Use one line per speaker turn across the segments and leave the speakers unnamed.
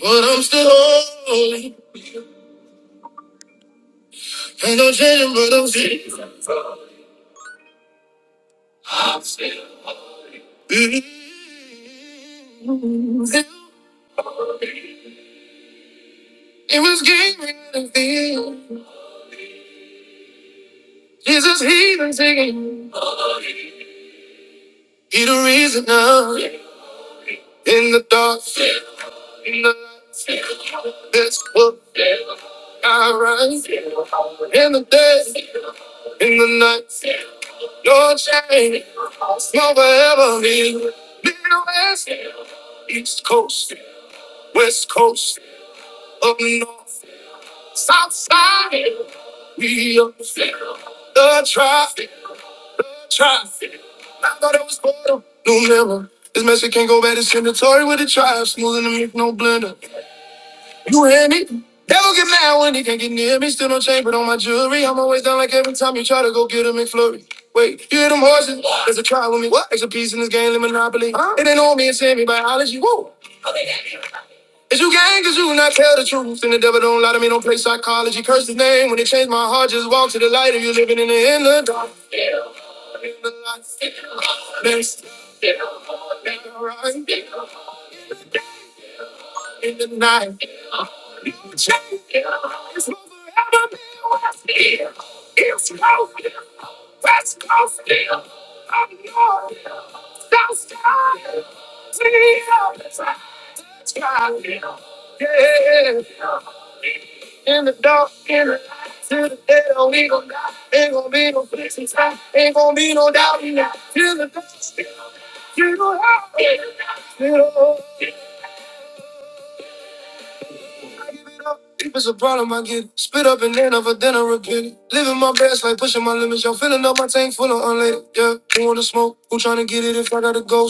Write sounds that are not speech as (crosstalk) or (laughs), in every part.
But I'm still holy. Ain't no changing, but I'm still. I'm still. losing. It was giving me the feel. Jesus, he been singing. He the reason now. In the dark, in the lights, that's what I rise. In the day, in the night, no change. Won't forever be. Midwest, East Coast, West Coast, up north, South side. we up. The traffic, the traffic. I thought it was better. New Miller. This message can't go back to Senatory with the trial. Smoothing the milk, no blender. You hear me? Devil get mad when he can't get near me. Still no chain, but on my jewelry. I'm always down like every time you try to go get a McFlurry. Wait, you hear them horses? There's a trial with me. What? Extra piece in this game, the Monopoly. Huh? It ain't on me, it's in me. Biology. Woo! Is you gang, cause you not tell the truth. And the devil don't lie to me, don't play psychology. Curse his name. When it changed my heart, just walk to the light. If you living in the inner dark. in the night. If it's a problem, I get it. Spit up and then have dinner again. Living my best, like pushing my limits. Y'all filling up my tank full of unleaded. Yeah, who wanna smoke? Who tryna get it if I gotta go?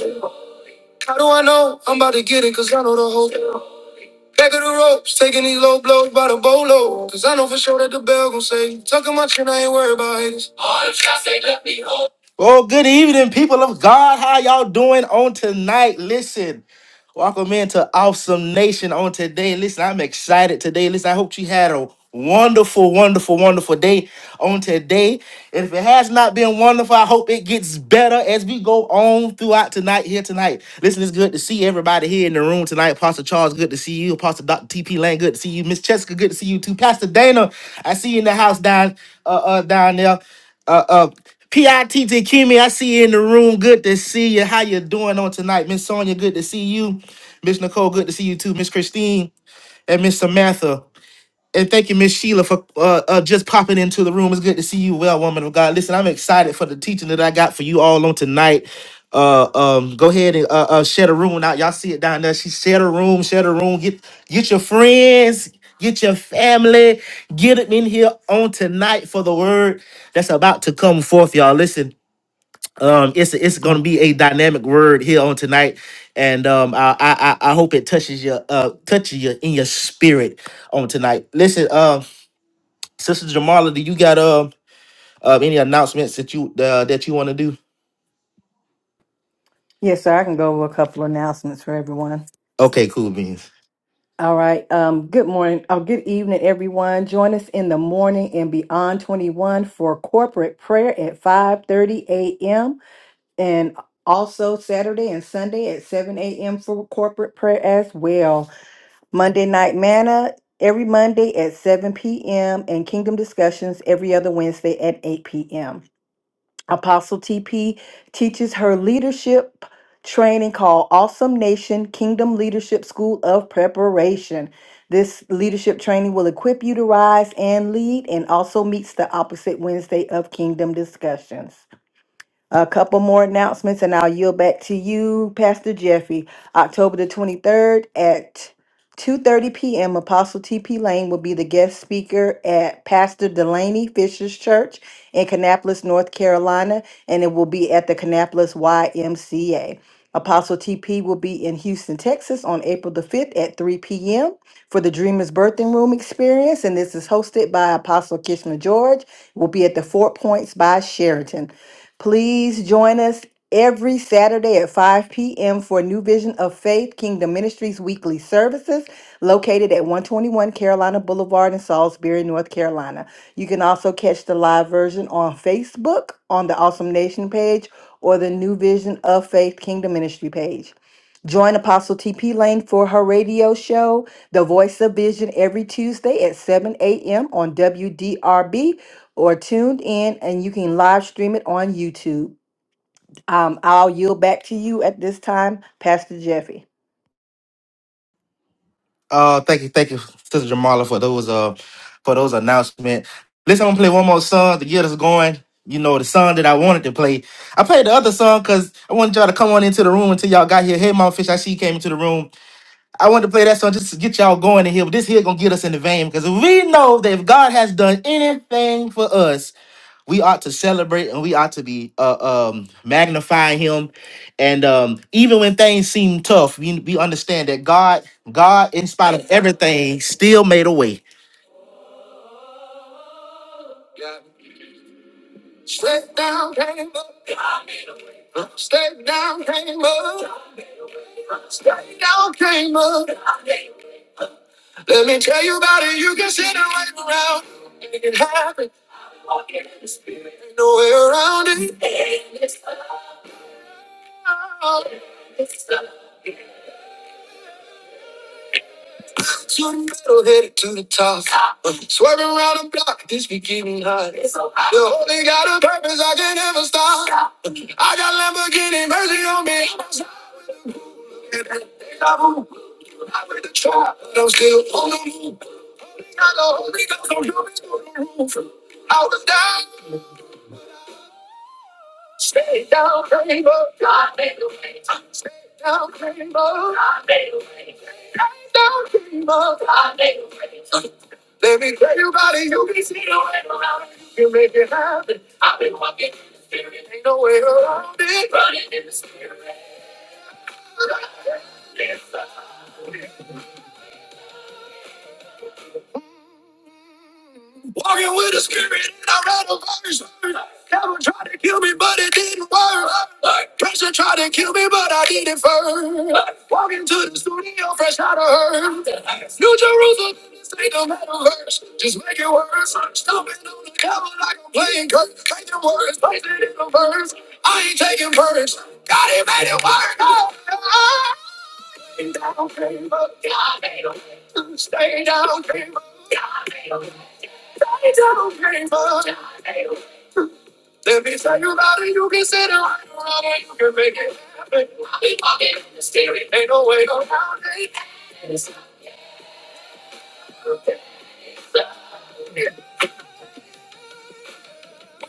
How do I know? I'm about to get it, cause I know the whole. Back of the ropes, taking these low blows by the bolo. Cause I know for sure that the bell gon' say, Tucking my chin, I ain't worried about haters. Well, good evening, people of God. How y'all doing on tonight? Listen, welcome into Awesome Nation on today. Listen, I'm excited today. Listen, I hope you had a wonderful, wonderful, wonderful day on today. And if it has not been wonderful, I hope it gets better as we go on throughout tonight here tonight. Listen, it's good to see everybody here in the room tonight. Pastor Charles, good to see you. Pastor Dr. TP Lane, good to see you. Miss Jessica, good to see you too. Pastor Dana, I see you in the house down uh, uh down there. Uh, uh, P.I.T.T. Kimmy, I see you in the room. Good to see you. How you doing on tonight? Miss Sonia, good to see you. Miss Nicole, good to see you too. Miss Christine and Miss Samantha. And thank you, Miss Sheila, for uh, uh, just popping into the room. It's good to see you well, woman of God. Listen, I'm excited for the teaching that I got for you all on tonight. Uh, um, go ahead and uh, uh, share the room out. Y'all see it down there. She share the room, share the room. Get get your friends, get your family, get them in here on tonight for the word that's about to come forth, y'all. Listen, um it's it's gonna be a dynamic word here on tonight and um i i i I hope it touches your uh touches you in your spirit on tonight listen um sister jamala do you got um uh, any announcements that you uh, that you want to do
Yes, sir. I can go over a couple of announcements for everyone.
okay cool beans
All right. Um, good morning. Oh, good evening, everyone. Join us in the morning and beyond 21 for corporate prayer at 5:30 a.m. and also Saturday and Sunday at 7 a.m. for corporate prayer as well. Monday night manna every Monday at 7 p.m. and kingdom discussions every other Wednesday at 8 p.m. Apostle TP teaches her leadership training called Awesome Nation Kingdom Leadership School of Preparation. This leadership training will equip you to rise and lead and also meets the opposite Wednesday of Kingdom discussions. A couple more announcements, and I'll yield back to you, Pastor Jeffrey. October the 23rd at 2:30 p.m. Apostle T.P. Lane will be the guest speaker at Pastor Delaney Fisher's Church in Kannapolis, North Carolina, and it will be at the Kannapolis YMCA. Apostle T.P. will be in Houston, Texas on April the 5th at 3 p.m for the Dreamers Birthing Room Experience, and this is hosted by Apostle Kishma George. It will be at the Four Points by Sheraton. Please join us every Saturday at 5 p.m. for New Vision of Faith Kingdom Ministries weekly services located at 121 Carolina Boulevard in Salisbury, North Carolina. You can also catch the live version on Facebook on the Awesome Nation page or the New Vision of Faith Kingdom Ministry page. Join Apostle TP Lane for her radio show, The Voice of Vision, every Tuesday at 7 a.m. on WDRB or tuned in, and you can live stream it on YouTube. Um, I'll yield back to you at this time, Pastor Jeffy.
uh thank you thank you sister jamala for those uh for those announcements listen i'm gonna play one more song to get us going you know the song that i wanted to play i played the other song because i wanted y'all to come on into the room until y'all got here hey mom fish i see you came into the room I wanted to play that song just to get y'all going in here, but this here gonna get us in the vein because we know that if God has done anything for us, we ought to celebrate and we ought to be uh, um, magnifying Him. And um, even when things seem tough, we, we understand that God, God, in spite of everything, still made a way. Straight down came up, straight down came up, straight down came up. Let me tell you about it. You can sit and wait around. It happened. no way around it. So I'm metal headed to the top. Uh, Swerving around the block, this be getting hot. The only got a purpose, I can never stop. Uh, I got Lamborghini mercy on me. I went to try, but I'm still on the move. I Got the Holy Ghost I'm doing it on the roof. I was down. Stay down, rainbow. God made the way. Stay down, rainbow. God made the way. Stay down, rainbow. God made the way. Let me tell you about it. You can see no way around it. You can make it happen. I've been walking in the spirit. Ain't no way around it. Running in the spirit. Walking with a spirit and I ran a verse. Devil tried to kill me, but it didn't work. Pressure tried to kill me, but I did it first. Walking to the studio fresh out of her. New Jerusalem, this ain't no metaverse. Just make it worse. I'm stomping on the devil like I'm playing curse. Taking words, placing it in the verse. I ain't taking first. God, he made it work. Oh, I ain't down, came up. God, made a way. Stay down, let me tell you about it, you can sit down, you can make it happen. Ain't no way around it.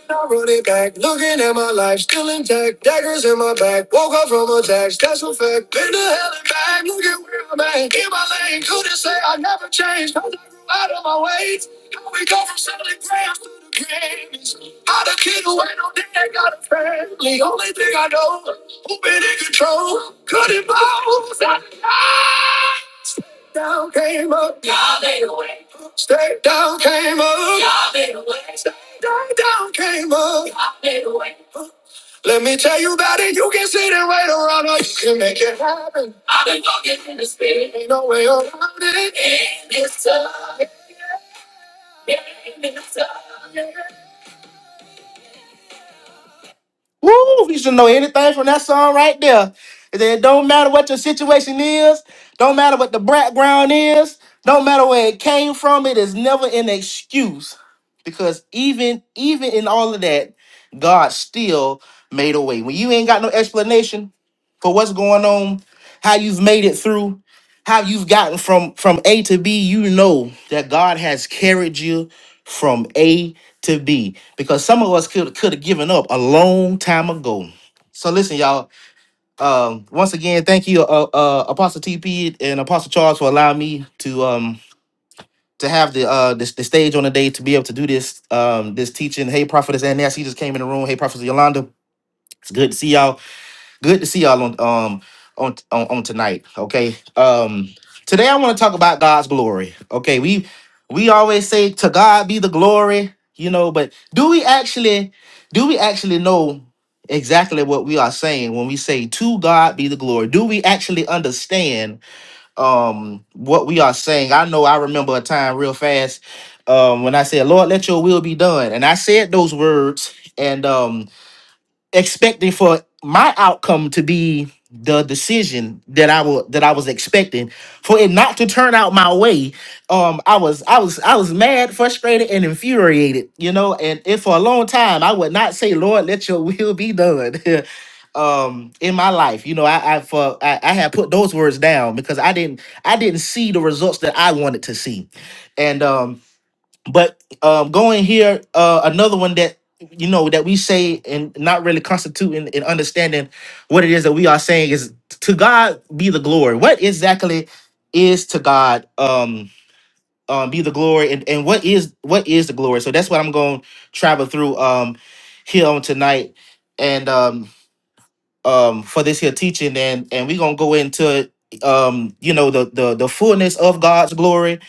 I run it back. Looking at my life, still intact. Daggers in my back. Woke up from attacks, that's a fact. Been to hell and back. Look at where I'm at. In my lane, couldn't say I never changed. Cause I grew out of my ways. How we go from selling grams to the Grammys. How the kid who ain't no dad got a family. Only thing I know, who been in control. Couldn't bounce. I, I, down came up. Y'all made a way. Straight down came up. Y'all made a way. Straight down came up. Let me tell you about it. You can sit and wait around or you can make it happen. I've been walking in the spirit. Ain't no way around it. Woo! You should know anything from that song right there. And then it don't matter what your situation is, don't matter what the background is, don't matter where it came from, it is never an excuse. Because even even in all of that, God still made a way. When you ain't got no explanation for what's going on, how you've made it through, how you've gotten from from A to B, you know that God has carried you from A to B because some of us could could have given up a long time ago. So listen, y'all. Um, once again, thank you, uh, uh, Apostle TP and Apostle Charles, for allowing me to um to have the uh this the stage on the day to be able to do this um this teaching. Hey, prophetess Annette, she just came in the room. Hey, prophetess Yolanda, it's good to see y'all good to see y'all on um on on, on tonight okay um today i want to talk about god's glory okay we we always say to god be the glory you know but do we actually do we actually know exactly what we are saying when we say to god be the glory do we actually understand um what we are saying i know i remember a time real fast um when i said lord let your will be done and i said those words and um expecting for my outcome to be the decision that I will that I was expecting for it not to turn out my way. Um, I was I was I was mad, frustrated, and infuriated. You know, and, and for a long time I would not say, "Lord, let Your (laughs) will be done." (laughs) um in my life you know i i for I, I had put those words down because i didn't i didn't see the results that i wanted to see and um. But um, going here, uh, another one that you know that we say and not really constituting and understanding what it is that we are saying is to God be the glory. What exactly is to God um, um, be the glory, and, and what is what is the glory? So that's what I'm going to travel through um, here on tonight, and um, um for this here teaching and and we're gonna go into um you know the the the fullness of god's glory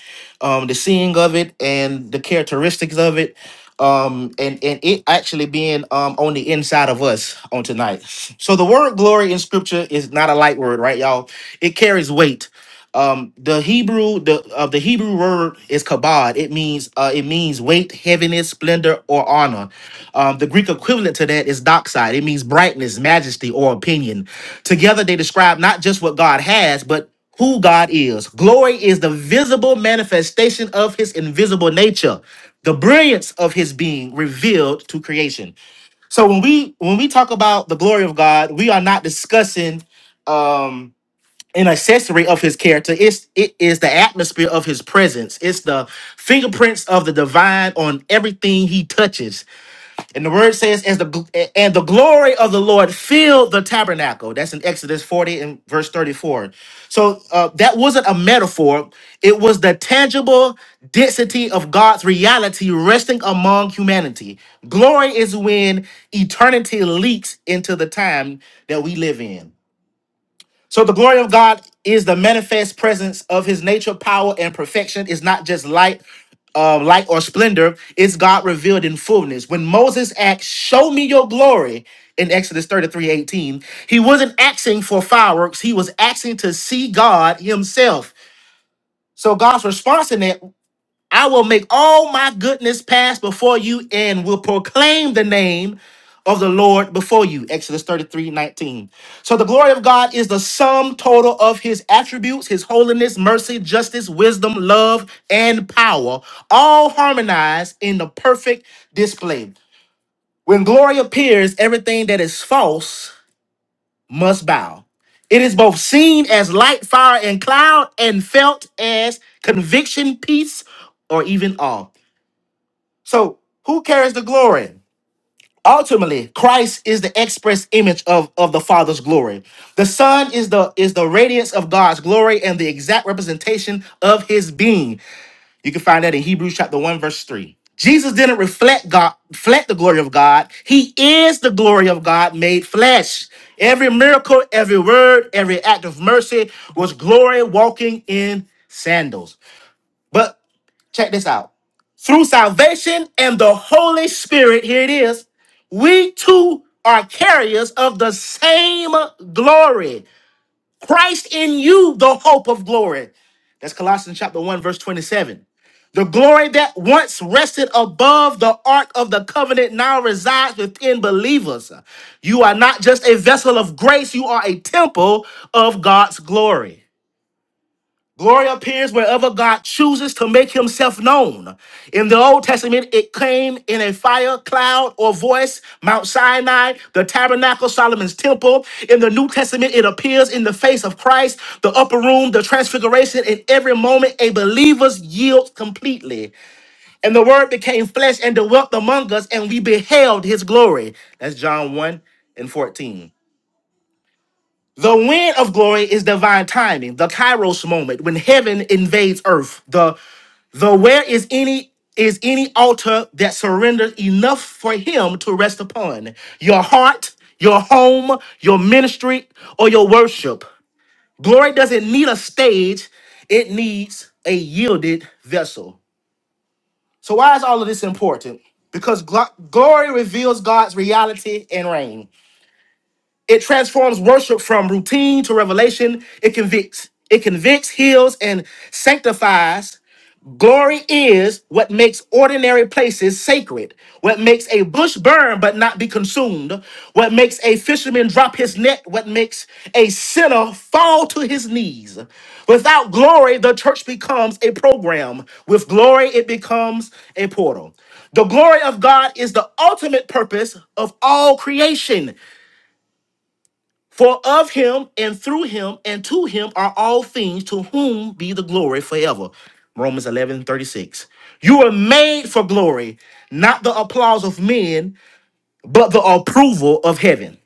um the seeing of it and the characteristics of it um and and it actually being um on the inside of us on tonight so the word glory in scripture is not a light word right y'all it carries weight um the hebrew the uh, the hebrew word is kabod it means uh it means weight heaviness splendor or honor um the greek equivalent to that is doxide it means brightness majesty or opinion together they describe not just what god has but who god is glory is the visible manifestation of his invisible nature the brilliance of his being revealed to creation so when we when we talk about the glory of god we are not discussing Um, an accessory of his character. It's it is the atmosphere of his presence. It's the fingerprints of the divine on everything he touches. And the word says, "As the gl- and the glory of the Lord filled the tabernacle." That's in Exodus forty and verse thirty-four. So uh, that wasn't a metaphor. It was the tangible density of God's reality resting among humanity. Glory is when eternity leaks into the time that we live in. So the glory of God is the manifest presence of his nature, power, and perfection. It's not just light, uh, light or splendor. It's God revealed in fullness. When Moses asked, Show me your glory in Exodus 33 18, he wasn't asking for fireworks. He was asking to see God himself. So God's response in that I will make all my goodness pass before you and will proclaim the name of the Lord before you. Exodus 33 19. So the glory of God is the sum total of his attributes, his holiness, mercy, justice, wisdom, love, and power, all harmonized in the perfect display. When glory appears, everything that is false must bow. It is both seen as light, fire, and cloud, and felt as conviction, peace, or even awe. So who carries the glory? Ultimately, Christ is the express image of, of the Father's glory. The Son is the is the radiance of God's glory and the exact representation of his being. You can find that in Hebrews chapter 1, verse 3. Jesus didn't reflect God, reflect the glory of God. He is the glory of God made flesh. Every miracle, every word, every act of mercy was glory walking in sandals. But check this out. Through salvation and the Holy Spirit, here it is, we too are carriers of the same glory. Christ in you, the hope of glory. That's Colossians chapter 1, verse 27. The glory that once rested above the ark of the covenant now resides within believers. You are not just a vessel of grace, you are a temple of God's glory. Glory appears wherever God chooses to make himself known. In the Old Testament, it came in a fire, cloud, or voice, Mount Sinai, the tabernacle, Solomon's temple. In the New Testament, it appears in the face of Christ, the upper room, the transfiguration, in every moment a believer's yield completely. And the word became flesh and dwelt among us, and we beheld his glory. That's John 1 and 14. The wind of glory is divine timing, the kairos moment when heaven invades earth. The the where is any is any altar that surrenders enough for him to rest upon. Your heart, your home, your ministry, or your worship. Glory doesn't need a stage, it needs a yielded vessel. So why is all of this important? Because glo- glory reveals God's reality and reign. It transforms worship from routine to revelation. It convicts. It convicts, heals, and sanctifies. Glory is what makes ordinary places sacred, what makes a bush burn but not be consumed, what makes a fisherman drop his net, what makes a sinner fall to his knees. Without glory, the church becomes a program. With glory, it becomes a portal. The glory of God is the ultimate purpose of all creation. For of him and through him and to him are all things, to whom be the glory forever. Romans 11 36. You were made for glory, not the applause of men, but the approval of heaven.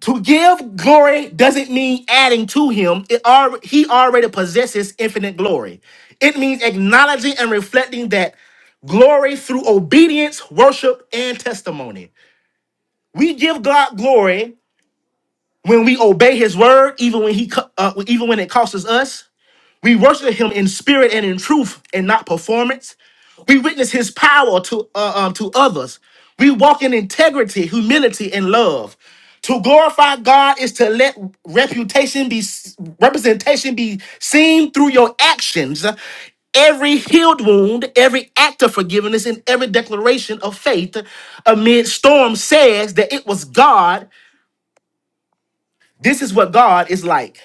To give glory doesn't mean adding to him, it al- he already possesses infinite glory. It means acknowledging and reflecting that glory through obedience, worship, and testimony. We give God glory When we obey His word, even when He co- uh, even when it costs us, we worship Him in spirit and in truth, and not performance. We witness His power to uh, um, to others. We walk in integrity, humility, and love. To glorify God is to let reputation be representation be seen through your actions. Every healed wound, every act of forgiveness, and every declaration of faith amid storm says that it was God. This is what God is like.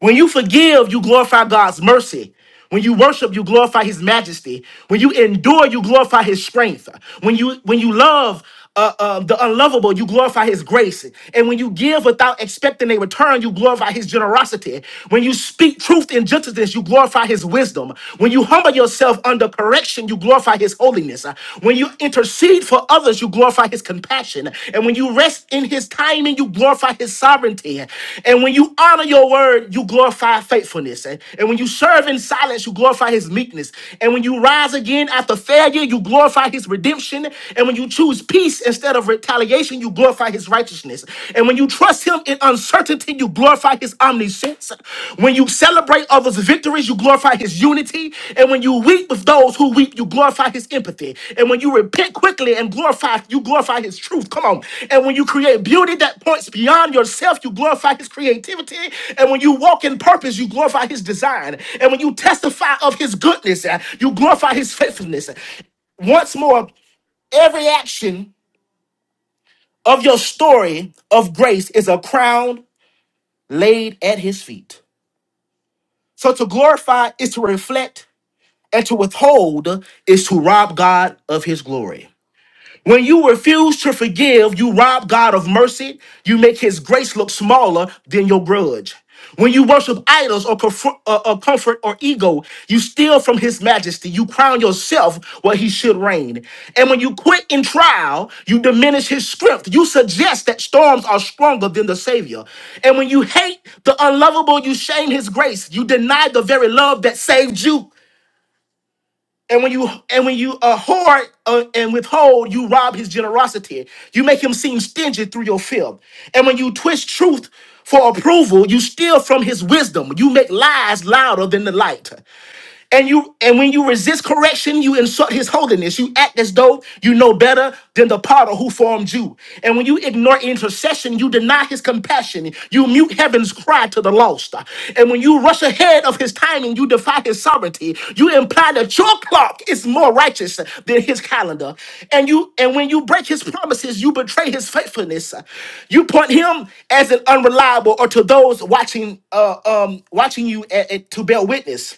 When you forgive, you glorify God's mercy. When you worship, you glorify His majesty. When you endure, you glorify His strength. When you when you love uh, uh, the unlovable, you glorify His grace. And when you give without expecting a return, you glorify His generosity. When you speak truth in gentleness, you glorify His wisdom. When you humble yourself under correction, you glorify His holiness. When you you intercede for others, you glorify his compassion. And when you rest in his timing, you glorify his sovereignty. And when you honor your word, you glorify faithfulness. And and when you serve in silence, you glorify his meekness. And when you rise again after failure, you glorify his redemption. And when you choose peace instead of retaliation, you glorify his righteousness. And when you trust him in uncertainty, you glorify his omniscience. When you celebrate others' victories, you glorify his unity. And when you weep with those who weep, you glorify his empathy. And when you repent quickly and glorify, you glorify his truth. Come on. And when you create beauty that points beyond yourself, you glorify his creativity. And when you walk in purpose, you glorify his design. And when you testify of his goodness, uh, you glorify his faithfulness. Once more, every action of your story of grace is a crown laid at his feet. So to glorify is to reflect, and to withhold is to rob God of his glory. When you refuse to forgive, you rob God of mercy. You make his grace look smaller than your grudge. When you worship idols or, comfor- uh, uh, comfort or ego, you steal from his majesty. You crown yourself where he should reign. And when you quit in trial, you diminish his strength. You suggest that storms are stronger than the Savior. And when you hate the unlovable, you shame his grace. You deny the very love that saved you. And when you and when you uh, hoard uh, and withhold, you rob his generosity. You make him seem stingy through your filth. And when you twist truth for approval, you steal from his wisdom. You make lies louder than the light. And you and when you resist correction, you insult his holiness. You act as though you know better than the potter who formed you. And when you ignore intercession, you deny his compassion. You mute heaven's cry to the lost. And when you rush ahead of his timing, you defy his sovereignty. You imply that your clock is more righteous than his calendar. And you and when you break his promises, you betray his faithfulness. You point him as an unreliable or to those watching uh, um watching you a- a- to bear witness.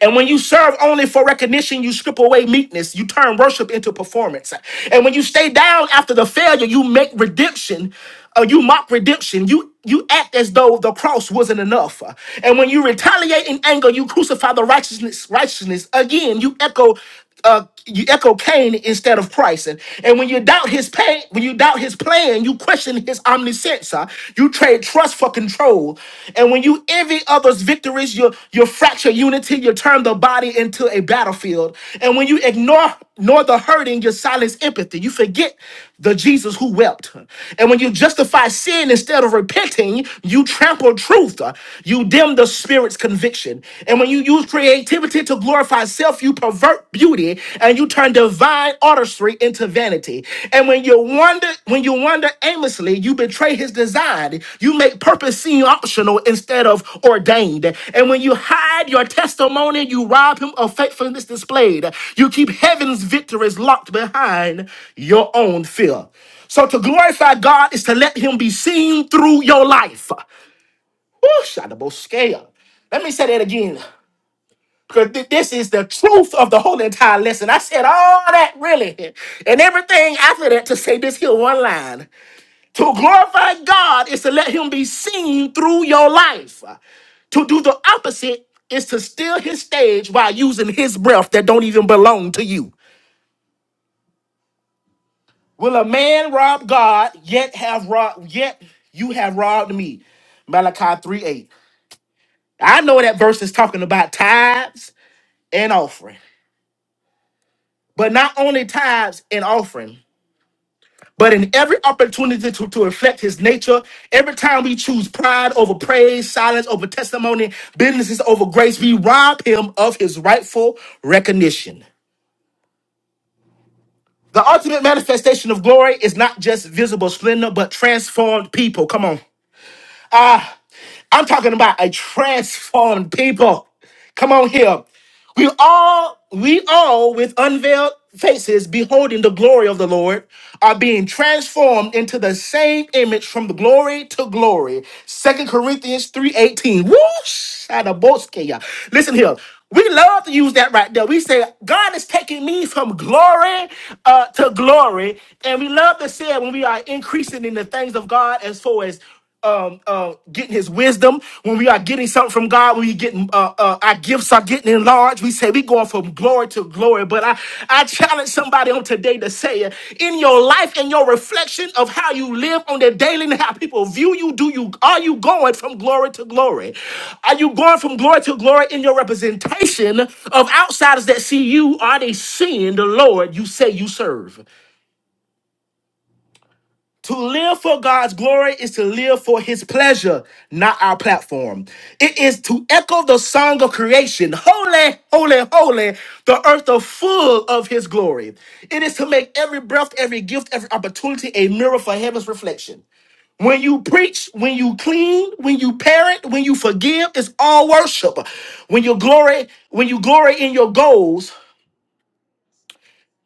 And when you serve only for recognition, you strip away meekness. You turn worship into performance. And when you stay down after the failure, you make redemption. Uh, you mock redemption. You you act as though the cross wasn't enough. Uh, And when you retaliate in anger, you crucify the righteousness. Righteousness again. You echo uh, you echo Cain instead of Christ. And, and when you doubt his pain, when you doubt his plan, you question his omniscience. huh? You trade trust for control. And when you envy others' victories, you you fracture unity, you turn the body into a battlefield. And when you ignore nor the hurting, you silence empathy. You forget the Jesus who wept. And when you justify sin instead of repenting, you trample truth. huh? You dim the spirit's conviction. And when you use creativity to glorify self, you pervert beauty and you turn divine artistry into vanity. And when you wander, when you wander aimlessly, you betray his design. You make purpose seem optional instead of ordained. And when you hide your testimony, you rob him of faithfulness displayed. You keep heaven's victories locked behind your own fear. So to glorify God is to let him be seen through your life. Woo, shot scale. Let me say that again. Because this is the truth of the whole entire lesson. I said all that really and everything after that to say this here one line. To glorify God is to let Him be seen through your life. To do the opposite is to steal His stage while using His breath that don't even belong to you. Will a man rob God yet have robbed yet you have robbed me? Malachi 3 8. I know that verse is talking about tithes and offering, but not only tithes and offering. But in every opportunity to, to reflect his nature, every time we choose pride over praise, silence over testimony, businesses over grace, we rob him of his rightful recognition. The ultimate manifestation of glory is not just visible splendor, but transformed people. Come on. Ah, I'm talking about a transformed people. Come on here. We all, we all with unveiled faces beholding the glory of the Lord are being transformed into the same image from the glory to glory. Second Corinthians 3:18. Whoosh! Listen here. We love to use that right there. We say, God is taking me from glory uh, to glory. And we love to say it when we are increasing in the things of God as far as um, uh, getting his wisdom, when we are getting something from God, when we getting uh, uh, our gifts are getting enlarged, we say we going from glory to glory. But I, I challenge somebody on today to say uh, in your life and your reflection of how you live on the daily and how people view you, do you are you going from glory to glory? Are you going from glory to glory in your representation of outsiders that see you? Are they seeing the Lord you say you serve? To live for God's glory is to live for his pleasure, not our platform. It is to echo the song of creation Holy, holy, holy, the earth is full of his glory. It is to make every breath, every gift, every opportunity a mirror for heaven's reflection. When you preach, when you clean, when you parent, when you forgive, it's all worship. When you glory, when you glory in your goals,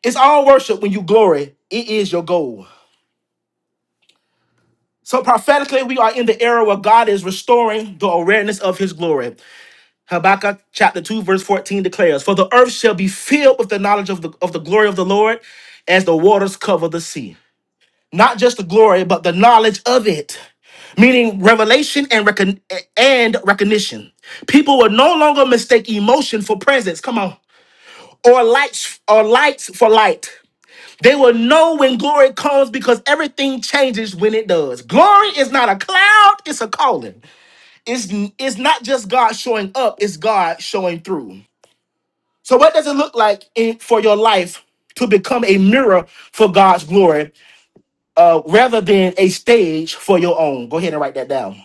it's all worship when you glory. It is your goal. So prophetically, we are in the era where God is restoring the awareness of his glory. Habakkuk chapter 2, verse 14 declares, For the earth shall be filled with the knowledge of the, of the glory of the Lord as the waters cover the sea. Not just the glory, but the knowledge of it, meaning revelation and, recon- and recognition. People will no longer mistake emotion for presence. Come on. Or lights or lights for light. They will know when glory comes because everything changes when it does. Glory is not a cloud, it's a calling. It's, it's not just God showing up, it's God showing through. So, what does it look like in, for your life to become a mirror for God's glory uh, rather than a stage for your own? Go ahead and write that down.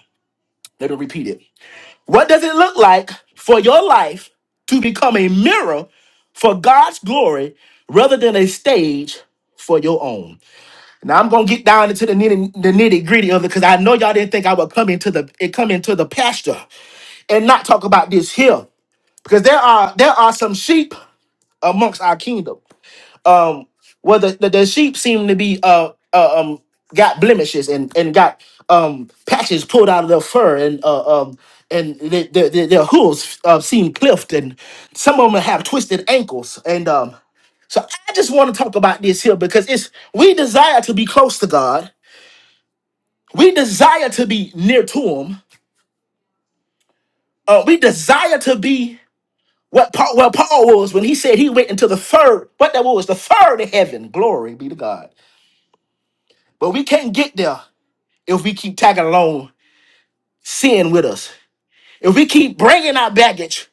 Let me repeat it. What does it look like for your life to become a mirror for God's glory rather than a stage for your own? Now I'm gonna get down into the nitty, the nitty gritty of it because I know y'all didn't think I would come into the it come into the pasture and not talk about this here because there are there are some sheep amongst our kingdom. Um, where the, the, the sheep seem to be uh, uh um got blemishes and and got um patches pulled out of their fur and uh um and their their, their their hooves uh, seem clipped and some of them have twisted ankles and um so I just want to talk about this here because it's we desire to be close to God We desire to be near to him. Uh, we desire to be what Paul, well Paul was when he said he went into the third, what that was, the third heaven. Glory be to God. But we can't get there if we keep tagging along sin with us. If we keep bringing our baggage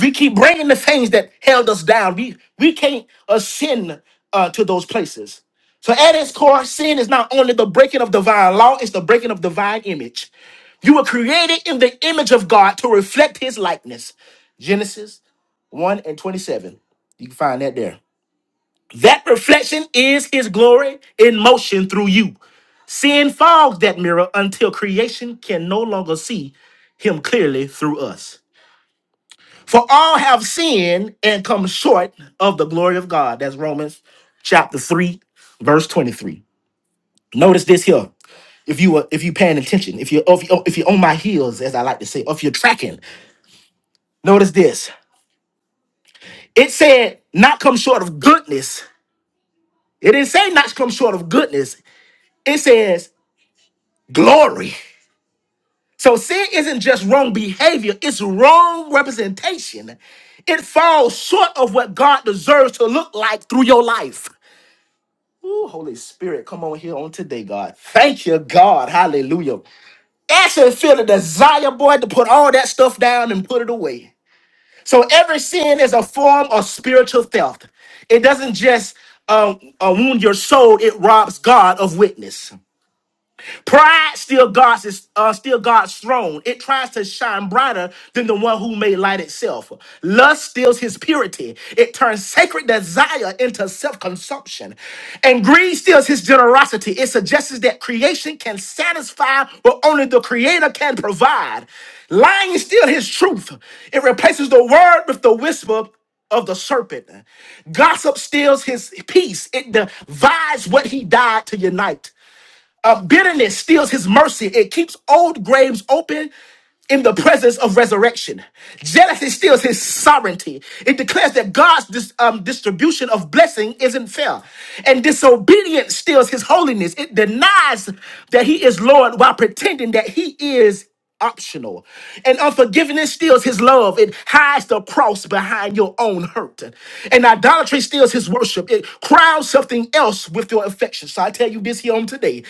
We keep bringing the things that held us down. We we can't ascend uh, to those places. So at its core, sin is not only the breaking of divine law; it's the breaking of divine image. You were created in the image of God to reflect His likeness. Genesis one and twenty-seven. You can find that there. That reflection is His glory in motion through you. Sin fogs that mirror until creation can no longer see Him clearly through us. For all have sinned and come short of the glory of God. That's Romans chapter 3, verse 23. Notice this here. If you are, if you paying attention, if you're if you if you're on my heels, as I like to say, or if you're tracking, notice this. It said not come short of goodness. It didn't say not come short of goodness. It says glory. So sin isn't just wrong behavior, it's wrong representation. It falls short of what God deserves to look like through your life. Ooh, Holy Spirit, come on here on today, God. Thank you, God. Hallelujah. Actually feel the desire, boy, to put all that stuff down and put it away. So every sin is a form of spiritual theft. It doesn't just um, uh, wound your soul, it robs God of witness. Pride still God's is uh, still God's throne. It tries to shine brighter than the one who made light itself. Lust steals His purity. It turns sacred desire into self-consumption, and greed steals His generosity. It suggests that creation can satisfy what only the Creator can provide. Lying steals His truth. It replaces the word with the whisper of the serpent. Gossip steals his peace. It divides what he died to unite. Uh, bitterness steals his mercy. It keeps old graves open in the presence of resurrection. Jealousy steals his sovereignty. It declares that God's dis- um, distribution of blessing isn't fair. And disobedience steals his holiness. It denies that he is Lord while pretending that he is optional. And unforgiveness steals his love. It hides the cross behind your own hurt. And idolatry steals his worship. It crowns something else with your affection. So I tell you this here on today.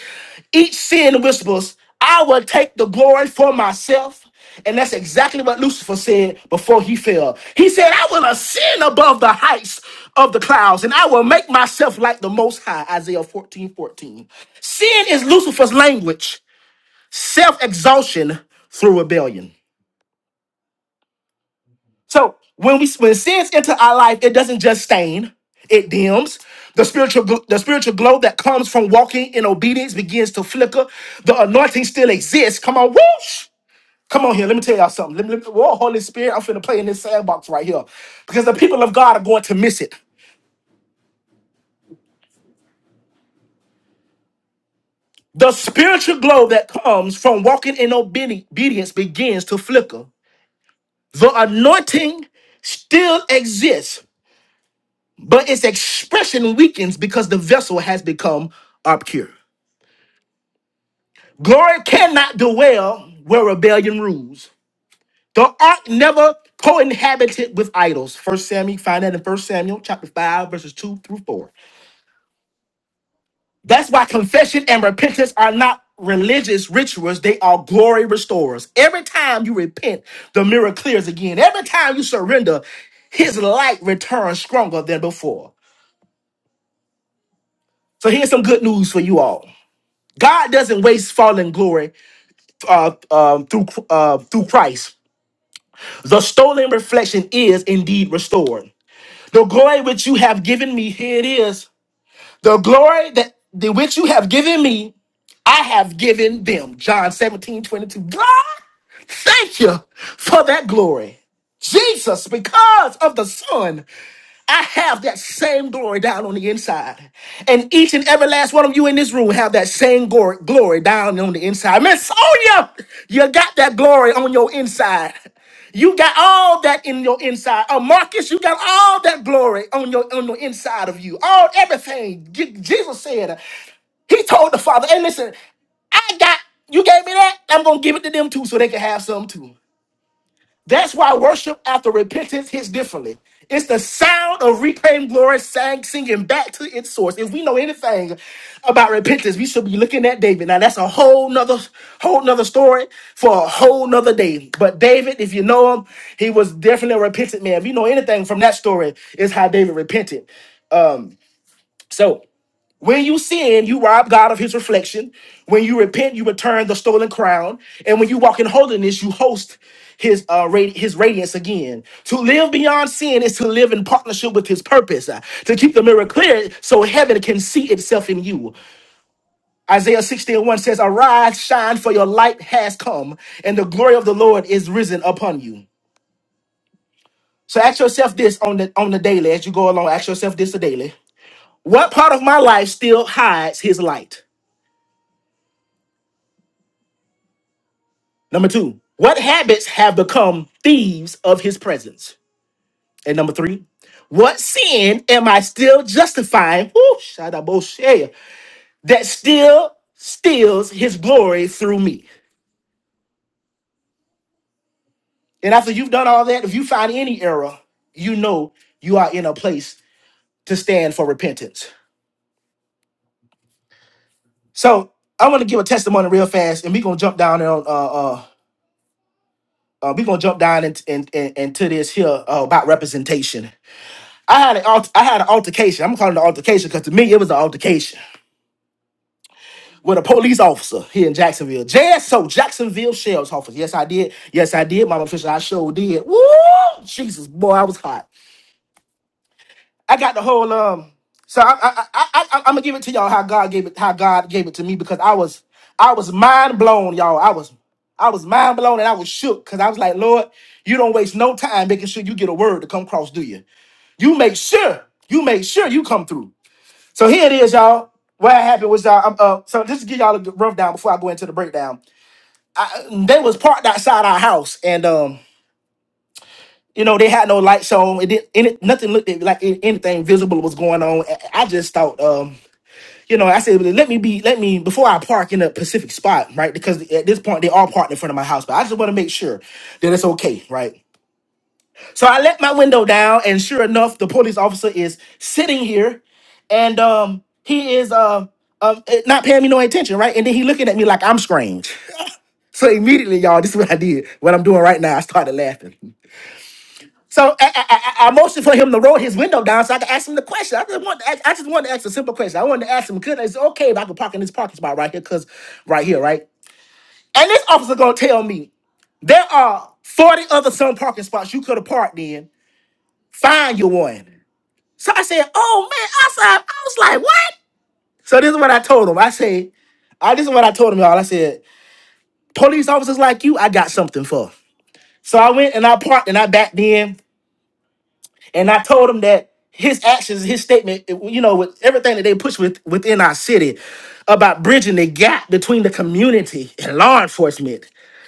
Each sin whispers I will take the glory for myself. And that's exactly what Lucifer said before he fell. He said, I will ascend above the heights of the clouds, and I will make myself like the Most High. Isaiah 14 14. Sin is Lucifer's language, self exhaustion through rebellion. So when we when sins enter our life, it doesn't just stain; it dims. The spiritual gl- the spiritual glow that comes from walking in obedience begins to flicker. The anointing still exists. Come on, whoosh! Come on here, let me tell y'all something. Let me, let me- whoa, Holy Spirit, I'm finna play in this sandbox right here because the people of God are going to miss it. The spiritual glow that comes from walking in obedi- obedience begins to flicker. The anointing still exists, but its expression weakens because the vessel has become obscure. Glory cannot dwell where rebellion rules. The ark never co-inhabited with idols. First Samuel, find that in First Samuel chapter 5, verses 2 through 4. That's why confession and repentance are not religious rituals, they are glory restorers. Every time you repent, the mirror clears again. Every time you surrender, his light returns stronger than before. So here's some good news for you all. God doesn't waste fallen glory uh, um, through uh, through Christ. The stolen reflection is indeed restored. The glory which you have given me, here it is. The glory that the which you have given me I have given them. John 17 22. God, thank you for that glory. Jesus, because of the Son, I have that same glory down on the inside. And each and every last one of you in this room have that same glory, glory down on the inside. Miss Sonia, you got that glory on your inside. You got all that in your inside. Oh, Marcus, you got all that glory on your on the inside of you. All everything. Je- Jesus said. He told the father, hey, listen, I got, you gave me that, I'm going to give it to them too so they can have some too. That's why worship after repentance hits differently. It's the sound of reclaimed glory sang, singing back to its source. If we know anything about repentance, we should be looking at David. Now that's a whole nother, whole nother story for a whole nother day. But David, if you know him, he was definitely a repentant man. If you know anything from that story, it's how David repented. So when you sin, you rob God of his reflection. When you repent, you return the stolen crown. And when you walk in holiness, you host his uh radi- his radiance again. To live beyond sin is to live in partnership with his purpose. uh, to keep the mirror clear so heaven can see itself in you. Isaiah 60 and 1 says, Arise, shine, for your light has come, and the glory of the Lord is risen upon you. So ask yourself this on the on the daily as you go along. Ask yourself this daily. What part of my life still hides his light? Number two, what habits have become thieves of his presence? And number three, what sin am I still justifying? Woo, shadabosea, that still steals his glory through me. And after you've done all that, if you find any error, you know you are in a place to stand for repentance. So i want to give a testimony real fast, and we're gonna jump down on uh uh, uh we're gonna jump down and and and, and to this here uh, about representation. I had an alt- I had an altercation. I'm calling it an altercation because to me it was an altercation with a police officer here in Jacksonville. JSO, Jacksonville Sheriff's Office. Yes, I did. Yes, I did, Mama Fisher. I sure did. Woo! Jesus, boy, I was hot. I got the whole um. So I I I, I I I'm gonna give it to y'all how God gave it how God gave it to me because I was I was mind blown, y'all. I was I was mind blown and I was shook because I was like, Lord, you don't waste no time making sure you get a word to come across, do you? You make sure, you make sure you come through. So here it is, y'all. What happened was you Um, uh, so just to give y'all a rundown before I go into the breakdown. They was parked outside our house, and um, you know they had no lights on. It didn't. Any, nothing looked like a- anything visible was going on. I I just thought, um, you know, I said, "Well, let me be, let me before I park in a specific spot, right? Because at this point they all parked in front of my house, but I just want to make sure that it's okay, right? So I let my window down, and sure enough, the police officer is sitting here, and um, he is uh, um, eh, not paying me no attention, right? And then he looking at me like I'm strange. So immediately, y'all, this is what I did. What I'm doing right now, I started laughing. So I, I, I I motioned for him to roll his window down so I could ask him the question. I just wanted to ask, I just wanted to ask a simple question. I wanted to ask him, could it's okay if I could park in this parking spot right here, cause right here, right? And this officer gonna tell me there are 40 other some parking spots you could have parked in. Find your one. So I said, "Oh man!" I said, "I was like, what?" So this is what I told him. I said, "I this is what I told him, y'all." I said, "Police officers like you, I got something for." So I went and I parked and I backed in and I told him that his actions, his statement, you know, with everything that they push with within our city about bridging the gap between the community and law enforcement,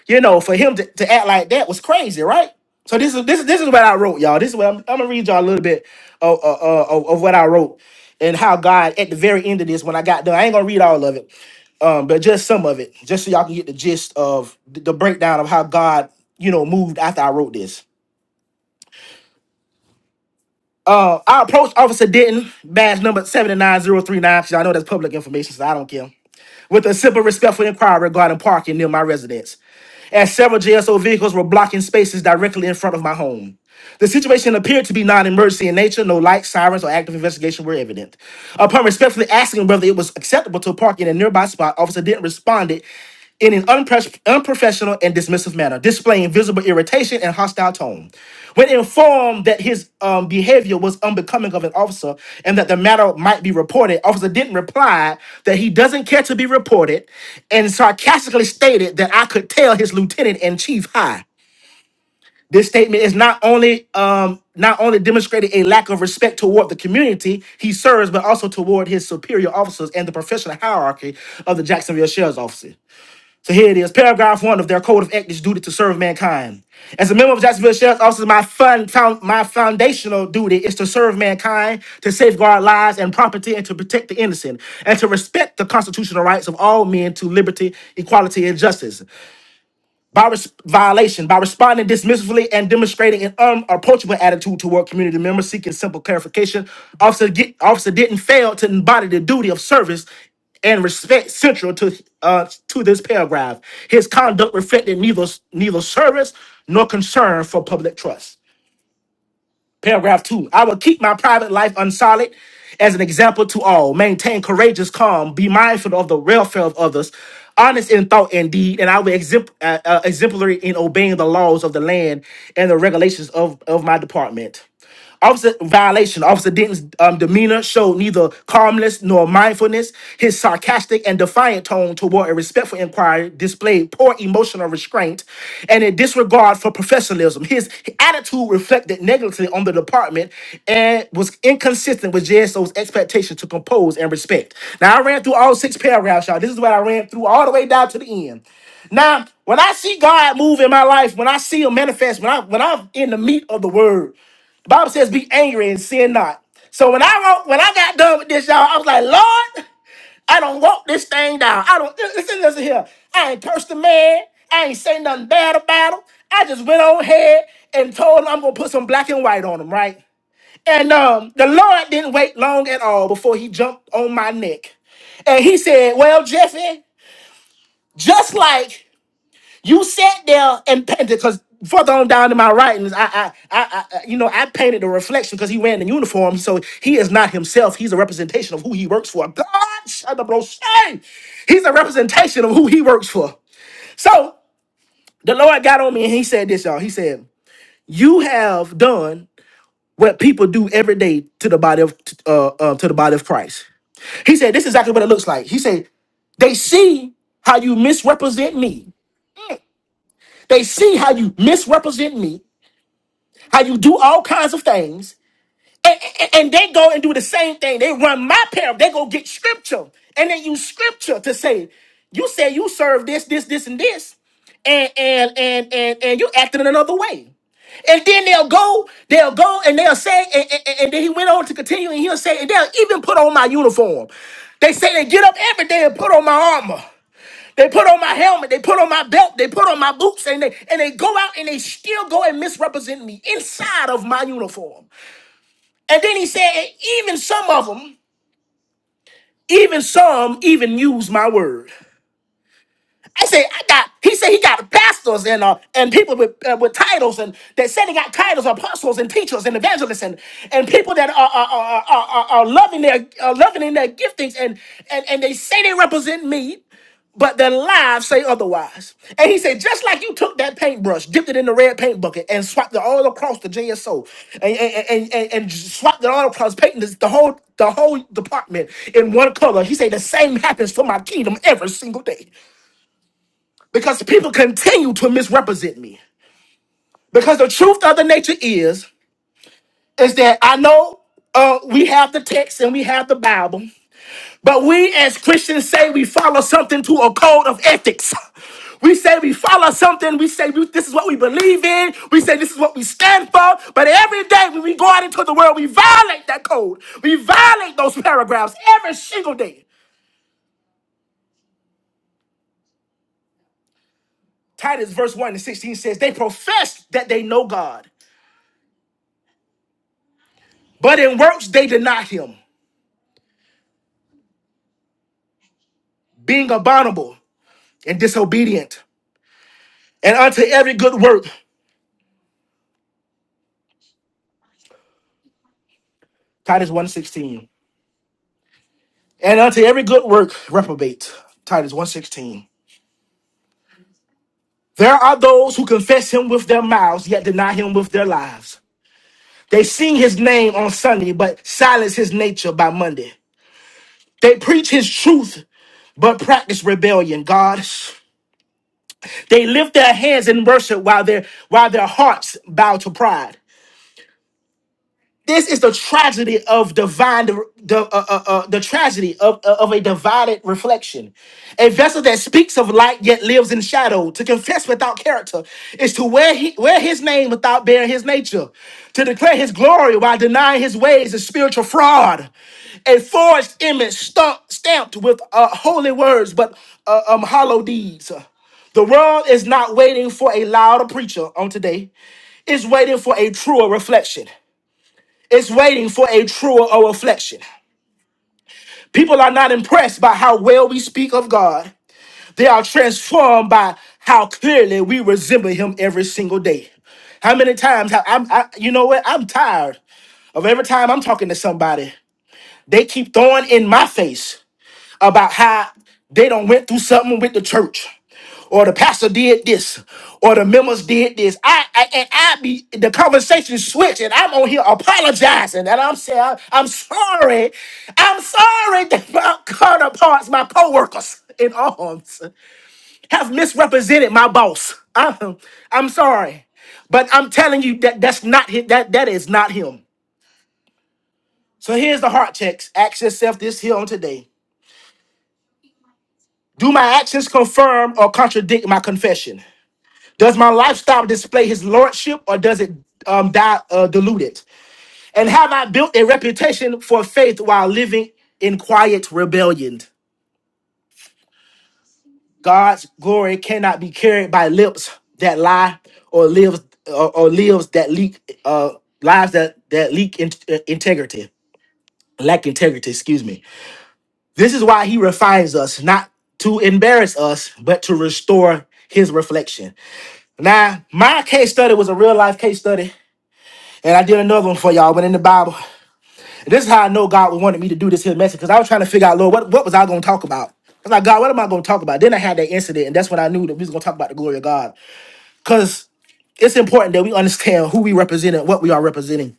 you know, for him to, to act like that was crazy, right? So this is this is this is what I wrote, y'all. This is what I'm, I'm gonna read y'all a little bit of, uh, uh, of of what I wrote and how God at the very end of this, when I got done, I ain't gonna read all of it, um, but just some of it, just so y'all can get the gist of the the breakdown of how God, you know, moved after I wrote this. Uh, I approached Officer Denton, badge number 79039, because I know that's public information, so I don't care, with a simple respectful inquiry regarding parking near my residence, as several JSO vehicles were blocking spaces directly in front of my home. The situation appeared to be non emergency in nature, no lights, sirens, or active investigation were evident. Upon respectfully asking whether it was acceptable to park in a nearby spot, Officer Denton responded in an unpres- unprofessional and dismissive manner, displaying visible irritation and hostile tone. When informed that his um, behavior was unbecoming of an officer and that the matter might be reported, officer didn't reply that he doesn't care to be reported and sarcastically stated that I could tell his lieutenant and chief high. This statement is not only um, not only demonstrated a lack of respect toward the community he serves, but also toward his superior officers and the professional hierarchy of the Jacksonville Sheriff's Office. So here it is, paragraph one of their code of ethics duty to serve mankind. As a member of Jacksonville Sheriff's Office, my fun, found, my foundational duty is to serve mankind, to safeguard lives and property, and to protect the innocent, and to respect the constitutional rights of all men to liberty, equality, and justice by res- violation by responding dismissively and demonstrating an unapproachable attitude toward community members seeking simple clarification officer get, officer didn't fail to embody the duty of service and respect central to uh, to this paragraph his conduct reflected neither neither service nor concern for public trust Paragraph two, I will keep my private life unsullied as an example to all, maintain courageous calm, be mindful of the welfare of others, honest in thought and deed, and I will exempl- uh, uh, exemplary in obeying the laws of the land and the regulations of, of my department. Officer violation. Officer Denton's um, demeanor showed neither calmness nor mindfulness. His sarcastic and defiant tone toward a respectful inquiry displayed poor emotional restraint and a disregard for professionalism. His attitude reflected negatively on the department and was inconsistent with JSO's expectation to compose and respect. Now, I ran through all six paragraphs, y'all. This is what I ran through all the way down to the end. Now, when I see God move in my life, when I see Him manifest, when I when I'm in the meat of the Word, the Bible says, "Be angry and sin not." So when I wrote, when I got done with this, y'all, I was like, "Lord, I don't walk this thing down. I don't listen, listen here. I ain't cursed the man. I ain't say nothing bad about him. I just went on ahead and told him I'm gonna put some black and white on him, right?" And um, the Lord didn't wait long at all before He jumped on my neck, and He said, "Well, Jeffy, just like." You sat there and painted because further on down in my writings, I, I, I, I you know, I painted the reflection because he ran in uniform, so he is not himself. He's a representation of who he works for. God, shut up, bro. Shame. He's a representation of who he works for. So the Lord got on me and he said this, y'all. He said, "You have done." What people do every day to the body of uh, uh, to the body of Christ. He said, "This is exactly what it looks like." He said, "They see how you misrepresent me. Mm. They see how you misrepresent me how you do all kinds of things, and, and, and they go and do the same thing. They run my parable. They go get scripture, and they use scripture to say, "You say you serve this, this, this, and this," and and and and and you acting in another way. And then they'll go, they'll go, and they'll say, and, and, and- and then he went on to continue, and he'll say, and they'll even put on my uniform. They say they get up every day and put on my armor. They put on my helmet, they put on my belt, they put on my boots, and they and they go out and they still go and misrepresent me inside of my uniform. And then he said, even some of them, even some even use my word. I said, I got. He said he got pastors and uh, and people with uh, with titles, and they said they got titles, apostles and teachers and evangelists, and, and people that are are, are, are, are are loving their are loving in their giftings, and, and and they say they represent me, but their lives say otherwise. And he said, just like you took that paintbrush, dipped it in the red paint bucket, and swiped it all across the JSO, and and and, and, and swiped it all across painting this, the whole the whole department in one color. He said the same happens for my kingdom every single day because people continue to misrepresent me. Because the truth of the nature is, is that I know uh, we have the text and we have the Bible, but we as Christians say we follow something to a code of ethics. We say we follow something. We say we, this is what we believe in. We say this is what we stand for. But every day when we go out into the world, we violate that code. We violate those paragraphs every single day. Titus verse 1 and 16 says, They profess that they know God, but in works they deny him. being abominable and disobedient, and unto every good work, Titus 1.16. And unto every good work, reprobate, Titus 1.16. There are those who confess him with their mouths, yet deny him with their lives. They sing his name on Sunday, but silence his nature by Monday. They preach his truth, but practice rebellion, God. They lift their hands in worship while their while their hearts bow to pride. This is the tragedy of divine the uh, uh, uh, the tragedy of uh, of a divided reflection. A vessel that speaks of light yet lives in shadow. To confess without character is to wear he, wear his name without bearing his nature. To declare his glory while denying his ways is spiritual fraud. A forged image stump, stamped with uh, holy words but uh, um, hollow deeds. The world is not waiting for a louder preacher on today. It's waiting for a truer reflection is waiting for a truer or reflection. People are not impressed by how well we speak of God. They are transformed by how clearly we resemble Him every single day. How many times have I'm, I, you know what? I'm tired of every time I'm talking to somebody, they keep throwing in my face about how they don't went through something with the church. or the pastor did this, or the members did this. I, I and I be the conversation switch, and I'm on here apologizing, and I'm saying I'm, I'm sorry, I'm sorry (laughs) that my counterparts, my coworkers in arms, have misrepresented my boss. I'm, I'm sorry, but I'm telling you that that's not him, that that is not him. So here's the heart checks. Ask yourself this here on today. Do my actions confirm or contradict my confession? Does my lifestyle display his lordship or does it um, die, uh, dilute it? And have I built a reputation for faith while living in quiet rebellion? God's glory cannot be carried by lips that lie or lives or, or lives that leak uh, lives that that leak in, uh, integrity lack integrity excuse me this is why he refines us not to embarrass us but to restore his reflection now my case study was a real life case study And I did another one for y'all, went in the Bible. And this is how I know God wanted me to do this here message, because I was trying to figure out, Lord, what, what was I going to talk about? I was like, God, what am I going to talk about? Then I had that incident, and that's when I knew that we was going to talk about the glory of God. Because it's important that we understand who we represent and what we are representing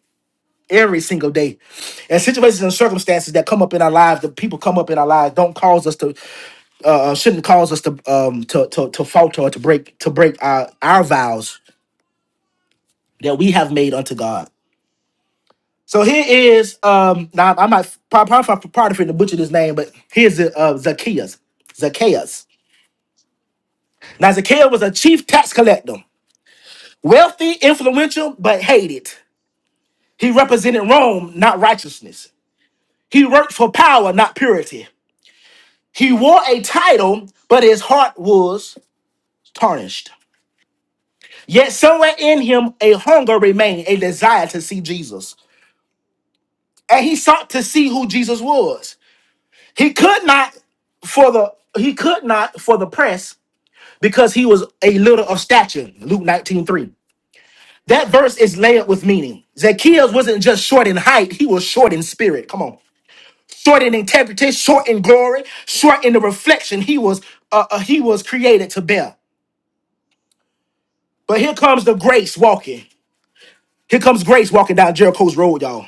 every single day. And situations and circumstances that come up in our lives, that people come up in our lives, don't cause us to, uh, uh, shouldn't cause us to, um, to, to, to falter or to break, to break our, our vows that we have made unto God. So here is um now I'm not probably probably part of the butcher this name, but here's the uh, Zacchaeus. Zacchaeus. Now Zacchaeus was a chief tax collector, wealthy, influential, but hated. He represented Rome, not righteousness. He worked for power, not purity. He wore a title, but his heart was tarnished. Yet somewhere in him a hunger remained, a desire to see Jesus. And he sought to see who Jesus was. He could not for the he could not for the press because he was a little of stature. Luke 19:3. That verse is layered with meaning. Zacchaeus wasn't just short in height, he was short in spirit. Come on. Short in integrity, short in glory, short in the reflection he was uh, uh, he was created to bear. But here comes the grace walking. Here comes grace walking down Jericho's road, y'all.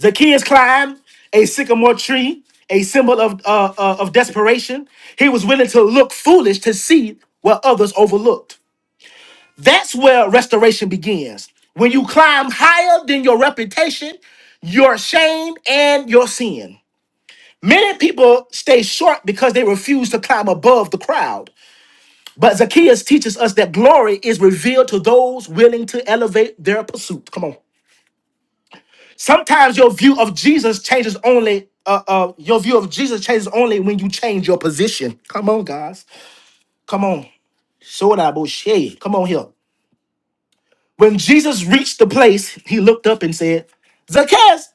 Zacchaeus climbed a sycamore tree, a symbol of, uh, uh, of desperation. He was willing to look foolish to see what others overlooked. That's where restoration begins. When you climb higher than your reputation, your shame, and your sin. Many people stay short because they refuse to climb above the crowd. But Zacchaeus teaches us that glory is revealed to those willing to elevate their pursuit. Come on. Sometimes your view of Jesus changes only. Uh, uh, your view of Jesus changes only when you change your position. Come on, guys. Come on. Soda bullshit. Come on here. When Jesus reached the place, he looked up and said, Zacchaeus,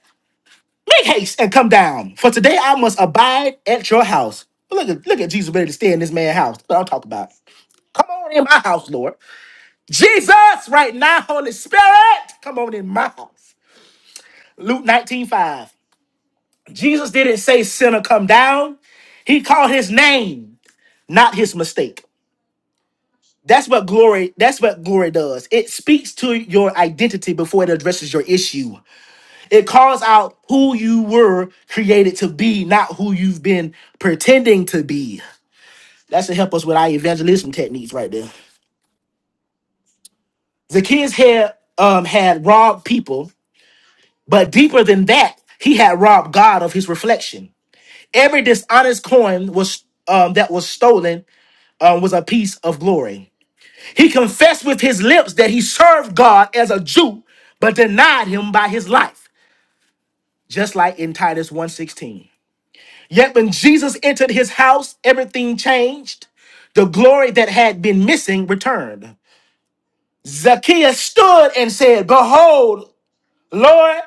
make haste and come down. For today I must abide at your house. Look at look at Jesus ready to stay in this man's house. That's what I'm talking about. Come on in my house, Lord. Jesus, right now, Holy Spirit, come on in my house. Luke 19:5. Jesus didn't say, Sinner, come down. He called his name, not his mistake. That's what glory, that's what glory does. It speaks to your identity before it addresses your issue. It calls out who you were created to be, not who you've been pretending to be. That's to help us with our evangelism techniques right there. Zacchaeus had um had robbed people, but deeper than that, he had robbed God of his reflection. Every dishonest coin was um that was stolen um, was a piece of glory. He confessed with his lips that he served God as a Jew, but denied him by his life, just like in Titus 1:16. Yet when Jesus entered his house, everything changed. The glory that had been missing returned. Zacchaeus stood and said, Behold, Lord,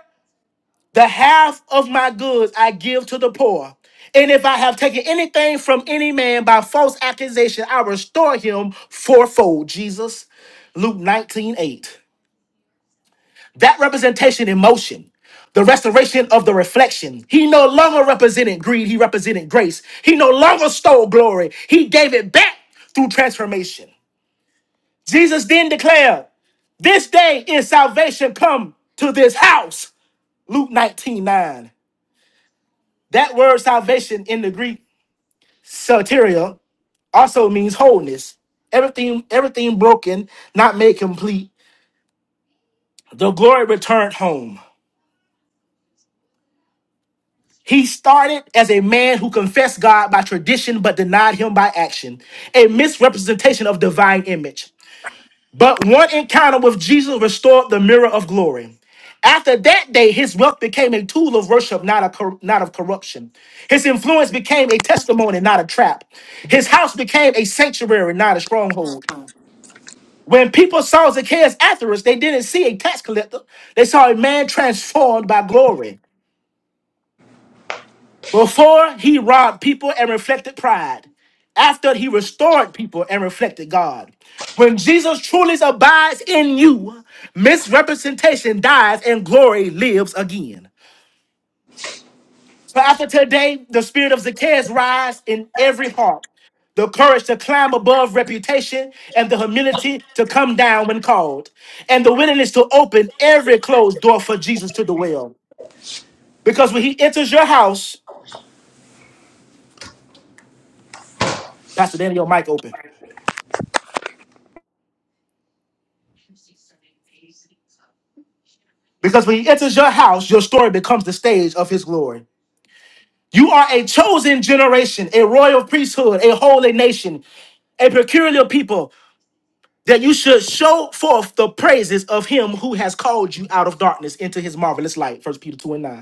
The half of my goods I give to the poor. And if I have taken anything from any man by false accusation, I restore him fourfold. Jesus, Luke 19 8. That representation in motion, the restoration of the reflection. He no longer represented greed, he represented grace. He no longer stole glory, he gave it back through transformation. Jesus then declared, This day is salvation come to this house. Luke 19 9. That word salvation in the Greek soteria also means wholeness. Everything, everything broken, not made complete. The glory returned home. He started as a man who confessed God by tradition but denied him by action, a misrepresentation of divine image. But one encounter with Jesus restored the mirror of glory. After that day, his wealth became a tool of worship, not, a cor- not of corruption. His influence became a testimony, not a trap. His house became a sanctuary, not a stronghold. When people saw Zacchaeus afterwards, they didn't see a tax collector. They saw a man transformed by glory. Before he robbed people and reflected pride. After he restored people and reflected God. When Jesus truly abides in you, misrepresentation dies and glory lives again. So after today, the spirit of Zacchaeus rise in every heart, the courage to climb above reputation, and the humility to come down when called, and the willingness to open every closed door for Jesus to dwell. Because when he enters your house, Pastor Daniel, your mic open. Because when he enters your house, your story becomes the stage of his glory. You are a chosen generation, a royal priesthood, a holy nation, a peculiar people, that you should show forth the praises of him who has called you out of darkness into his marvelous light. First Peter 2 and 9.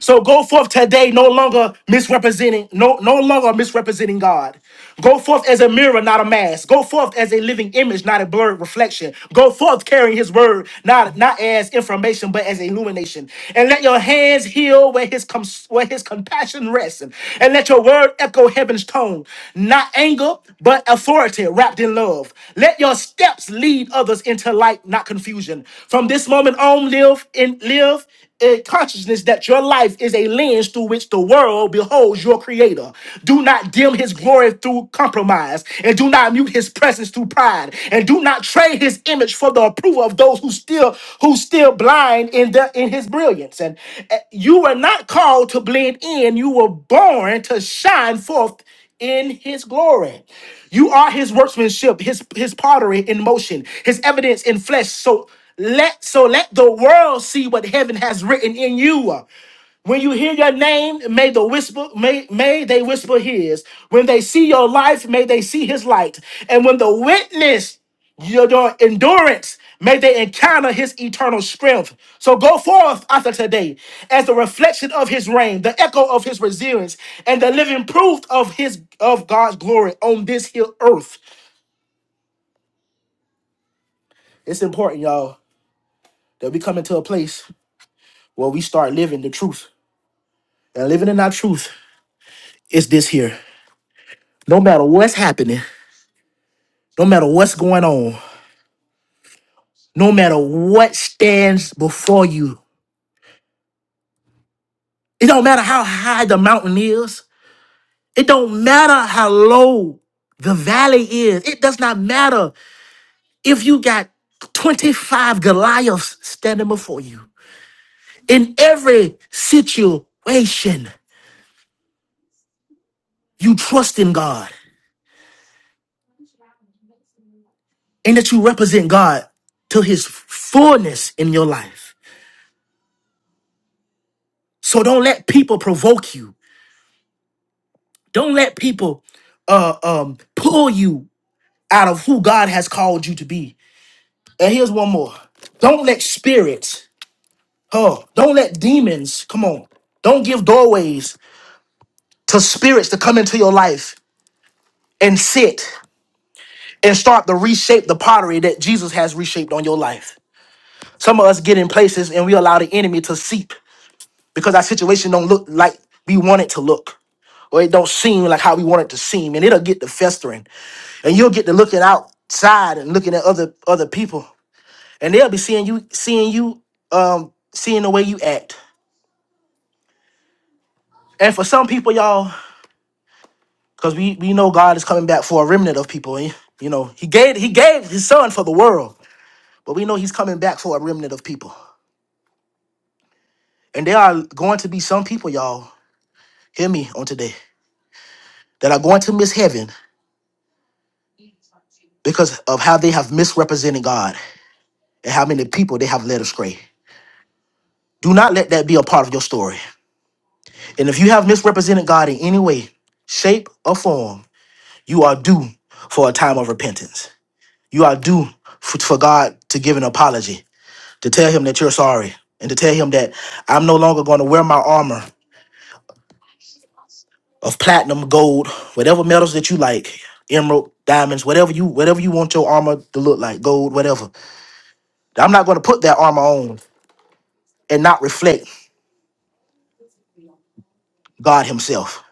So go forth today, no longer misrepresenting, no, no longer misrepresenting God. Go forth as a mirror, not a mask. Go forth as a living image, not a blurred reflection. Go forth carrying His word, not not as information, but as illumination. And let your hands heal where His com- where His compassion rests, and let your word echo heaven's tone, not anger, but authority wrapped in love. Let your steps lead others into light, not confusion. From this moment on, live in live eh, consciousness that your life is a lens through which the world beholds your creator. Do not dim his glory through compromise, and do not mute his presence through pride, and do not trade his image for the approval of those who still who still blind in the in his brilliance. And eh, you were not called to blend in, you were born to shine forth in his glory. You are his workmanship, his his pottery in motion, his evidence in flesh. So let so let the world see what heaven has written in you. When you hear your name, may the whisper, may, may they whisper his. When they see your life, may they see his light. And when the witness your, your endurance, may they encounter his eternal strength. So go forth after today as the reflection of his reign, the echo of his resilience, and the living proof of his of God's glory on this here earth. It's important, y'all, that we come into a place where we start living the truth. And living in our truth is this here. No matter what's happening, no matter what's going on, no matter what stands before you, it don't matter how high the mountain is, it don't matter how low the valley is, it does not matter if you got 25 Goliaths standing before you. In every situation, you trust in God and that you represent God to his fullness in your life. So don't let people provoke you. Don't let people uh, um, pull you out of who God has called you to be. And here's one more. Don't let spirits, huh? Don't let demons, come on. Don't give doorways to spirits to come into your life and sit and start to reshape the pottery that Jesus has reshaped on your life. Some of us get in places and we allow the enemy to seep because our situation don't look like we want it to look. Or it don't seem like how we want it to seem. And it'll get to festering. And you'll get to looking outside and looking at other other people. and they'll be seeing you, seeing you, um, seeing the way you act. And for some people, y'all, because we we know God is coming back for a remnant of people. And, you know, He gave He gave His Son for the world, but we know He's coming back for a remnant of people. And there are going to be some people, y'all, hear me on today, that are going to miss heaven because of how they have misrepresented God and how many people they have led astray. Do not let that be a part of your story. And if you have misrepresented God in any way, shape, or form, You are due for a time of repentance. You are due for, for God to give an apology, to tell him that you're sorry, and to tell him that I'm no longer going to wear my armor of platinum, gold, whatever metals that you like, emerald, diamonds, whatever you whatever you want your armor to look like, gold, whatever. I'm not going to put that armor on and not reflect God himself.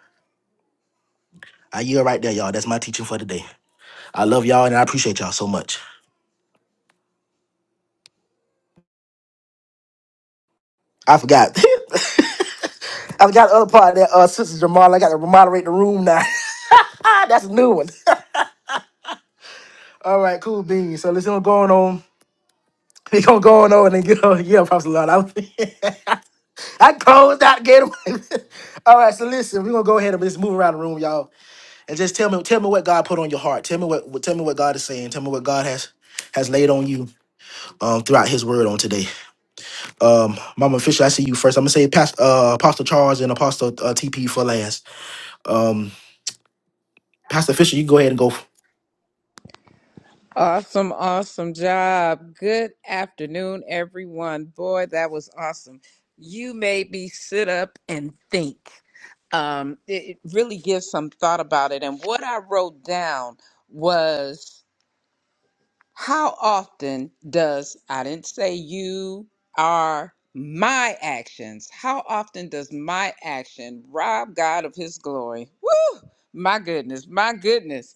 I yield right there, y'all. That's my teaching for today. I love y'all and I appreciate y'all so much. I forgot. (laughs) I forgot the other part of that uh sister Jamal. I got to moderate the room now. (laughs) ah, that's a new one. (laughs) All right, cool beans. So let's go on on. (laughs) We gonna go on over and get on. (laughs) Yeah, props a lot. I, (laughs) I closed out gate. one. (laughs) All right, so listen, we're gonna go ahead and just move around the room, y'all, and just tell me, tell me what God put on your heart. Tell me what, what- tell me what God is saying. Tell me what God has has laid on you um throughout His Word on today. Um, Mama Fisher, I see you first. I'm gonna say, Pastor uh, Apostle Charles and Apostle uh, TP for last. Um, Pastor Fisher, you go ahead and go.
Awesome, awesome job. Good afternoon, everyone. Boy, that was awesome. You made me sit up and think. Um, it, it really gives some thought about it. And what I wrote down was how often does, I didn't say you are my actions, how often does my action rob God of his glory? Woo! My goodness, my goodness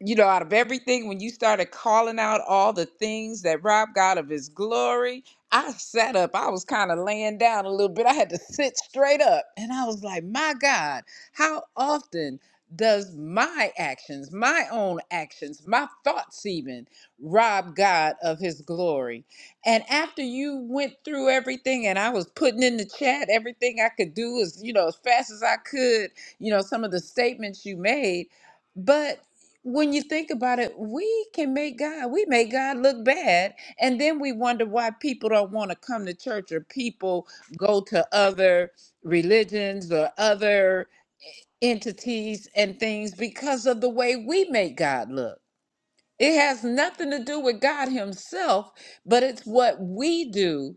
you know, out of everything, when you started calling out all the things that Rob got of his glory, I sat up. I was kind of laying down a little bit. I had to sit straight up. And I was like, my God, how often does my actions, my own actions, my thoughts even rob God of his glory? And after you went through everything and I was putting in the chat everything I could do as, you know, as fast as I could, you know, some of the statements you made. But when you think about it, we can make God, we make God look bad. And then we wonder why people don't want to come to church or people go to other religions or other entities and things because of the way we make God look. It has nothing to do with God Himself, but it's what we do,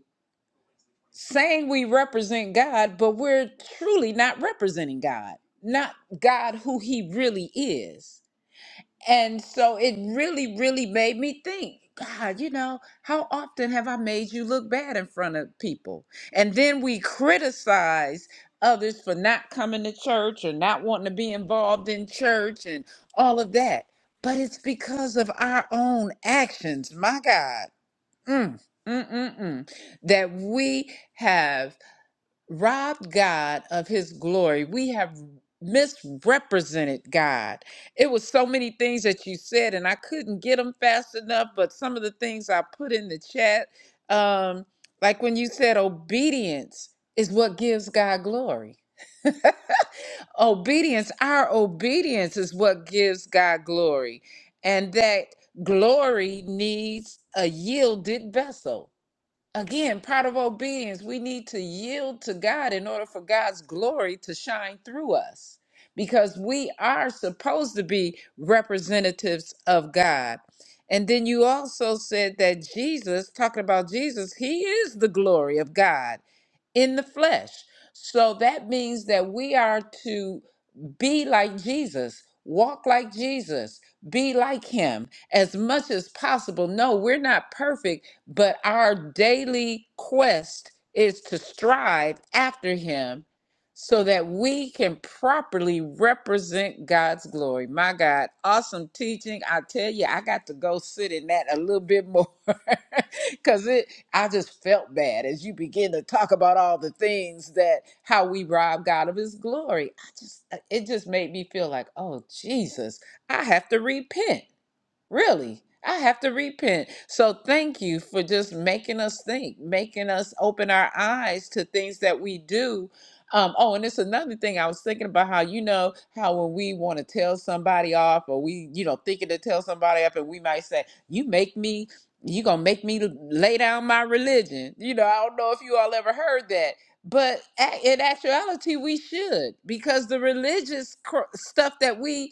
saying we represent God, but we're truly not representing God, not God who He really is. And so it really, really made me think, God, you know, how often have I made you look bad in front of people? And then we criticize others for not coming to church or not wanting to be involved in church and all of that. But it's because of our own actions, my God, mm, mm, mm, mm, that we have robbed God of his glory. We have misrepresented God. It was so many things that you said, and I couldn't get them fast enough, but some of the things I put in the chat, um, like when you said obedience is what gives God glory. Obedience, our obedience is what gives God glory. And that glory needs a yielded vessel Again, prodigal beings, we need to yield to God in order for God's glory to shine through us because we are supposed to be representatives of God. And then you also said that Jesus, talking about Jesus, he is the glory of God in the flesh. So that means that we are to be like Jesus. Walk like Jesus. Be like him as much as possible. No, we're not perfect, but our daily quest is to strive after him so that we can properly represent God's glory. My God, awesome teaching. I tell you, I got to go sit in that a little bit more (laughs) cuz it I just felt bad as you begin to talk about all the things that how we rob God of his glory just uh, it just made me feel like, oh Jesus, I have to repent. Really, I have to repent. So thank you for just making us think, making us open our eyes to things that we do. Um, oh, and it's another thing I was thinking about how you know how when we want to tell somebody off, or we you know thinking to tell somebody off and we might say, "You make me, you gonna make me lay down my religion." You know, I don't know if you all ever heard that, but a- in actuality, we should because the religious cr- stuff that we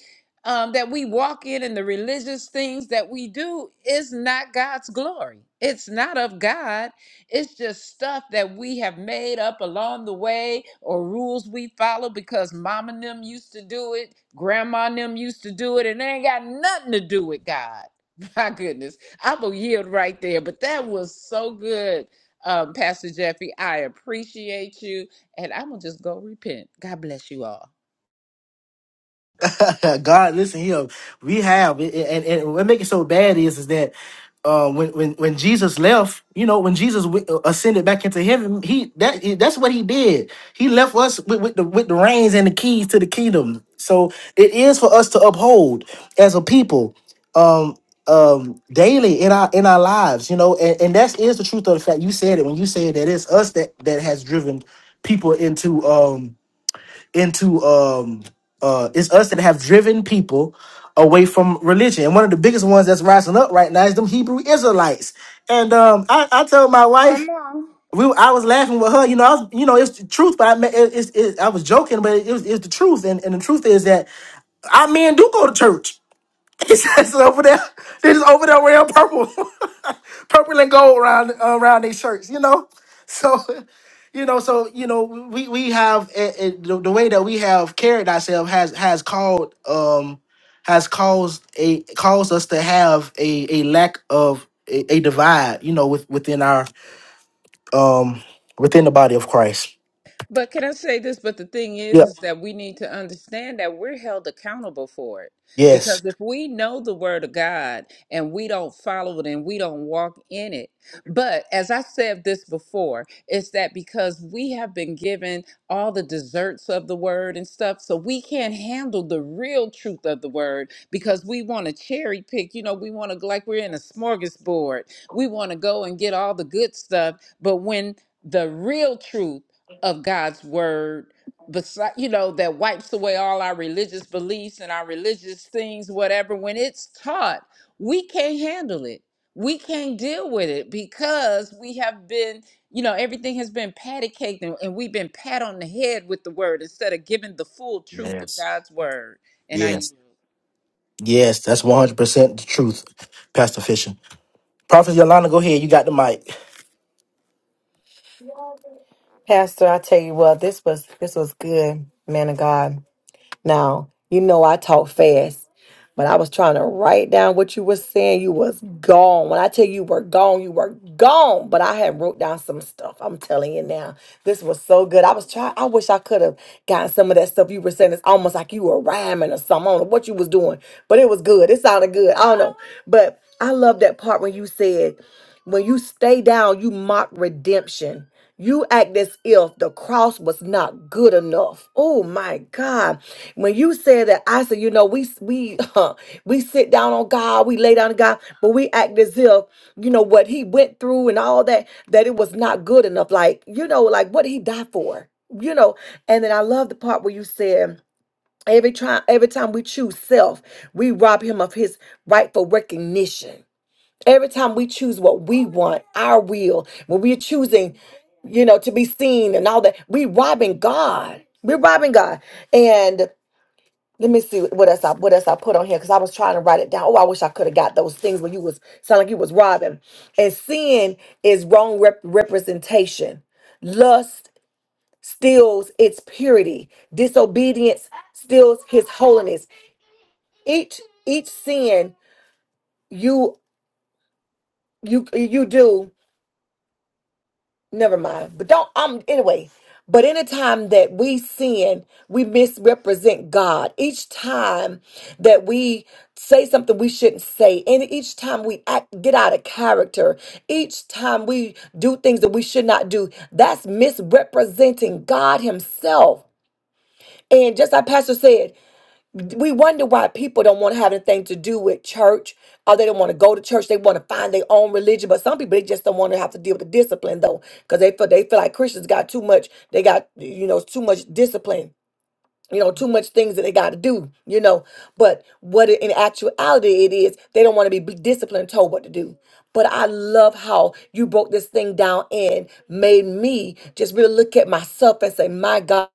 um, that we walk in and the religious things that we do is not God's glory. It's not of God. It's just stuff that we have made up along the way or rules we follow because mom and them used to do it, grandma and them used to do it, and they ain't got nothing to do with God. (laughs) My goodness. I'm going to yield right there. But that was so good, um, Pastor Jeffy. I appreciate you. And I'm going to just go repent. God bless you all.
(laughs) God, listen here. We have, and, and, and what make it so bad is, is that uh, when when when Jesus left, you know, when Jesus w- uh, ascended back into heaven, he that that's what he did. He left us with, with the with the reins and the keys to the kingdom. So it is for us to uphold as a people, um, um, daily in our in our lives, you know, and, and that is the truth of the fact. You said it when you said that it's us that that has driven people into um into um uh it's us that have driven people away from religion. And one of the biggest ones that's rising up right now is them Hebrew Israelites. And um I, I told my wife we I was laughing with her, you know, I was, you know, it's the truth, but I mean, it, it's it, I was joking, but it was, it's the truth, and, and the truth is that our men do go to church. (laughs) It says it over there. They just over there wearing purple, (laughs) purple and gold around around their shirts. You know, so you know, so you know, we we have eh, eh, the, the way that we have carried ourselves has has called um has caused a caused us to have a a lack of a, a divide. You know, with within our um within the body of Christ.
But can I say this? But the thing is,
Yep.
is that we need to understand that we're held accountable for it.
Yes.
Because if we know the word of God and we don't follow it and we don't walk in it, but as I said this before, it's that because we have been given all the desserts of the word and stuff, so we can't handle the real truth of the word because we want to cherry pick. You know, we want to like we're in a smorgasbord. We want to go and get all the good stuff, but when the real truth of God's word beside you know that wipes away all our religious beliefs and our religious things whatever when it's taught we can't handle it we can't deal with it because we have been you know everything has been patty caked and, and we've been pat on the head with the word instead of giving the full truth of
Yes.
God's word and I
Yes. Yes. That's one hundred percent the truth, Pastor Fisher. Prophet Yolanda, go ahead. You got the mic.
Pastor, I tell you what, this was this was good, man of God. Now, you know I talk fast, but I was trying to write down what you were saying. You was gone. When I tell you you were gone, you were gone. But I had wrote down some stuff. I'm telling you now. This was so good. I was trying I wish I could have gotten some of that stuff you were saying. It's almost like you were rhyming or something. I don't know what you was doing. But it was good. It sounded good. I don't know. But I love that part when you said when you stay down, you mock redemption. You act as if the cross was not good enough. Oh my God! When you said that, I said, you know, we we (laughs) we sit down on God, we lay down on God, but we act as if you know what He went through and all that that it was not good enough. Like you know, like what did He die for? You know. And then I love the part where you said. Every time, every time we choose self, we rob him of his rightful recognition Every time we choose what we want, our will, when we're choosing, you know, to be seen and all that, we robbing God. We're robbing God. And let me see what else I what else I put on here because I was trying to write it down. Oh, I wish I could have got those things when you was sound like you was robbing. And sin is wrong rep- representation. Lust steals its purity. Disobedience steals his holiness. Each each sin you you you do never mind. But don't um anyway. But anytime that we sin, we misrepresent God. Each time that we say something we shouldn't say, and each time we act, get out of character, each time we do things that we should not do, that's misrepresenting God Himself. And just like Pastor said, we wonder why people don't want to have anything to do with church or they don't want to go to church they want to find their own religion but some people they just don't want to have to deal with the discipline though because they feel they feel like christians got too much they got you know too much discipline you know too much things that they got to do you know but what in actuality it is they don't want to be disciplined told what to do but i love how you broke this thing down and made me just really look at myself and say my god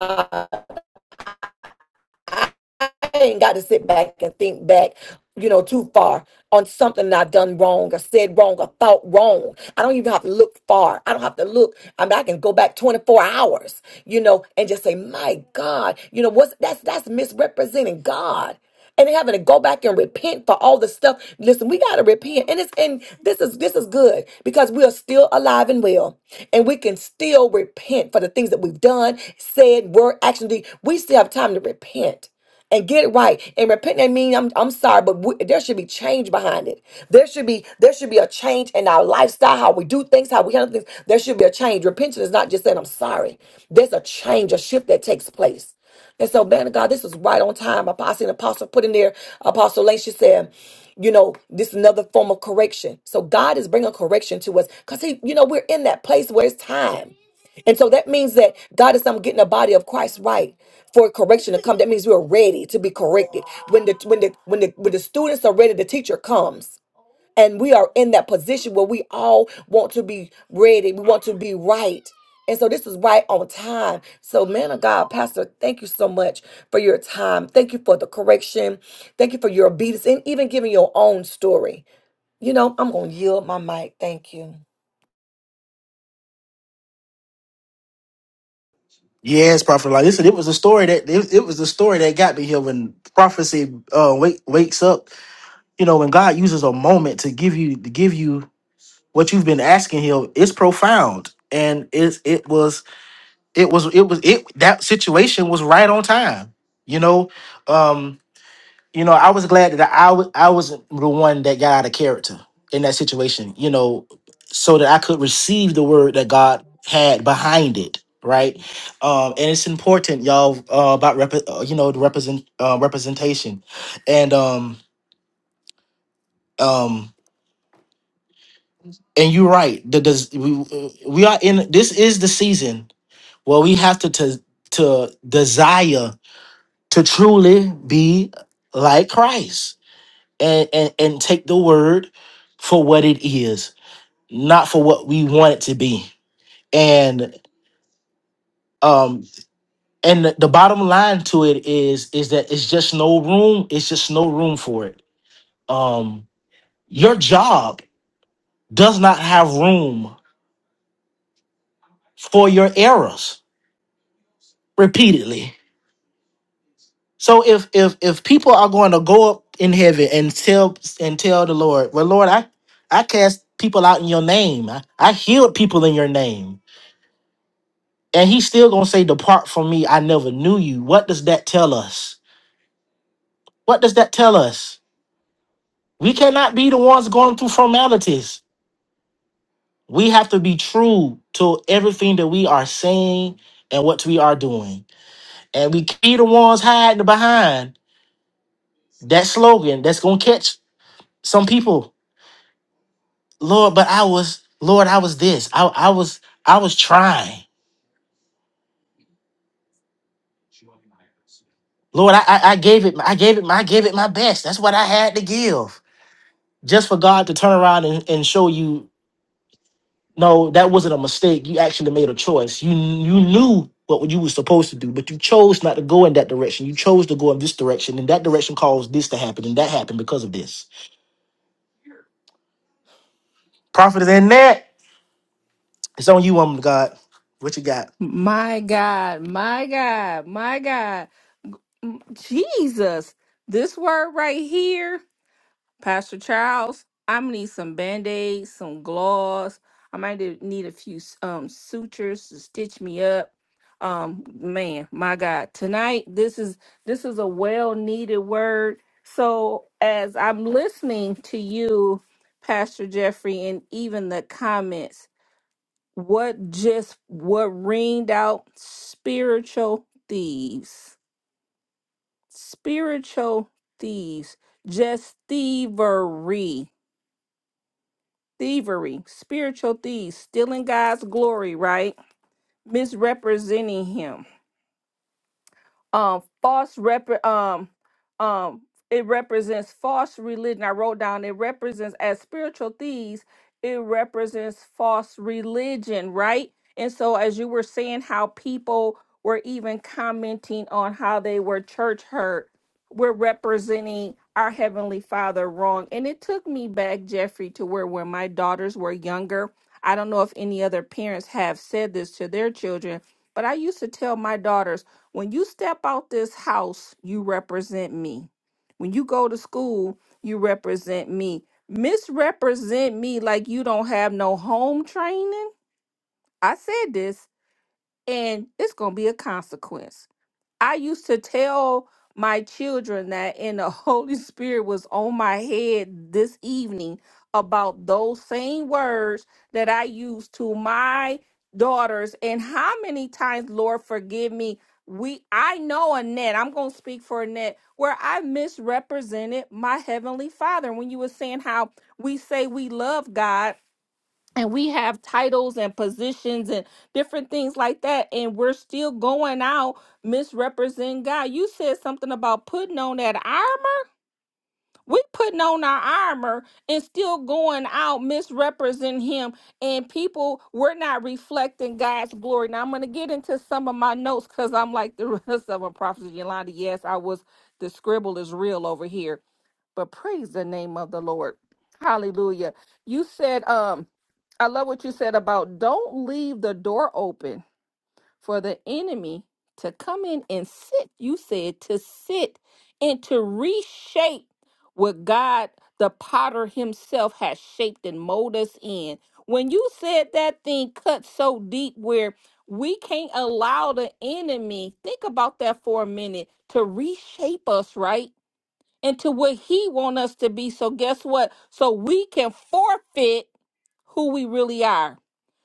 ain't got to sit back and think back, you know, too far on something I've done wrong or said wrong or thought wrong. I don't even have to look far. I don't have to look. I mean, I can go back 24 hours, you know, and just say, my God, you know, what's that's that's misrepresenting God. And then having to go back and repent for all the stuff. Listen, we gotta repent. And it's and this is this is good because we are still alive and well. And we can still repent for the things that we've done, said, word, actually, we still have time to repent and get it right and repent that mean I'm, I'm sorry but we, there should be change behind it there should be there should be a change in our lifestyle how we do things how we handle things there should be a change repentance is not just saying i'm sorry there's a change a shift that takes place and so man of god this was right on time apostle and apostle put in there apostle lane she said you know this is another form of correction so god is bringing correction to us because he you know we're in that place where it's time and so that means that God is I'm getting the body of Christ right for correction to come. That means we're ready to be corrected. When the when the when the when the students are ready, the teacher comes. And we are in that position where we all want to be ready. We want to be right. And so this is right on time. So, man of God, Pastor, thank you so much for your time. Thank you for the correction. Thank you for your obedience and even giving your own story. You know, I'm going to yield my mic. Thank you.
Yes, Prophet Yolanda. Listen, it was a story that it, it was the story that got me here when prophecy uh, wake, wakes up. You know, when God uses a moment to give you to give you what you've been asking Him, it's profound, and it's it was it was it was it that situation was right on time. You know, um, you know, I was glad that I wa- I wasn't the one that got out of character in that situation, you know, so that I could receive the word that God had behind it, right? Um, and it's important, y'all, uh, about rep- uh, you know the represent uh, representation, and um um and you're right. The, does we we are in this is the season where we have to to to desire to truly be like Christ and, and and take the word for what it is, not for what we want it to be. And um and the the bottom line to it is is that it's just no room, it's just no room for it. Um your job does not have room for your errors repeatedly. So if if if people are going to go up in heaven and tell and tell the Lord, well Lord, I I cast people out in your name. I, I healed people in your name. And he's still going to say, Depart from me, I never knew you. What does that tell us? What does that tell us? We cannot be the ones going through formalities. We have to be true to everything that we are saying and what we are doing. And we can't be the ones hiding behind that slogan that's going to catch some people. Lord, but I was, Lord, I was this. I, I was, I was trying. Lord, I, I, I gave it, I gave it, I gave it my best. That's what I had to give just for God to turn around and, and show you No, that wasn't a mistake. You actually made a choice. You you knew what you were supposed to do, but you chose not to go in that direction. You chose to go in this direction, and that direction caused this to happen, and that happened because of this. Prophet is in that. It's on you, woman of God. What you got?
My God, my God, my God. M- Jesus, this word right here, Pastor Charles, I'm gonna need some band aids, some gloss. I might need need a few s- um, sutures to stitch me up. Um, man, my God, tonight this is this is a well needed word. So as I'm listening to you, Pastor Jeffrey, and even the comments what just what ringed out spiritual thieves spiritual thieves just thievery thievery spiritual thieves stealing god's glory right misrepresenting him um false rep um um it represents false religion i wrote down it represents as spiritual thieves it represents false religion right and so as you were saying how people were even commenting on how they were church hurt we're representing our heavenly father wrong and it took me back jeffrey to where when my daughters were younger i don't know if any other parents have said this to their children but i used to tell my daughters when you step out this house, you represent me. When you go to school, you represent me. Misrepresent me like you don't have no home training. I said this, and it's going to be a consequence. I used to tell my children that, and the (laughs) Holy Spirit was on my head this evening about those same words that I used to my daughters. And how many times, Lord, forgive me. We, I know Annette. I'm gonna speak for Annette, where I misrepresented my heavenly Father. When you were saying how we say we love God, and we have titles and positions and different things like that and we're still going out misrepresenting god you said something about putting on that armor we putting on our armor and still going out misrepresenting him and people we're not reflecting god's glory now i'm going to get into some of my notes because i'm like the (laughs) rest of them prophet yolanda yes i was the scribble is real over here but praise the name of the Lord. Hallelujah. You said, um, I love what you said about don't leave the door open for the enemy to come in and sit. You said to sit and to reshape what God, the potter himself, has shaped and molded us in. When you said that thing cut so deep where we can't allow the enemy, think about that for a minute, to reshape us, right? into what he want us to be so guess what so we can forfeit who we really are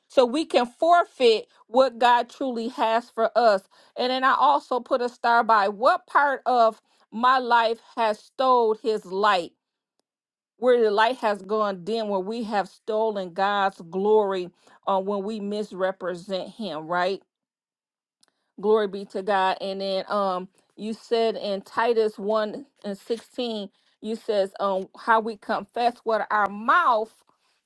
so we can forfeit what god truly has for us and then i also put a star by what part of my life has stole his light where the light has gone dim where we have stolen god's glory uh, when we misrepresent him right Glory be to God. And then um you said in Titus 1 and 16, you says um how we confess with our mouth,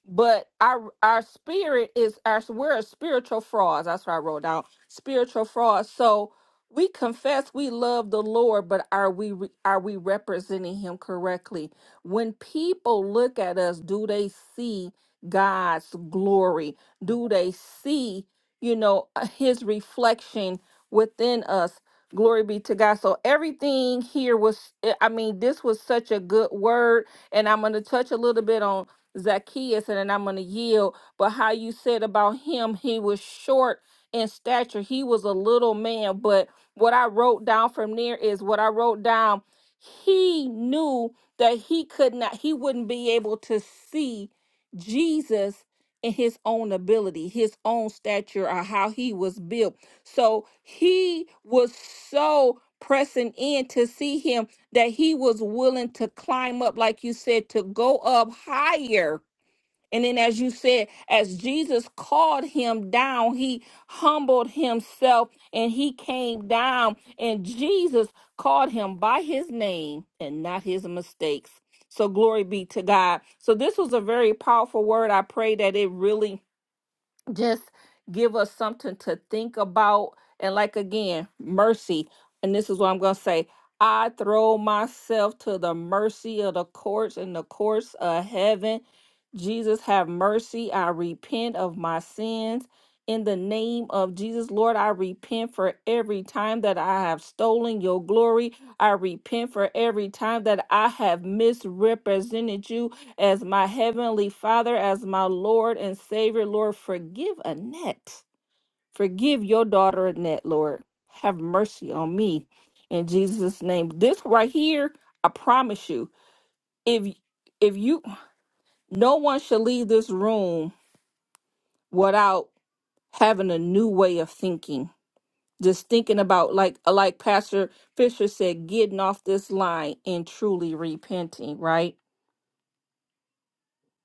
but our our spirit is our we're a spiritual frauds. That's what I wrote down. Spiritual frauds. So we confess we love the Lord, but are we re- are we representing him correctly? When people look at us, do they see God's glory? Do they see, you know, uh, his reflection within us. Glory be to God. So everything here was, eh, I mean, this was such a good word. And I'm going to touch a little bit on Zacchaeus and then I'm going to yield. But how you said about him, he was short in stature, he was a little man. But what I wrote down from there is what I wrote down. He knew that he could not, he wouldn't be able to see Jesus in his own ability, his own stature, or how he was built so he was so pressing in to see him that he was willing to climb up, like you said, to go up higher. And then, as you said, as Jesus called him down, he humbled himself and he came down. And Jesus called him by his name and not his mistakes. So, glory be to God. So, this was a very powerful word. I pray that it really just give us something to think about. And like again, mercy. And this is what I'm going to say I throw myself to the mercy of the courts and the courts of heaven. Jesus, have mercy. I repent of my sins. In the name of Jesus, Lord, I repent for every time that I have stolen your glory. I repent for every time that I have misrepresented you as my heavenly Father, as my Lord and Savior. Lord, forgive Annette. Forgive your daughter Annette, Lord. Have mercy on me in Jesus' name. This right here, I promise you, if if you no one should leave this room without having a new way of thinking. Just thinking about like like Pastor Fisher said, getting off this line and truly repenting, right?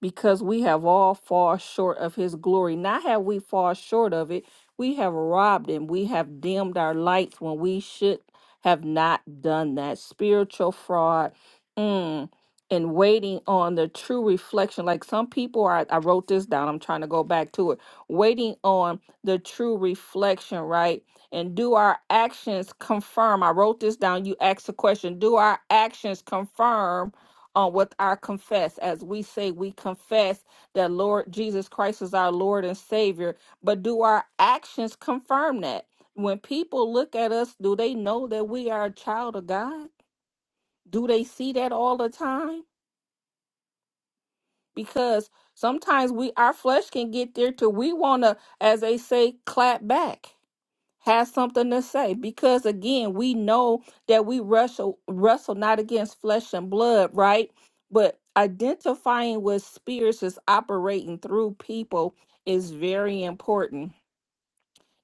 because we have all fall short of his glory. Not have we fall short of it, we have robbed him. We have dimmed our lights when we should have not done that. Spiritual fraud. Mm. And waiting on the true reflection. Like some people are, I wrote this down. I'm trying to go back to it. Waiting on the true reflection, right? And do our actions confirm? I wrote this down. You asked the question Do our actions confirm? on with our confess as we say we confess that Lord Jesus Christ is our Lord and Savior, but do our actions confirm that? When people look at us, do they know that we are a child of God? Do they see that all the time? Because sometimes we our flesh can get there to we want to as they say clap back. has something to say because again we know that we wrestle wrestle not against flesh and blood right but identifying what spirits is operating through people is very important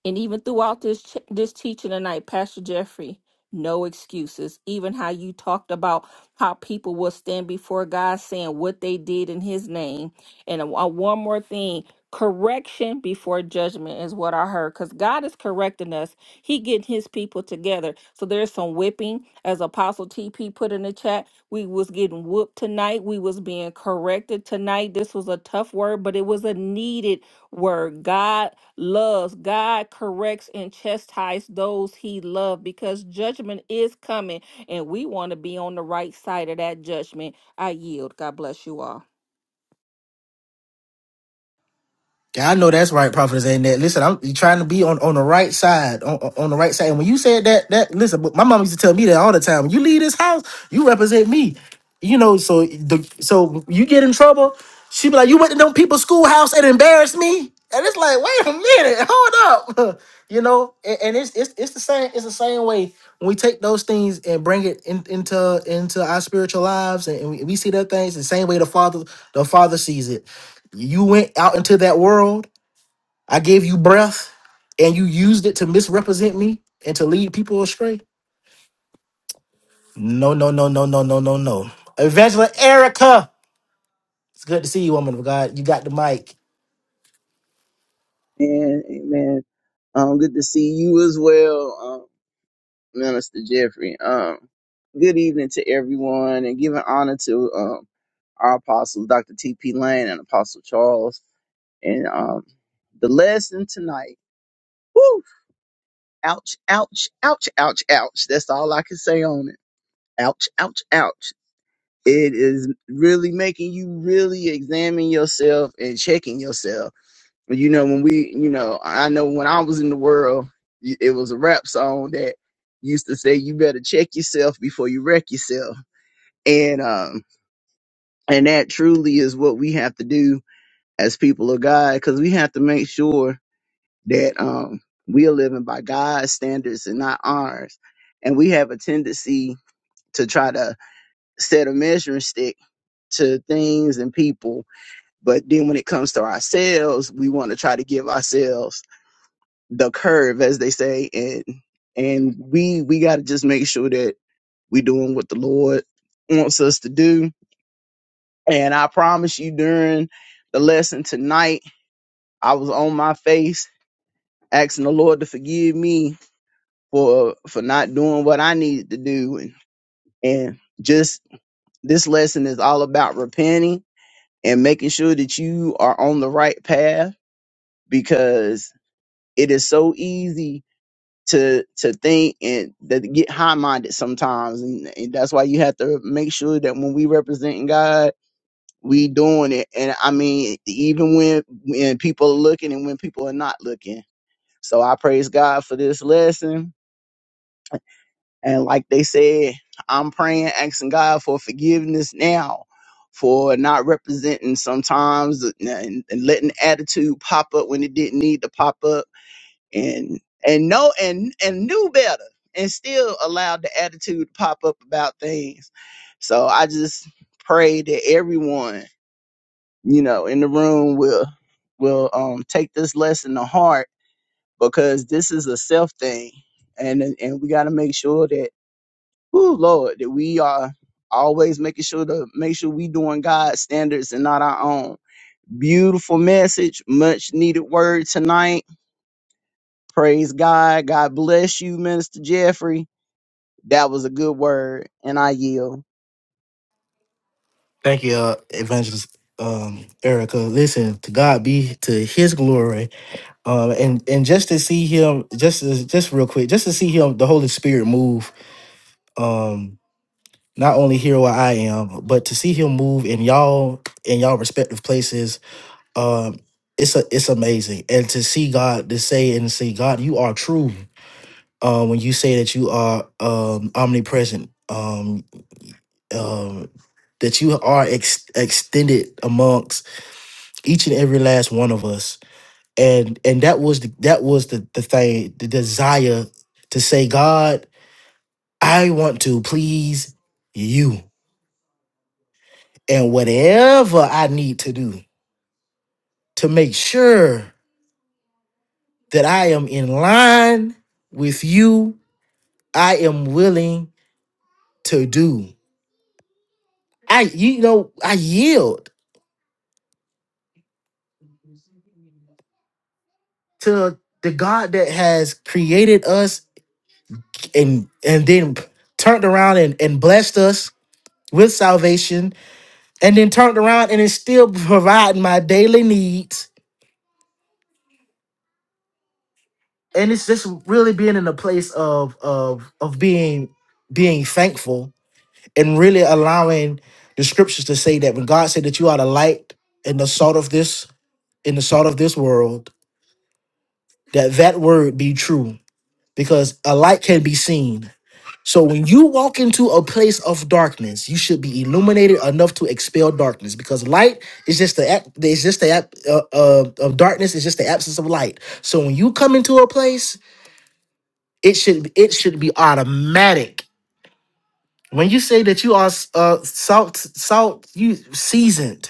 and even throughout this ch- this teaching tonight, Pastor Jeffrey, no excuses. Even how you talked about how people will stand before God saying what they did in His name. And a- a- one more thing, correction before judgment is what I heard. Because God is correcting us. He getting His people together. So there's some whipping, as Apostle TP put in the chat. We was getting whooped tonight. We was being corrected tonight. This was a tough word, but it was a needed word. God loves, God corrects and chastises those he loves because judgment is coming and we want to be on the right side of that judgment. I yield. God bless you all.
Yeah, I know that's right, Prophetess Annette. Listen, I'm trying to be on, on the right side, on, on the right side. And when you said that, that listen, but my mom used to tell me that all the time. When you leave this house, you represent me. You know, so the so you get in trouble, she be like, you went to them people's schoolhouse and embarrassed me, and it's like, wait a minute, hold up, (laughs) you know. And, and it's it's it's the same it's the same way when we take those things and bring it in, into into our spiritual lives, and, and we, we see that things the same way the father the father sees it you went out into that world. I gave you breath and you used it to misrepresent me and to lead people astray. No, no, no, no, no, no, no, no. Evangelist Erica. It's good to see you, woman of God. You got the mic.
Amen. Amen. Um, good to see you as well, um, Minister Jeffrey. Um, good evening to everyone, and giving honor to um, our apostles, Dr. T.P. Lane and Apostle Charles. And um, the lesson tonight, woo, ouch, ouch, ouch, ouch, ouch. That's all I can say on it. Ouch, ouch, ouch. It is really making you really examine yourself and checking yourself you know when we you know i know when i was in the world it was a rap song that used to say you better check yourself before you wreck yourself and um and that truly is what we have to do as people of god because we have to make sure that um we are living by god's standards and not ours and we have a tendency to try to set a measuring stick to things and people but then when it comes to ourselves we want to try to give ourselves the curve, as they say, and and we we got to just make sure that we doing what the Lord wants us to do. And I promise you, during the lesson tonight, I was on my face asking the Lord to forgive me for for not doing what I needed to do, and and just this lesson is all about repenting and making sure that you are on the right path because it is so easy to to think and that get high minded sometimes, and, and that's why you have to make sure that when we representing God, we doing it. And I mean, even when when people are looking and when people are not looking. So I praise God for this lesson, and like they said, I'm praying, asking God for forgiveness now. For not representing sometimes and and letting attitude pop up when it didn't need to pop up and and know and and knew better and still allowed the attitude to pop up about things so i just pray that everyone you know in the room will will um take this lesson to heart because this is a self thing and and we got to make sure that oh lord that we are always making sure to make sure we doing god's standards and not our own beautiful message much needed word tonight Praise God. God bless you, Minister Jeffrey. That was a good word, and I yield.
Thank you, uh, Evangelist um, Erica. Listen, to God be to his glory. Um, and and just to see him, just to, just real quick, just to see him, the Holy Spirit move. Um, not only here where I am, but to see him move in y'all in y'all respective places um it's a it's amazing and to see god to say and see god you are true uh when you say that you are um omnipresent um um that you are ex- extended amongst each and every last one of us and and that was the, that was the the thing the desire to say god i want to please you and whatever i need to do to make sure that i am in line with you I am willing to do. I you know I yield to the God that has created us and and then turned around and, and blessed us with salvation and then turned around and is still providing my daily needs. And it's just really being in a place of of of being being thankful and really allowing the scriptures to say that when God said that you are the light and the salt of this in the salt of this world that that word be true because a light can be seen. So when you walk into a place of darkness, you should be illuminated enough to expel darkness because light is just the ab- it's just the ab- uh, uh, of darkness is just the absence of light. So when you come into a place, it should it should be automatic. When you say that you are uh, salt salt you seasoned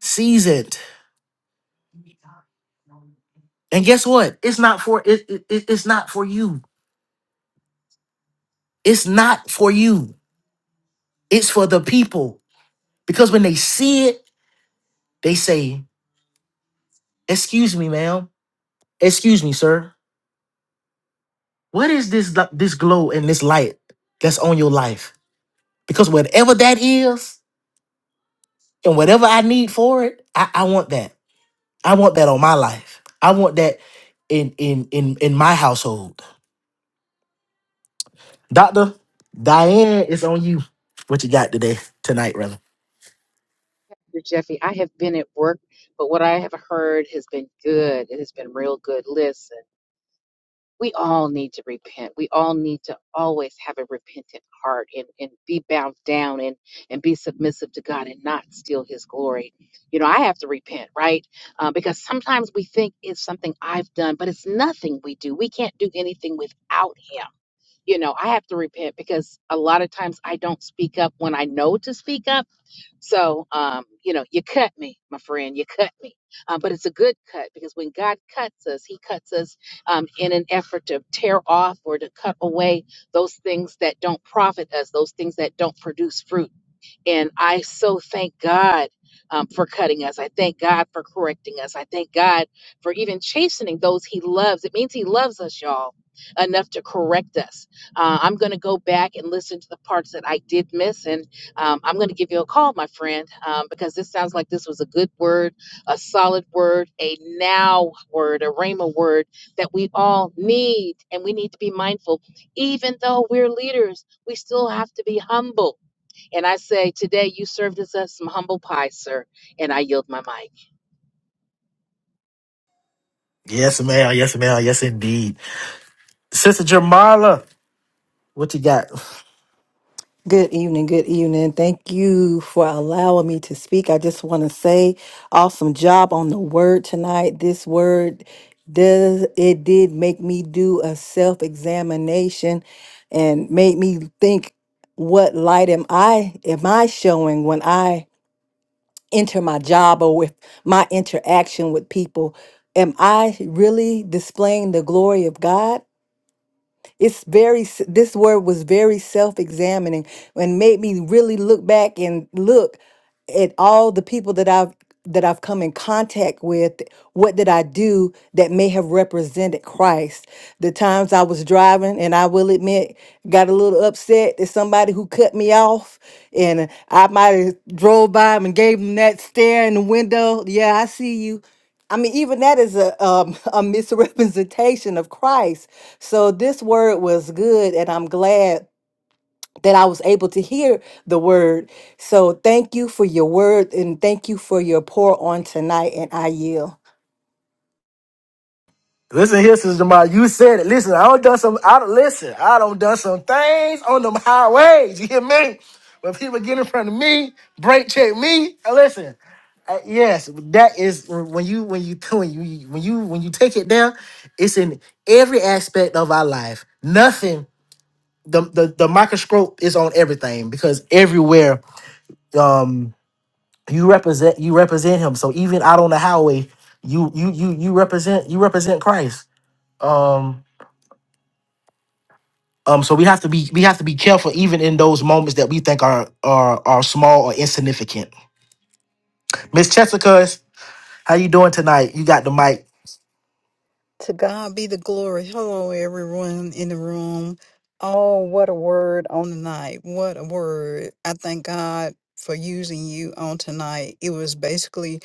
seasoned, and guess what? It's not for it, it it- it's not for you. It's not for you. It's for the people Because when they see it, they say, "Excuse me, ma'am. Excuse me, sir. What is this li- this glow and this light that's on your life? Because whatever that is, and whatever I need for it, I, I want that. I want that on my life. I want that in in in in my household." Doctor Diane, it's on you. What you got today, tonight, rather?
Dr. Jeffy, I have been at work, but what I have heard has been good. It has been real good. Listen, we all need to repent. We all need to always have a repentant heart and, and be bowed down and, and be submissive to God and not steal his glory. You know, I have to repent, right? Uh, because sometimes we think it's something I've done, but it's nothing we do. We can't do anything without him. You know, I have to repent because a lot of times I don't speak up when I know to speak up so, um, you know, you cut me, my friend, you cut me. Um, but it's a good cut because when God cuts us, He cuts us um, in an effort to tear off or to cut away those things that don't profit us, those things that don't produce fruit. And I so thank God um, for cutting us. I thank God for correcting us. I thank God for even chastening those He loves. It means He loves us, y'all, enough to correct us. Uh, I'm going to go back and listen to the parts that I did miss. And um, I'm going to give you a call, my friend, um, because this sounds like this was a good word, a solid word, a now word, a rhema word that we all need. And we need to be mindful. Even though we're leaders, we still have to be humble and I say, today you served us as some humble pie, sir, and I yield my mic.
Yes, ma'am. Yes, ma'am. Yes, indeed. Sister Jamala, what you got?
Good evening. Good evening. Thank you for allowing me to speak. I just want to say awesome job on the word tonight. This word does it did make me do a self-examination and made me think what light am I am I showing when I enter my job or with my interaction with people? Am I really displaying the glory of God? It's very, s- this word was very self examining and made me really look back and look at all the people that I've that I've come in contact with, what did I do that may have represented Christ? The times I was driving, and I will admit, got a little upset at somebody who cut me off, and I might have drove by 'em and gave them that stare in the window. Yeah, I see you I mean, even that is a um, (laughs) a misrepresentation of Christ. So this word was good, and I'm glad that I was able to hear the word. So thank you for your word, and thank you for your pour on tonight. And I yield.
Listen here, Sister Jamala. You said it. Listen, I don't done some. I don't listen. I don't done some things on them highways. You hear me? When people get in front of me, brake check me. I Listen, uh, yes, that is when you when you when you when you when you take it down. It's in every aspect of our life. Nothing. The, the the microscope is on everything because everywhere. um, you represent you represent him. So even out on the highway, you you you you represent you represent Christ. Um um so we have to be we have to be careful even in those moments that we think are are are small or insignificant. Miss Jessica, is- how you doing tonight? You got the mic.
To God be the glory. Hello, everyone in the room. Oh, what a word on the night. What a word. I thank God for using you on tonight. It was basically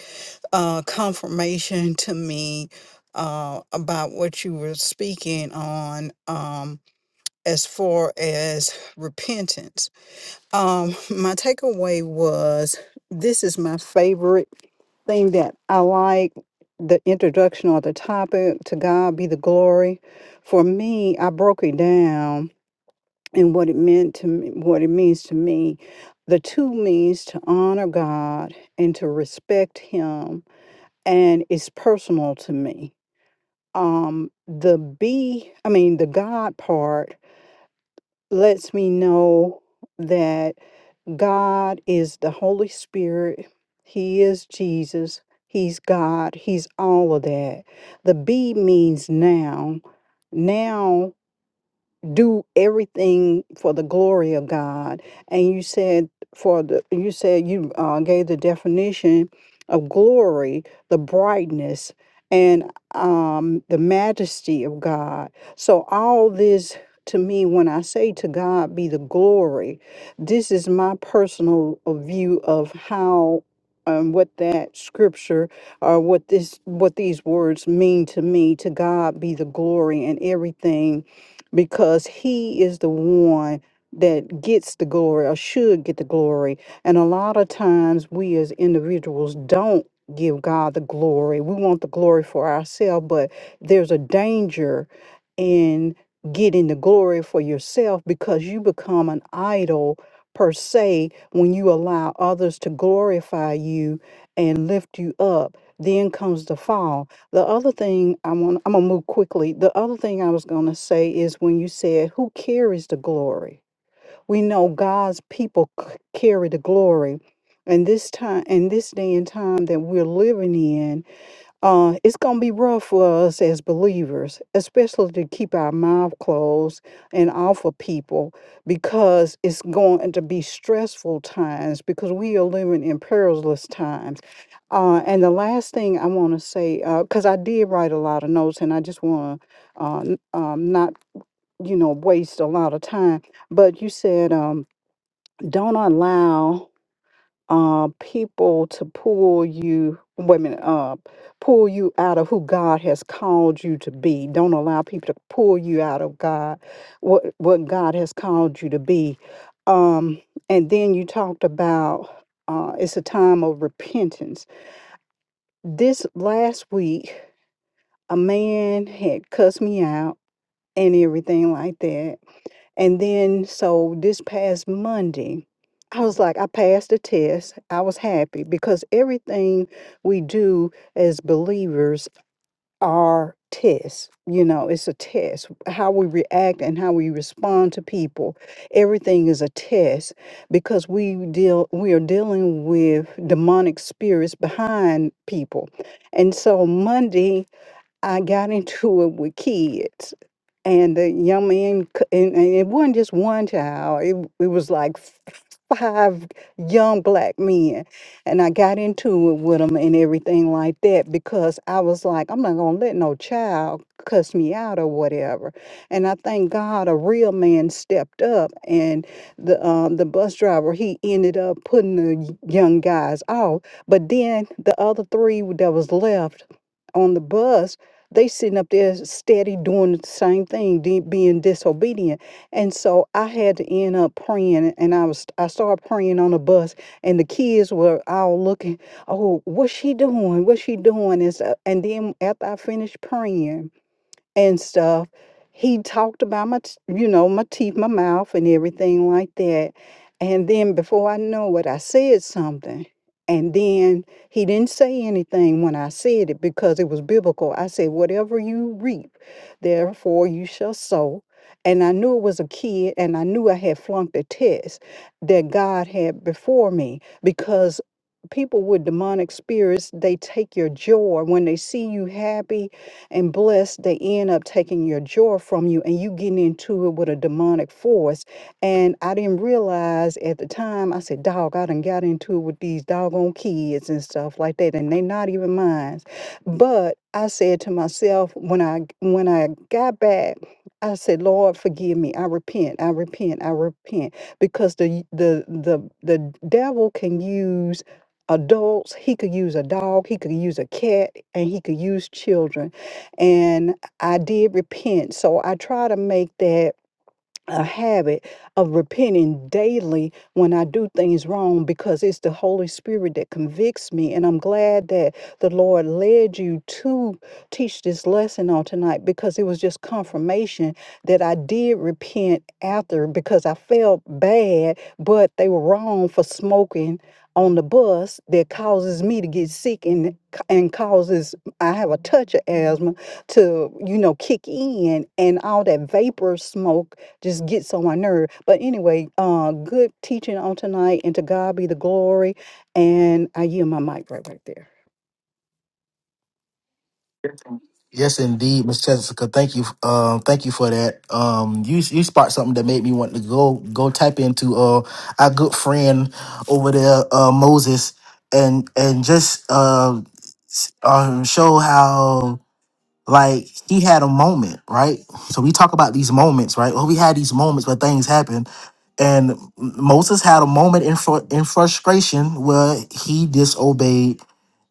uh, confirmation to me uh, about what you were speaking on um, as far as repentance. Um, (laughs) my takeaway was this is my favorite thing that I like the introduction or the topic to God be the glory. For me, I broke it down and what it meant to me, what it means to me. The two means to honor God and to respect Him, and it's personal to me. Um, the B, I mean, the God part lets me know that. God is the Holy Spirit. He is Jesus. He's God. He's all of that. The B means now. Now do everything for the glory of God. And you said for the you said you uh, gave the definition of glory, the brightness and um, the majesty of God. So all this to me, when I say to God be the glory, this is my personal uh, view of how um, what that scripture or what this what these words mean to me. To God be the glory and everything because he is the one that gets the glory or should get the glory. And a lot of times we as individuals don't give God the glory. We want the glory for ourselves, but there's a danger in getting the glory for yourself because you become an idol per se when you allow others to glorify you and lift you up. Then comes the fall the other thing I want, I'm gonna move quickly. The other thing I was gonna say is when you said, "Who carries the glory?" We know God's people c- carry the glory, and this time, and this day and time that we're living in. Uh, it's going to be rough for us as believers, especially to keep our mouth closed and off of people because it's going to be stressful times because we are living in perilous times. Uh, and the last thing I want to say, because I did write a lot of notes and I just want to uh, n- um, not, you know, waste a lot of time, but you said, um, don't allow uh, people to pull you women up, pull you out of who God has called you to be. Don't allow people to pull you out of God, what what God has called you to be. Um, and then you talked about uh, it's a time of repentance. This last week, a man had cussed me out and everything like that and then, so this past Monday, I was like, I passed the test. I was happy because everything we do as believers are tests. You know, it's a test. How we react and how we respond to people, everything is a test because we deal we are dealing with demonic spirits behind people. And so Monday I got (laughs) into it with kids and the young man, c- and, and it wasn't just one child, it, w- it was like f- five young black men. And I got into it with them and everything like that because I was like, I'm not going to let no child cuss me out or whatever. And I thank God a real man stepped up and the um, the bus driver, he ended up putting the y- young guys off. But then the other three that was left, on the bus they sitting up there steady doing the same thing, de- being disobedient. And so I had to end up praying, and I was I started praying on the bus, and the kids were all looking, oh, what's she doing? What's she doing? And, so, and then after I finished praying, and stuff. He talked about my, t- you know, my teeth, my mouth, and everything like that. And then before I know it, I said something. And then he didn't say anything when I said it because it was biblical. I said, Whatever you reap, therefore you shall sow. And I knew it was a kid, and I knew I had flunked a test that God had before me because people with demonic spirits, they take your joy. When they see you happy, and blessed, they end up taking your joy from you and you getting into it with a demonic force. And I didn't realize at the time, I said, dog, I done got into it with these doggone kids and stuff like that. And they not even mine. But I said to myself, when I when I got back, I said, Lord, forgive me. I repent. I repent. I repent. Because the the the the devil can use adults, he could use a dog, he could use a cat, and he could use children and I did repent. So I try to make that a habit of repenting daily when I do things wrong because it's the Holy Spirit that convicts me. And I'm glad that the Lord led you to teach this lesson on tonight because it was just confirmation that I did repent after because I felt bad, but they were wrong for smoking on the bus that causes me to get sick and and causes I have a touch of asthma to you know kick in and all that vapor smoke just gets on my nerve. But anyway, uh, good teaching on tonight, and to God be the glory. And I yield my mic right right there.
Yes, indeed, Miss Jessica. Thank you. Um, thank you for that. Um, you you sparked something that made me want to go go type into uh our good friend over there, uh Moses, and and just uh um show how like he had a moment, right? So we talk about these moments, right? Well, we had these moments where things happen, and M- Moses had a moment in fru- in frustration where he disobeyed.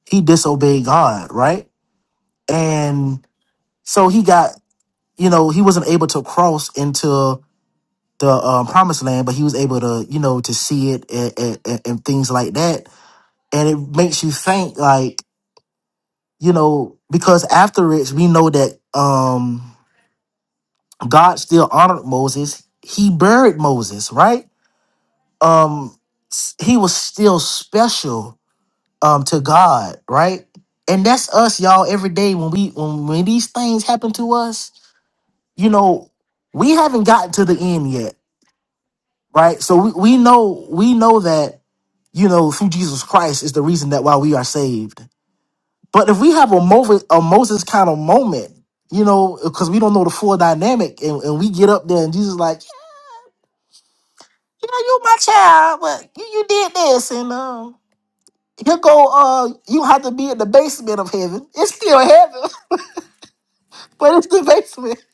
He disobeyed God, right? And so he got, you know, he wasn't able to cross into the um, promised land, but he was able to, you know, to see it and, and, and and things like that. And it makes you think, like, you know, because after it, we know that. um God still honored Moses. He buried Moses, right? Um, s- he was still special um to God, right? And that's us, y'all. Every day when we when, when these things happen to us, you know, we haven't gotten to the end yet, right? So we, we know we know that you know through Jesus Christ is the reason that why we are saved. But if we have a Moses a Moses kind of moment, you know, because we don't know the full dynamic, and, and we get up there and Jesus like, yeah, you my child, but you, you did this, and um, here go, uh, you have to be in the basement of heaven. It's still heaven, (laughs) but it's the basement.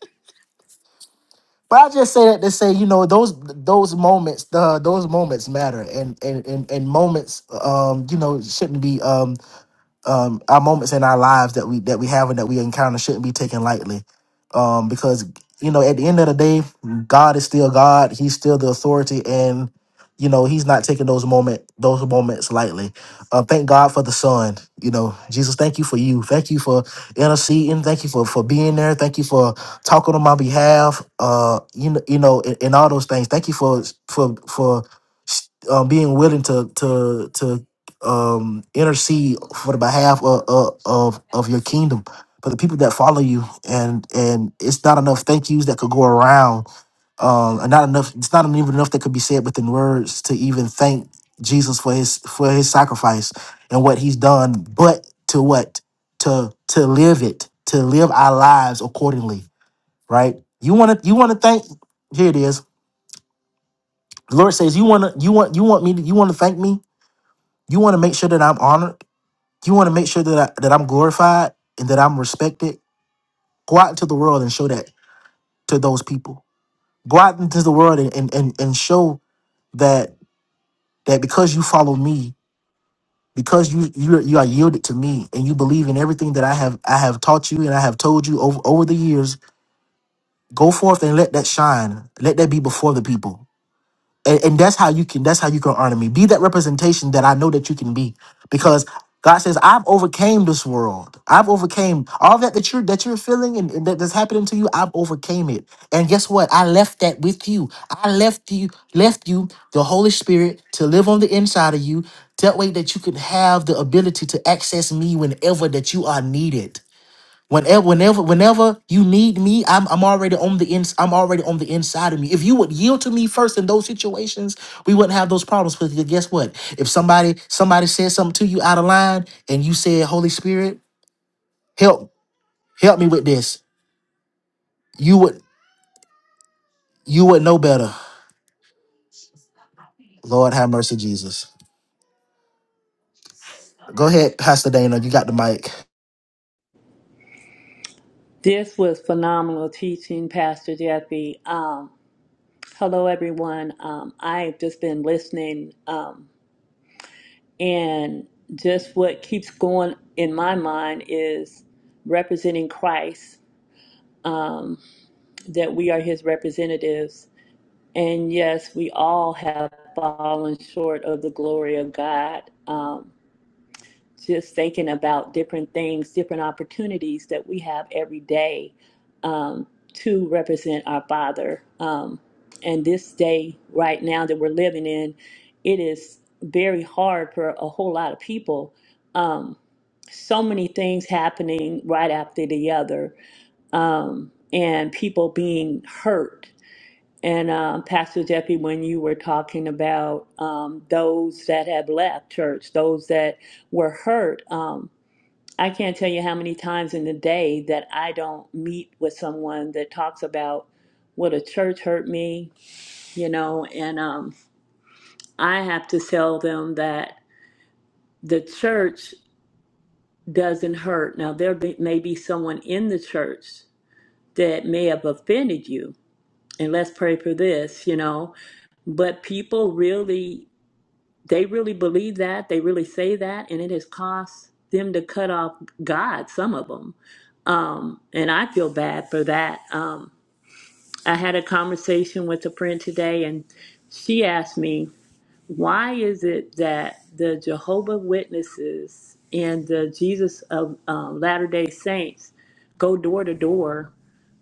But I just say that to say, you know, those those moments, the those moments matter, and and and, and moments, um, you know, shouldn't be um um, our moments in our lives that we that we have and that we encounter shouldn't be taken lightly, um, because you know at the end of the day, God is still God. He's still the authority, and you know He's not taking those moment those moments lightly. Uh, thank God for the Son. You know, Jesus, thank you for you. Thank you for interceding. Thank you for for being there. Thank you for talking on my behalf. Uh, you know, you know, and, and all those things. Thank you for for for um, being willing to to to um intercede for the behalf of, of of of your kingdom for the people that follow you and and it's not enough thank yous that could go around um and not enough it's not even enough that could be said within words to even thank jesus for his for his sacrifice and what he's done but to what to to live it to live our lives accordingly right you want to you want to thank here it is the lord says you want to you want you want me to, you want to thank me you want to make sure that i'm honored you want to make sure that I, that I'm glorified and that I'm respected. Go out into the world and show that to those people. Go out into the world and and, and, and show that that because you follow me, because you you you are yielded to me and you believe in everything that I have I have taught you and I have told you over over the years, go forth and let that shine. Let that be before the people. and, and that's how you can that's how you can honor me be that representation that i know that you can be because god says i've overcame this world i've overcame all that that you're that you're feeling and, and that, that's happening to you i've overcame it and guess what i left that with you i left you left you the holy spirit to live on the inside of you that way that you can have the ability to access me whenever that you are needed Whenever, whenever, whenever you need me, I'm I'm already on the ins. I'm already on the inside of me. If you would yield to me first in those situations, we wouldn't have those problems. Because guess what? If somebody somebody said something to you out of line, and you said, "Holy Spirit, help help me with this," you would you would know better. Lord, have mercy, Jesus. Go ahead, Pastor Dana. You got the mic.
This was phenomenal teaching, Pastor Jeffy. Um, hello, everyone. Um, I've just been listening, um, and just what keeps going in my mind is representing Christ, um, that we are his representatives. And yes, we all have fallen short of the glory of God. Um, just thinking about different things, different opportunities that we have every day um, to represent our Father. Um, and this day, right now, that we're living in, it is very hard for a whole lot of people. Um, so many things happening right after the other, um, and people being hurt and um, Pastor Jeffy, when you were talking about um, those that have left church, those that were hurt, um, I can't tell you how many times in the day that I don't meet with someone that talks about what a church hurt me, you know, and um, I have to tell them that the church doesn't hurt. Now, there be, may be someone in the church that may have offended you, and let's pray for this, you know, but people really They really believe that. They really say that, and it has cost them to cut off God. Some of them, um, and I feel bad for that. Um, I had a conversation with a friend today, and she asked me, "Why is it that the Jehovah Witnesses and the Jesus of um, Latter Day Saints go door to door,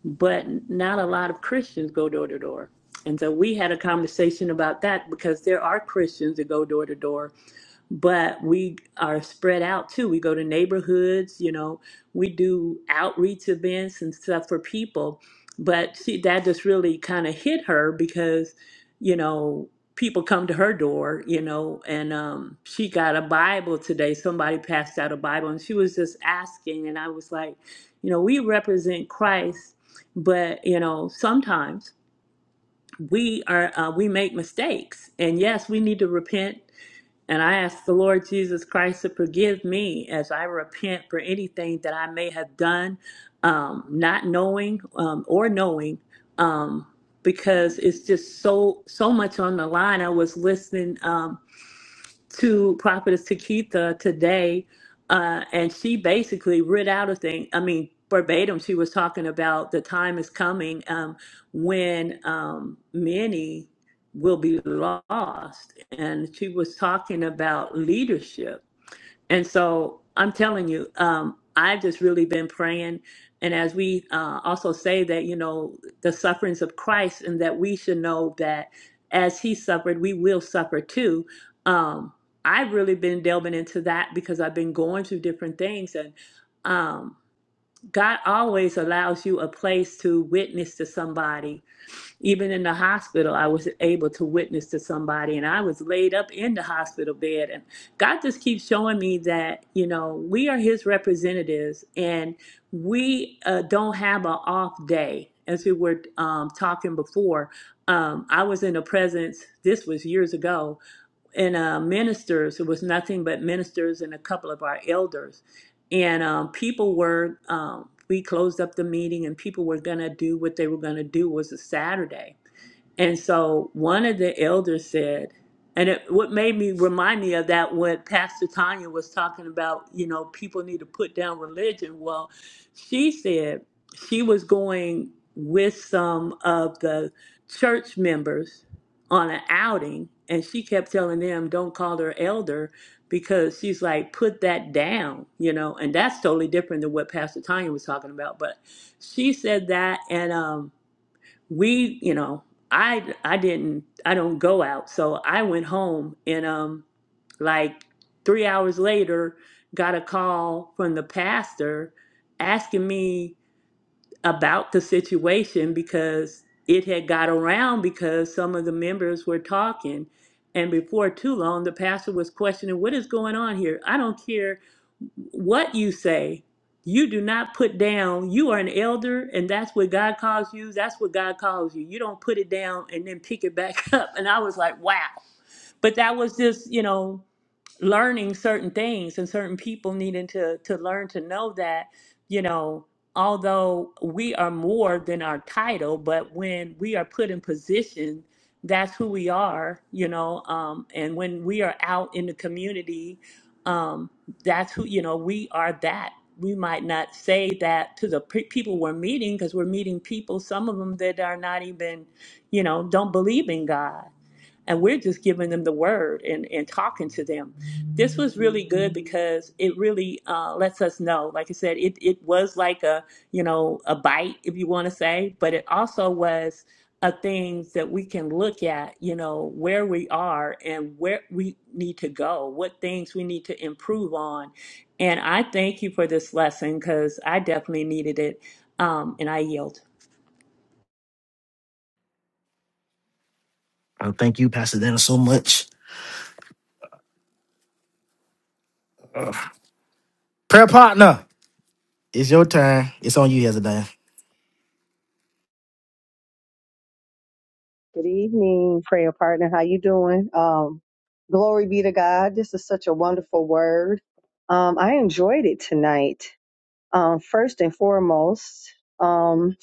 but not a lot of Christians go door to door?" And so we had a conversation about that because there are Christians that go door to door but we are spread out too. We go to neighborhoods, you know, we do outreach events and stuff for people. But she, that just really kind of hit her because, you know, people come to her door, you know, and um, she got a Bible today. Somebody passed out a Bible and she was just asking. And I was like, you know, we represent Christ, but, you know, sometimes we are uh, we make mistakes and yes we need to repent and I ask the Lord Jesus Christ to forgive me as I repent for anything that I may have done, um, not knowing um, or knowing, um, because it's just so so much on the line. I was listening. Um, to Prophetess Takitha today, uh, and she basically read out a thing. I mean, verbatim, she was talking about the time is coming um, when um, many will be lost, and she was talking about leadership and so I'm telling you, um, I've just really been praying. And as we uh, also say that, you know, the sufferings of Christ, and that we should know that as he suffered, we will suffer too. Um, I've really been delving into that because I've been going through different things. And um, God always allows you a place to witness to somebody even in the hospital, I was able to witness to somebody, and I was laid up in the hospital bed. And God just keeps showing me that, you know, we are His representatives and we uh, don't have an off day. As we were um, talking before, um, I was in a presence, this was years ago, and uh, ministers. It was nothing but ministers and a couple of our elders. And um, people were, um, we closed up the meeting and people were going to do what they were going to do was a Saturday. And so one of the elders said, and it, what made me remind me of that when Pastor Tanya was talking about, you know, people need to put down religion. Well, she said she was going with some of the church members on an outing, and she kept telling them, don't call her elder because she's like, put that down, you know, and that's totally different than what Pastor Tanya was talking about. But she said that, and, um, we you know i i didn't i don't go out so i went home and um like three hours later got a call from the pastor asking me about the situation because it had got around because some of the members were talking and before too long the pastor was questioning what is going on here i don't care what you say you do not put down you are an elder and that's what god calls you that's what god calls you you don't put it down and then pick it back (laughs) up and i was like wow but that was just you know learning certain things and certain people needing to to learn to know that you know although we are more than our title but when we are put in position that's who we are you know um and when we are out in the community um that's who you know we are that we might not say that to the pe- people we're meeting because we're meeting people some of them that are not even you know don't believe in god and we're just giving them the word and, and talking to them. This was really good because it really uh, lets us know. Like I said, it, it was like a you know a bite, if you want to say, but it also was a thing that we can look at. You know where we are and where we need to go, what things we need to improve on. And I thank you for this lesson because I definitely needed it. Um, and I yield.
Oh, thank you, Pastor Dana, so much. Prayer partner, it's your turn. It's on you, Hezadiah.
Good evening, prayer partner. How you doing? Um, glory be to God. This is such a wonderful word. Um, I enjoyed it tonight. Um, first and foremost, um,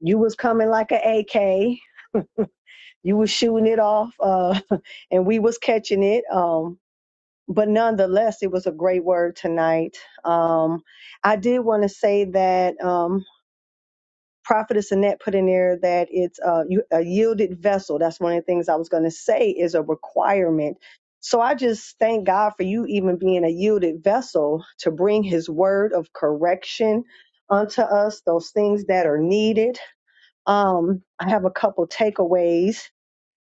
you was coming like an AK. You was shooting it off, uh, (laughs) and we was catching it. Um, but nonetheless, it was a great word tonight. Um, I did want to say that. Um, prophetess Annette put in there that it's a, a yielded vessel. That's one of the things I was going to say is a requirement. So I just thank God for you even being a yielded vessel to bring His word of correction unto us, those things that are needed. Um, I have a couple takeaways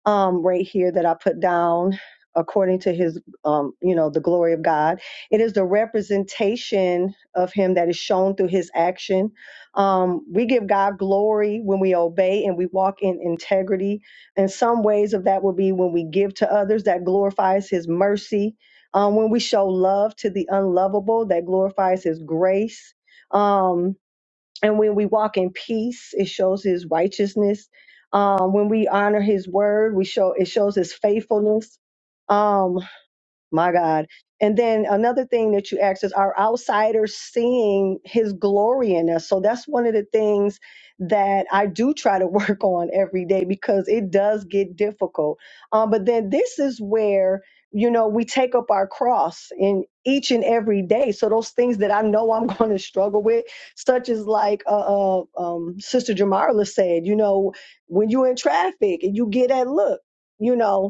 um, right here that I put down according to his um, you know the glory of god it is the representation of him that is shown through his action um, we give god glory when we obey and we walk in integrity and some ways of that will be when we give to others that glorifies his mercy um, when we show love to the unlovable that glorifies his grace Um, and when we walk in peace it shows his righteousness um, when we honor his word we show it shows his faithfulness Um, my God. And then another thing that you asked is are outsiders seeing his glory in us? So that's one of the things that I do try to work (laughs) on every day because it does get difficult. Um, but then this is where, you know, we take up our cross in each and every day. So those things that I know I'm (laughs) going to struggle with, such as like uh, uh, um, Sister Jamarla said, you know, when you're in traffic and you get that look, you know,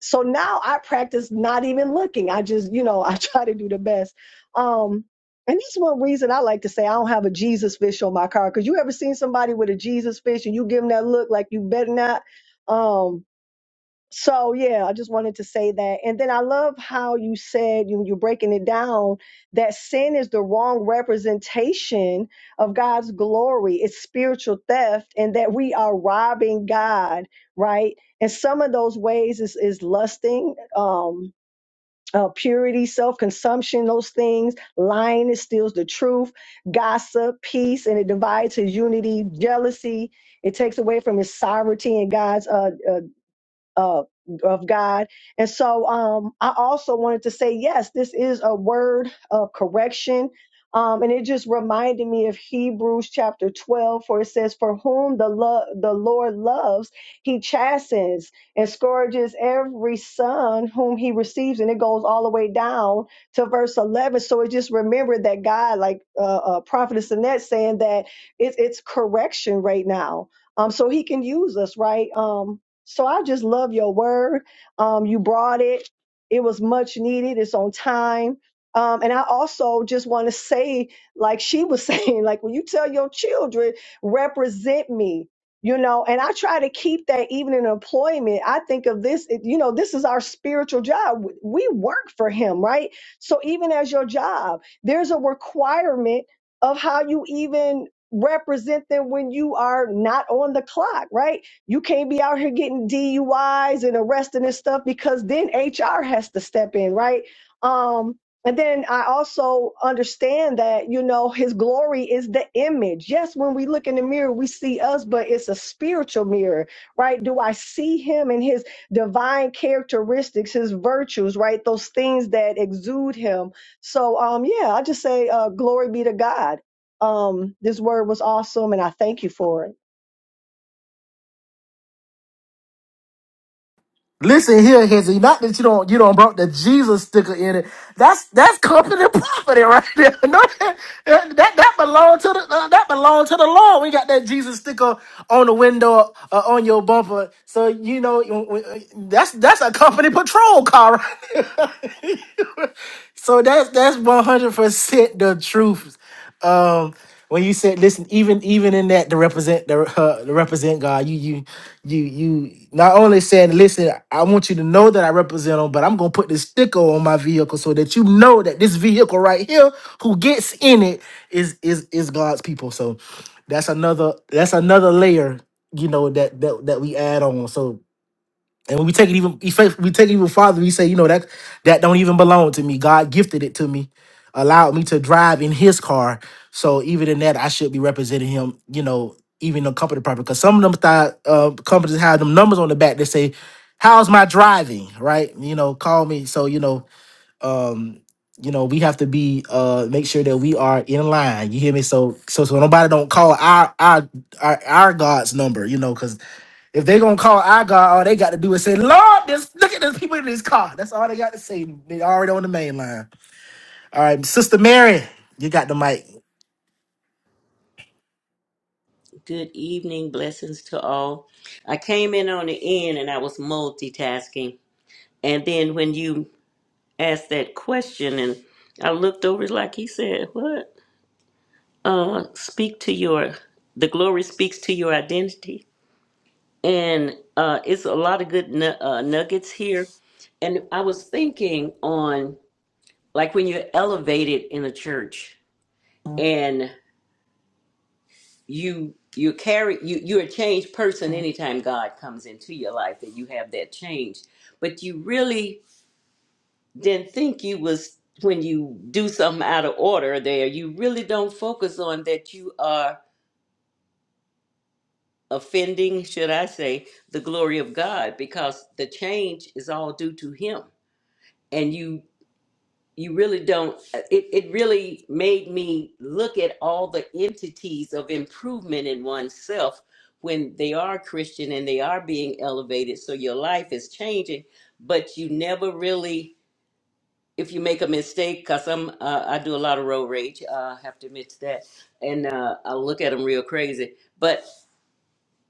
so now I practice not even looking. I just, you know, (laughs) I try to do the best. Um, and that's one reason I like to say I don't have a Jesus fish on my car. Cause you ever seen somebody with a Jesus fish and you give them that look like you better not? Um, so yeah, I just wanted to say that. And then I love how you said you you're breaking it down that sin is the wrong representation of God's glory. It's spiritual theft and that we are robbing God, right? And some of those ways is is lusting, um uh, purity, self consumption, those things, lying, it steals the truth, gossip, peace, and it divides his unity, jealousy, it takes away from his sovereignty and God's uh, uh, uh, of God. And so um, I also wanted to say, yes, this is a word of correction. Um, and it just reminded me of Hebrews chapter 12, for it says, For whom the, lo- the Lord loves, he chastens and scourges every son whom he receives. And it goes all the way down to verse 11. So it just remembered that God, like uh, uh, Prophetess Annette saying, that it's it's correction right now. Um, so he can use us, right? Um, so I just love your word. Um, you brought it. It was much needed. It's on time. Um, and I also just want to say, like she was (laughs) saying, like when you tell your children, represent me, you know, and I try to keep that even in employment. I think of this, it- you know, this is our spiritual job. We work for him, right? So even as your job, there's a requirement of how you even represent them when you are not on the clock, right? You can't be out here getting DUIs and arresting and stuff because then HR has to step in, right? Um, and then I also understand that, you know, his glory is the image. Yes, when we look in the mirror, we see us, but it's a spiritual mirror, right? Do I see him and his divine characteristics, his virtues, right? Those things that exude him. So, um, yeah, I just say, uh, glory be to God. Um, this word was awesome and I thank you for it.
Listen here, Hizzy. Not that you don't you don't broke the Jesus sticker in it. That's that's company (laughs) property right there. (laughs) No, that that, that belong to the uh, that belong to the Lord. We got that Jesus sticker on the window uh, on your bumper. So you know you- we- uh, that's that's a company patrol car. Right there. (laughs) so that's that's one hundred percent the truth um, when you said, listen, even even in that to represent the uh, to represent God, you you you you not only said, listen, I want you to know that I represent Him, but I'm gonna put this sticker on my vehicle so that you know that this vehicle right here, who gets in it, is is is God's people. So that's another that's another layer, you know, that that that we add on. So and when we take it even we fa- we take it even farther, we say, you know, that that don't even belong to me. God gifted it to me, allowed me to drive in his car. So even in that, I should be representing him, you know, even the company property. Because some of them thought uh, companies have them numbers on the back that say, How's my driving? Right? You know, call me. So, you know, um you know we have to be uh make sure that we are in line you hear me so so so nobody don't call our our our, our god's number you know because if they gonna call our god all they got to do is say lord this look at these people in this car that's all they got to say they already on the main line all right sister mary you got the mic
Good evening. Blessings to all. I came in on the end and I was multitasking. And then when you asked that question and I looked over it like he said, What? Uh speak to your the glory speaks to your identity. And uh it's a lot of good nu- uh, nuggets here. And I was thinking on like when you're elevated in a church you you carry you you're a changed person anytime God comes into your life and you have that change. But you really didn't think you was when you do something out of order there, you really don't focus on that you are offending, should I say, the glory of God because the change is all due to him. And you you really don't uh, it, it really made me look at all the entities of improvement in oneself when they are christian and they are being elevated so your life is changing but you never really if you make a mistake because i'm uh, i do a lot of road rage uh, i have to admit to that and uh, i look at them real crazy But.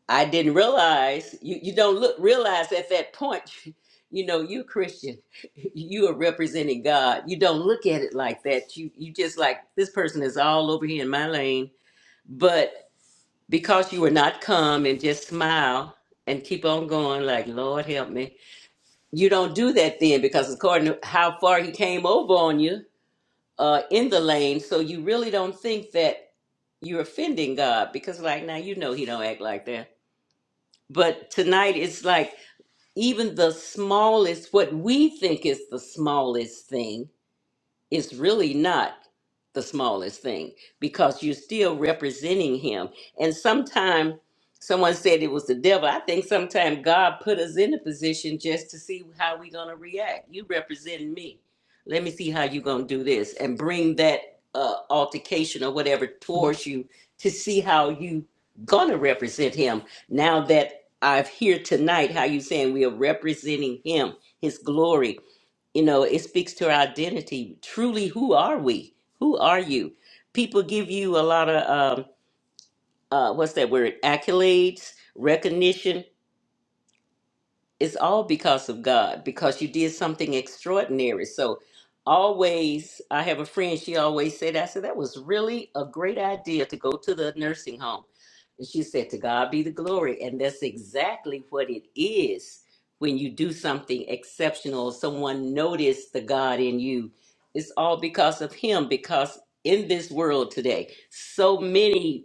I didn't realize you, you don't look realize at that point, (laughs) you know, you Christian, (laughs) you are representing God. You don't look at it like that. You you just like this person is all over here in my lane. But because you were not calm and just smile and keep on going, like Lord help me, you don't do that then because according to how far he came over on you uh, in the lane, so you really don't think that you're offending God because like now you know he don't act like that. But tonight it's like even the smallest, what we think is the smallest thing, is really not the smallest thing because you're still representing him. And sometimes someone said it was the devil. I think sometimes God put us in a position just to see how we're gonna react. You representing me. Let me see how you're gonna do this and bring that uh, altercation or whatever towards you to see how you gonna represent him. Now that I've here tonight, how you saying we are representing him, his glory you know it speaks to our identity truly who are we who are you people give you a lot of um uh what's that word accolades recognition it's all because of God, because you did something extraordinary. So always I have a friend, she always said, I said, that was really a great idea to go to the nursing home. And she said, To God be the glory. And that's exactly what it is when you do something exceptional, someone noticed the God in you. It's all because of him, because in this world today, so many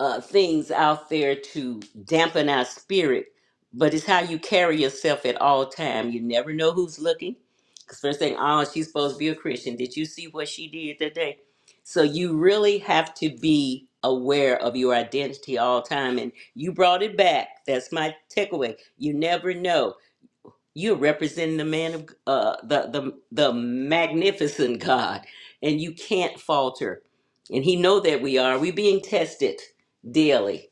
uh, things out there to dampen our spirit, but it's how you carry yourself at all time. You never know who's looking. Because first thing, oh, she's supposed to be a Christian. Did you see what she did today? So you really have to be aware of your identity all time. And you brought it back. That's my takeaway. You never know. You're representing the man of uh, the the the magnificent God, and you can't falter. And He know that we are. We are being tested daily,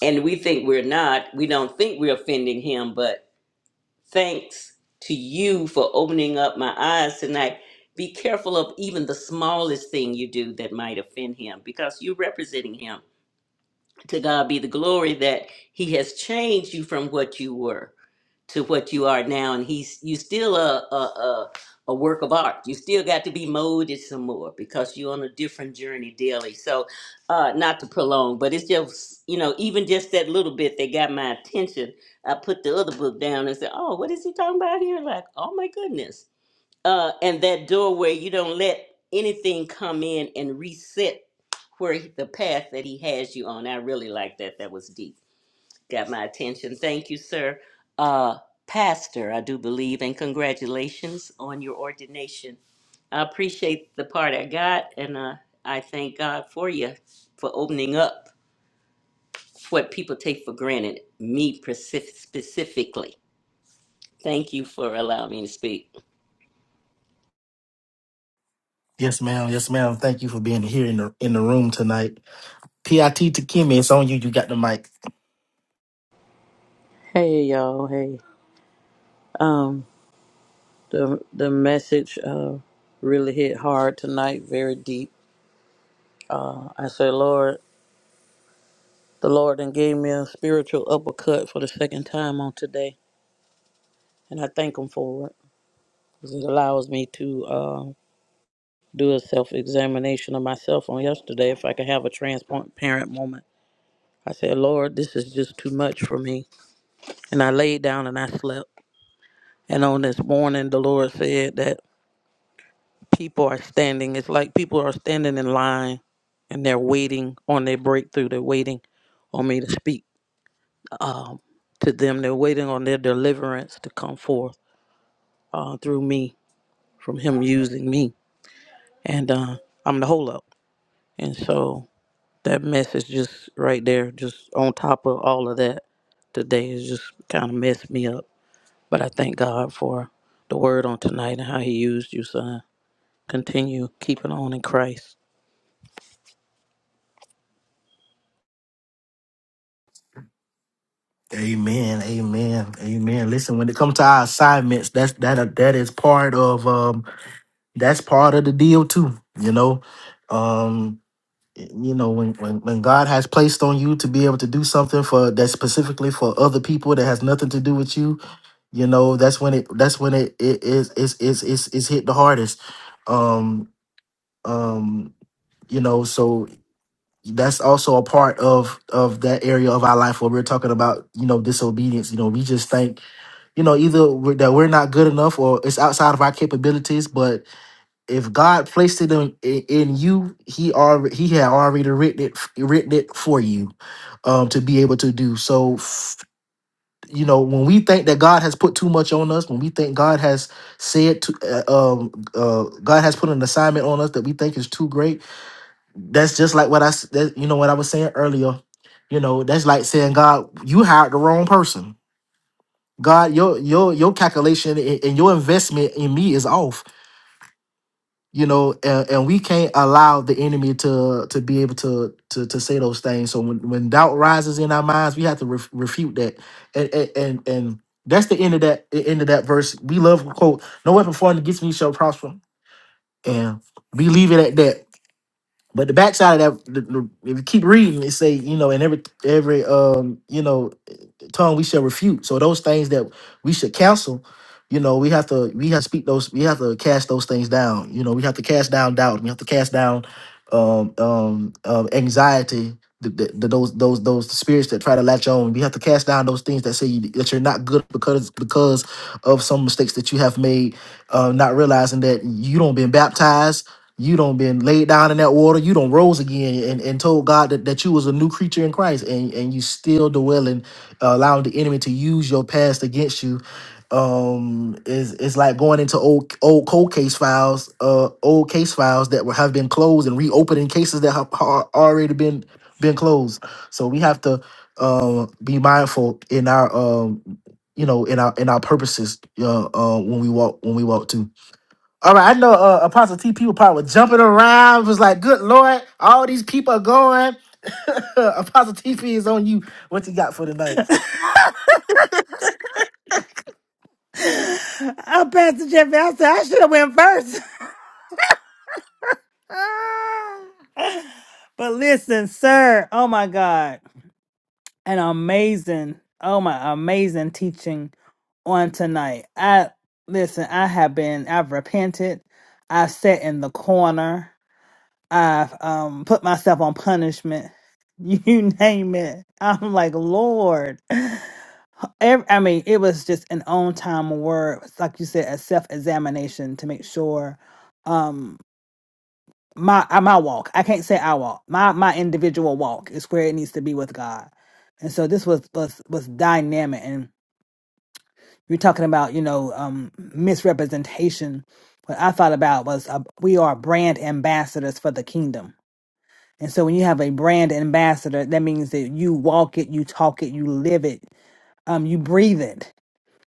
and we think we're not. We don't think we're offending Him. But thanks to you for opening up my eyes tonight. Be careful of even the smallest thing you do that might offend Him, because you're representing Him. To God be the glory that He has changed you from what you were to what you are now and he's you still a a, a a work of art you still got to be molded some more because you're on a different journey daily so uh not to prolong but it's just you know even just that little bit that got my attention i put the other book down and said oh what is he talking about here like oh my goodness uh and that doorway you don't let anything come in and reset where he- the path that he has you on i really like that that was deep got my attention. Thank you, sir. Uh, Pastor, I do believe, and congratulations on your ordination. I appreciate the part I got, and uh, I thank God for you for opening up what people take for granted, me precif- specifically. Thank you for allowing me to speak.
yes ma'am yes ma'am thank you for being here in the in the room tonight pit to kimmy it's on you you got the mic
Hey y'all, hey. Um the the message uh really hit hard tonight, very deep. Uh I said, Lord, the Lord and gave me a spiritual uppercut for the second time on today, and I thank him for it because it allows me to uh, do a self examination of myself on yesterday if I could have a transparent moment. I said, Lord, this is just too much for me. And I laid down and I slept. And on this morning, the Lord said that people are standing. It's like people are standing in line and they're waiting on their breakthrough. They're waiting on me to speak to them. They're waiting on their deliverance to come forth uh, through me from Him using me. And uh, I'm the holdup. And so that message just right there, just on top of all of that today, is just kind of messed me up. But I thank God for the word on tonight and how He used you, son. Continue keeping on in Christ
Amen. Amen. Amen. Listen, when it comes to our assignments, that's that that is part of um that's part of the deal too, you know. Um you know, when, when when God has placed on you to be able to do something for that's specifically for other people that has nothing to do with you, you know, that's when it that's when it it is is is is is hit the hardest. Um um you know, so that's also a part of of that area of our life where we're talking about, you know, disobedience. You know, we just think you know, either we're, that we're not good enough or it's outside of our capabilities. But if God placed it in, in in you, He already He had already written it written it for you um, to be able to do. So, f- you know, when we think that God has put too much on us, when we think God has said to, uh, um, uh, God has put an assignment on us that we think is too great, that's just like what I s- that, you know what I was saying earlier. You know, that's like saying, God, you hired the wrong person God, your your your calculation a- and your investment in me is off. You know, and, and we can't allow the enemy to to be able to to to say those things. So when when doubt rises in our minds, we have to ref, refute that. And and and and that's the end of that the end of that verse. We love to quote, "No weapon formed against me shall prosper," and we leave it at that. But the backside of that, the, the, if you keep reading, it say, you know, and every every um, you know tongue we shall refute. So those things that we should cancel, you know, we have to we have to speak those we have to cast those things down. You know, we have to cast down doubt. We have to cast down um, um, um, anxiety, the, the, the, those those those spirits that try to latch on. You have to cast down those things that say you, that you're not good because because of some mistakes that you have made, uh, not realizing that you don't been baptized. You don't been laid down in that water. You don't rose again and, and told God that, that you was a new creature in Christ and, and you still dwelling, uh, allowing the enemy to use your past against you um is it's like going into old old cold case files uh old case files that were, have been closed and reopening cases that have are already been been closed so we have to uh, be mindful in our um you know in our in our purposes uh, uh when we walk when we walk too all right i know uh apostle tp was probably jumping around was like good lord all these people are going (laughs) apostle tp is on you what you got for tonight
I'm Pastor Jeffy. I said I should have went first. (laughs) but listen, sir. Oh my God, an amazing, oh my, amazing teaching on tonight. I listen. I have been. I've repented. I've sat in the corner. I've um put myself on punishment. (laughs) You name it. I'm like Lord. Every, I mean, it was just an on time word. It's Like you said, a self examination to make sure um my uh, my walk i can't say i walk my my individual walk is where it needs to be with god and so this was was was dynamic and you're talking about you know um misrepresentation what i thought about was uh, we are brand ambassadors for the kingdom and so when you have a brand ambassador that means that you walk it you talk it you live it um you breathe it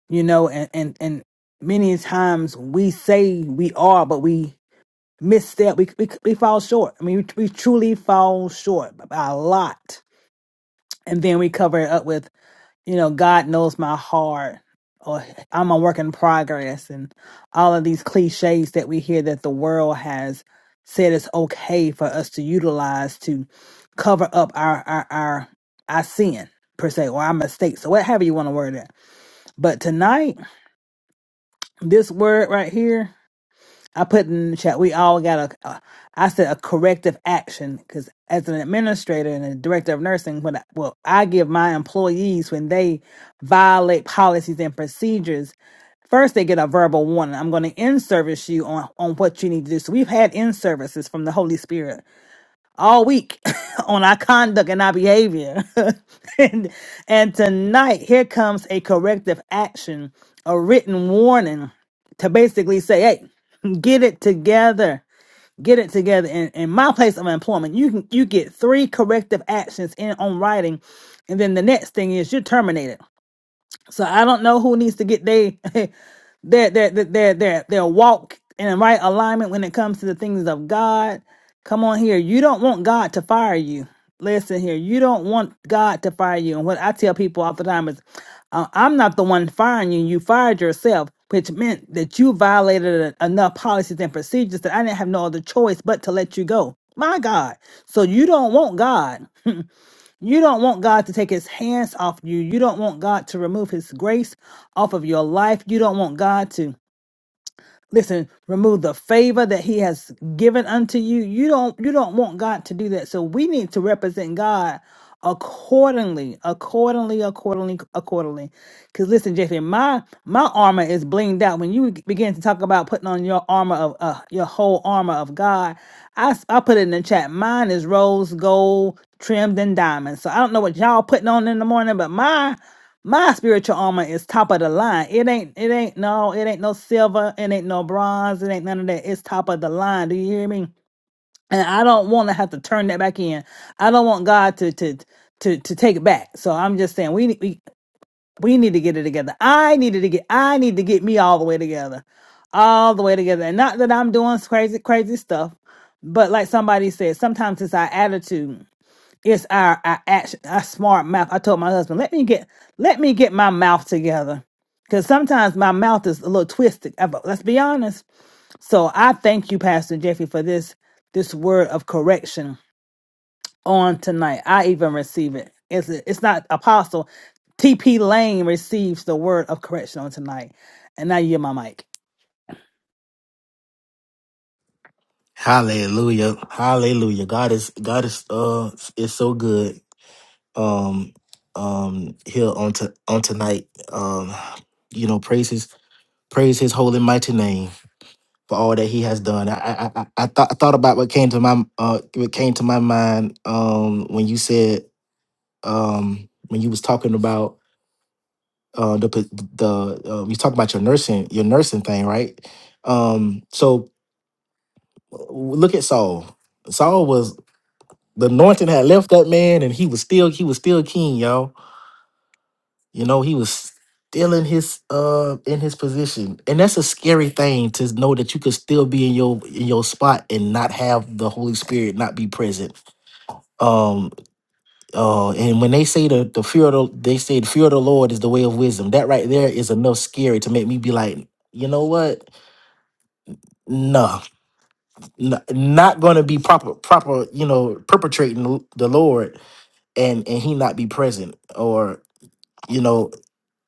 you know and and and many times we say we are but we misstep. We, we we fall short. I mean, we, we truly fall short by a lot, and then we cover it up with you know, God knows my heart, or I'm a work in progress, and all of these cliches that we hear that the world has said it's okay for us to utilize to cover up our our our, our sin per se or our mistakes. or whatever you want to word it. But tonight, this word right here. I put in the chat, we all got a, a I said a corrective action because as an administrator and a director of nursing, when I, well, I give my employees when they violate policies and procedures, first they get a verbal warning. I'm going to in service you on on what you need to do. So we've had in services from the Holy Spirit all week (laughs) on our conduct and our behavior. (laughs) and, and tonight, here comes a corrective action, a written warning to basically say, hey, get it together. Get it together. In, in my place of employment, you can you get three corrective actions in on writing, and then the next thing is you're terminated. So I don't know who needs to get they (laughs) their their their their their, their walk in the right alignment when it comes to the things of God. Come on here. You don't want God to fire you. Listen here. You don't want God to fire you. And what I tell people all the time is, uh, I'm not the one firing you. You fired yourself, which meant that you violated a- enough policies and procedures that I didn't have no other choice but to let you go. My God. So you don't want God. You don't want God to take his hands off you. You don't want God to remove his grace off of your life. You don't want God to listen remove the favor that he has given unto you you don't you don't want god to do that so we need to represent god accordingly accordingly accordingly accordingly because listen jeffy my my armor is blinged out when you begin to talk about putting on your armor of uh, your whole armor of god I, s- I put it in the chat mine is rose gold trimmed in diamonds so i don't know what y'all putting on in the morning but mine. My spiritual armor is top of the line. It ain't, it ain't no, it ain't no silver, it ain't no bronze, it ain't none of that. It's top of the line. Do you hear me? And I don't want to have to turn that back in. I don't want God to to to to take it back. So I'm just saying we need- we we need to get it together. I needed to get I need to get me all the way together. All the way together. And not that I'm doing crazy crazy stuff, but like somebody said, sometimes it's our attitude. It's our our action, our smart mouth. I told my husband, let me get let me get my mouth together, because sometimes my mouth is a little twisted. Uh, but Let's be honest. So I thank you, Pastor Jeffrey, for this this word of correction on tonight. I even receive it. It's it's not apostle. T.P. Lane receives the word of correction on tonight, and now you hear my mic.
Hallelujah. Hallelujah. God is God is uh is so good. Um um here on to on tonight. Um you know, praise his praise his holy mighty name for all that he has done. I I I, I thought I thought about what came to my uh what came to my mind um when you said um when you was talking about uh the p- the uh, you talk about your nursing your nursing thing, right? Um so w- look at Saul. Saul was The anointing had left that man, and he was still he was still king, y'all. You know, he was still in his uh in his position, and that's a scary thing to know that you could still be in your in your spot and not have the Holy Spirit not be present. Um uh and when they say the, the fear of the they say the fear of the Lord is the way of wisdom, that right there is enough scary to make me be like, you know what? No, n- not gonna be proper proper, you know, perpetrating the Lord and and he not be present you know,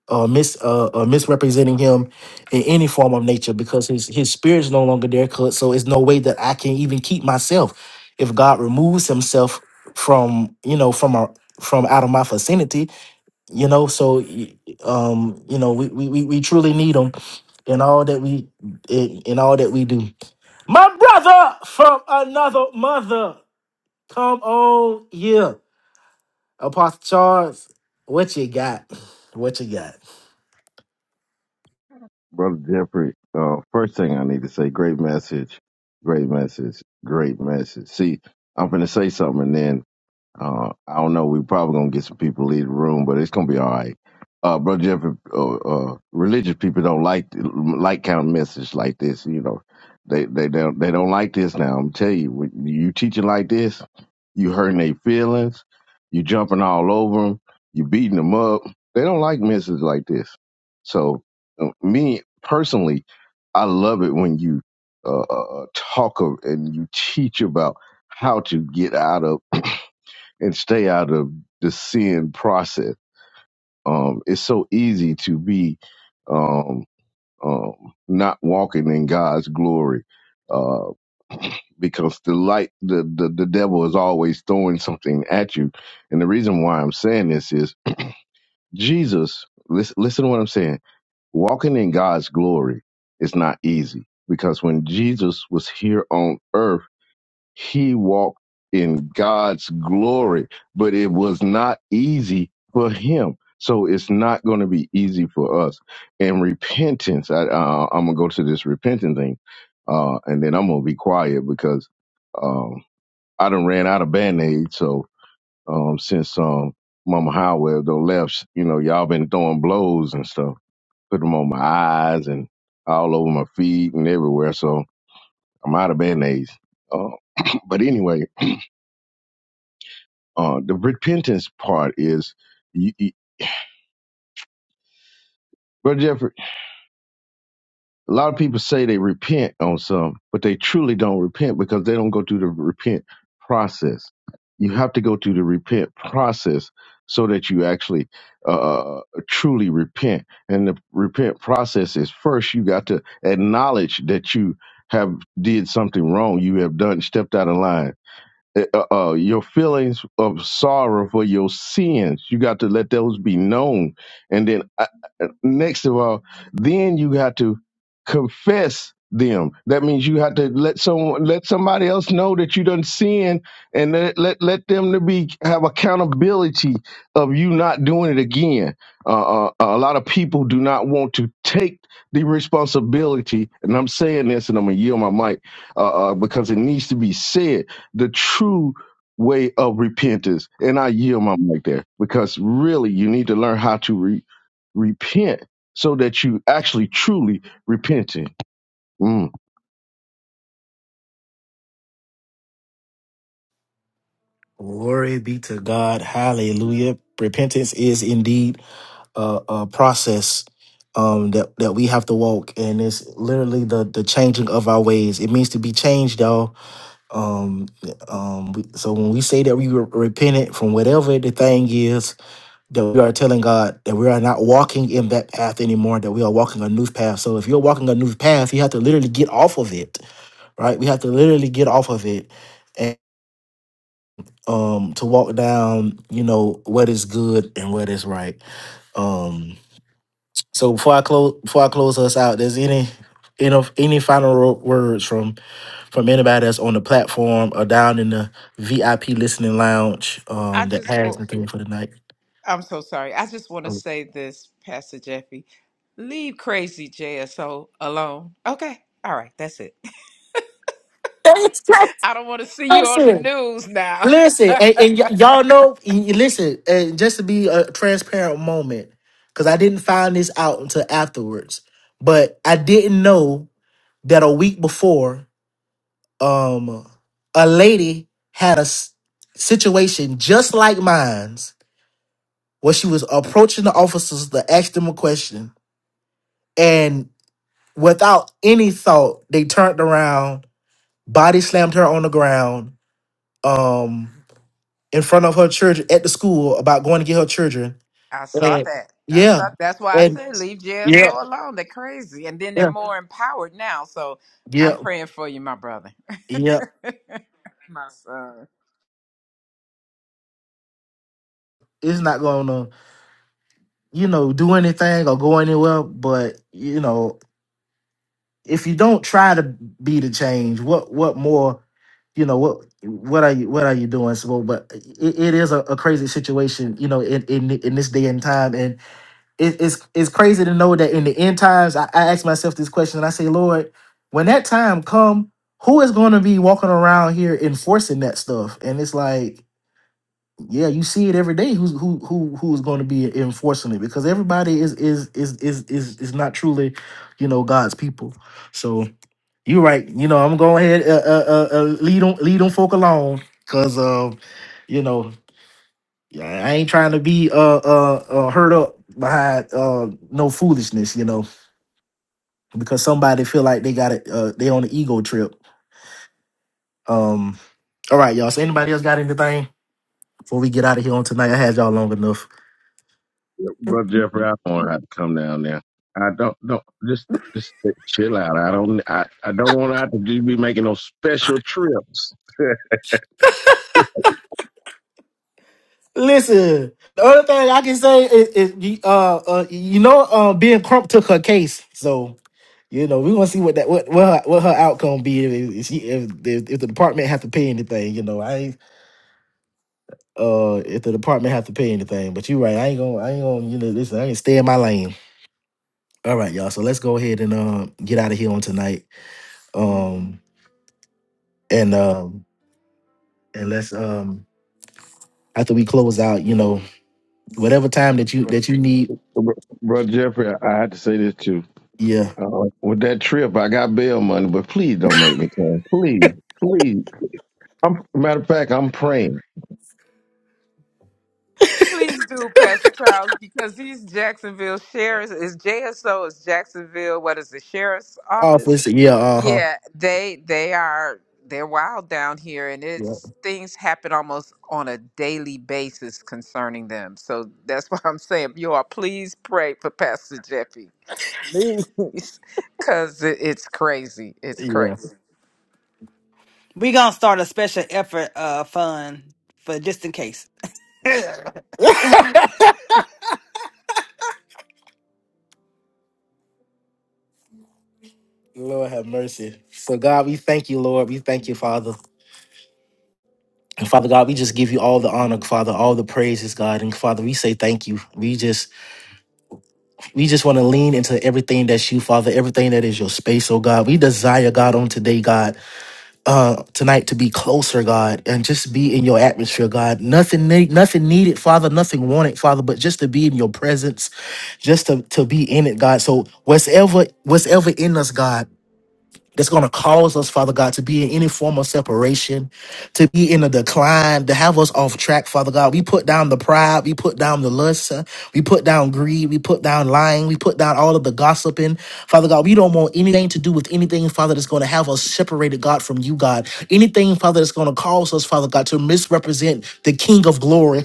uh, mis uh, uh, misrepresenting him in any form of nature because his his spirit is no longer there. 'cause- So it's no way that I can even keep myself if God removes Himself from you know from our from out of my vicinity. You know, so y- um, you know, we we we we truly need Him in all that we in, in all that we do. My brother from another mother, come on, yeah, Apostle Charles, what you got? What you got?
Brother Jeffrey, uh, first thing I need to say, great message, great message, great message. See, I'm going to say something and then uh, I don't know. we probably gonna get some people leave the room, but it's gonna be all right. Uh, brother Jeffrey, uh, uh, religious people don't like like kind of message like this. You know, they they don't they don't like this. Now I'm tell you, when you teaching like this, you hurting their feelings, you jumping all over them, you beating them up. They don't like messages like this. So, uh, me personally, I love it when you uh, uh, uh, talk of, and you teach about how to get out of and stay out of the sin process. Um, it's so easy to be um, um, not walking in God's glory uh, because the light, the, the the devil is always throwing something at you. And the reason why I'm saying this is Jesus. Listen, listen to what I'm saying. Walking in God's glory is not easy because when Jesus was here on earth He walked in God's glory, but it was not easy for him. So it's not going to be easy for us. And repentance, I, uh, I'm going to go to this repentance thing, uh, and then I'm going to be quiet because um, I done ran out of band aids. So um, since um, Mama Howell though left, you know, y'all been throwing blows and stuff, put them on my eyes and all over my feet and everywhere. So I'm out of band aids. Uh, (clears throat) but anyway, Uh, the repentance part is, you, you, Brother Jeffrey, a lot of people say they repent on some, but they truly don't repent because they don't go through the repent process. You have to go through the repent process so that you actually uh, uh, uh, truly repent. And the repent process is first you got to acknowledge that you have did something wrong. You have done stepped out of line Eh, uh, uh, your feelings of sorrow for your sins. You got to let those be known. And then, uh, uh, next of all, then you got to confess them. That means you have to let someone, let somebody else know that you done sin, and let let, let them to be have accountability of you not doing it again. Uh, uh, uh, a lot of people do not want to take the responsibility, and I'm saying this, and I'm gonna yield my mic uh, uh, because it needs to be said the true way of repentance. And I yield my mic there because really you need to learn how to re- repent so that you actually truly repenting. Mm.
Glory be to God. Hallelujah. Repentance is indeed a, a process um, that, that we have to walk, and it's literally the, the changing of our ways. It means to be changed, y'all. Um, um, we- so when we say that we re- repented from whatever the thing is, that we are telling God that we are not walking in that path anymore, that we are walking a new path. So if you're walking a new path, you have to literally get off of it, right? We have to literally get off of it um to walk down you know what is good and what is right um so before i close before i close us out there's any you know any final ro- words from from anybody that's on the platform or down in the vip listening lounge
I
um that
just,
has
wa-
anything for the night
I'm so sorry. I just want to say this, Pastor Jeffy. Leave crazy JSO alone. Okay. All right. That's it.
Thanks,
I don't want to see you on the
listen,
news now. (laughs)
listen, and,
I
and y- y'all know. y- y- Listen, and just to be a transparent moment, because I didn't find this out until afterwards, but I didn't know that a week before um a lady had a s- situation just like mine's where she was approaching the officers to ask them a question and without any thought they turned around body slammed her on the ground um in front of her children at the school about going to get her children
saw
and
that. I
yeah
saw. That's why I
and
said leave
yeah
JSO alone. They're crazy, and then they're
yeah
more empowered now. So I'm
yeah
praying for you, my brother,
yeah
(laughs) my son.
it's not gonna you know do anything or go anywhere but you know if you don't try to be the change, what what more, you know, what what are you what are you doing? So, but it, it is a, a crazy situation, you know, in, in in this day and time, and it, it's it's crazy to know that in the end times, I, I ask myself this question, and I say, Lord, when that time come, who is going to be walking around here enforcing that stuff? And it's like. Yeah, you see it every day. Who's who who who's going to be enforcing it? Because everybody is is is is is is not truly, you know, God's people. So you right. You know, I'm going ahead uh, uh, uh, uh, lead them lead them folk alone because um, you know, yeah, I ain't trying to be uh uh, uh hurt up behind uh no foolishness. You know, because somebody feel like they got it. Uh, they on the ego trip. Um. All right, y'all. So anybody else got anything before we get out of here on tonight? I had y'all long enough.
Brother Jeffrey, I don't want to come down there. I don't don't just just chill out. I don't I, I don't want to have to just be making no special trips.
Listen, the other thing I can say is, is you- uh, uh you know uh Ben Crump took her case, so You know, we want to see what that what what her, what her outcome be if, if she if, if if the department have to pay anything. You know, I ain't uh if the department have to pay anything. But you're right, I ain't gonna I ain't gonna you know listen. I ain't stay in my lane. All right, y'all. So let's go ahead and um get out of here on tonight. Um and um and let's um after we close out, you know, whatever time that you that you need.
Br- Brother Jeffrey, I I had to say this too.
Yeah,
Uh, with that trip, I got bail money, but please don't make me come. Please, please. I'm, matter of fact, I'm praying.
Please do, Pastor Charles, because these Jacksonville sheriffs is JSO is Jacksonville. What is the sheriff's
office.
office?
Yeah, uh huh.
Yeah, they they are they're wild down here, and
Yeah,
it's things happen almost on a daily basis concerning them. So that's (laughs) why I'm saying you all please pray for Pastor Jeffy, please, (laughs) because it, it's crazy. It's
yeah.
crazy.
We gonna start a special effort uh fund for just in case.
(laughs) Lord have mercy. So God, we thank you, Lord. We thank you, Father. And Father God, we just give you all the honor, Father, all the praises, God. And Father, we say thank you. We just we just want to lean into everything that's you, Father, everything that is your space, oh God. We desire, God, on today, God, uh, tonight to be closer, God, and just be in your atmosphere, God. Nothing need, nothing needed, Father, nothing wanted, Father, but just to be in your presence, just to, to be in it, God. So whatever, whatever in us, God that's going to cause us, Father God, to be in any form of separation, to be in a decline, to have us off track, Father God. We put down the pride, we put down the lust, uh, we put down greed, we put down lying, we put down all of the gossiping. Father God, we don't want anything to do with anything, Father, that's going to have us separated, God, from you, God. Anything, Father, that's going to cause us, Father God, to misrepresent the King of glory.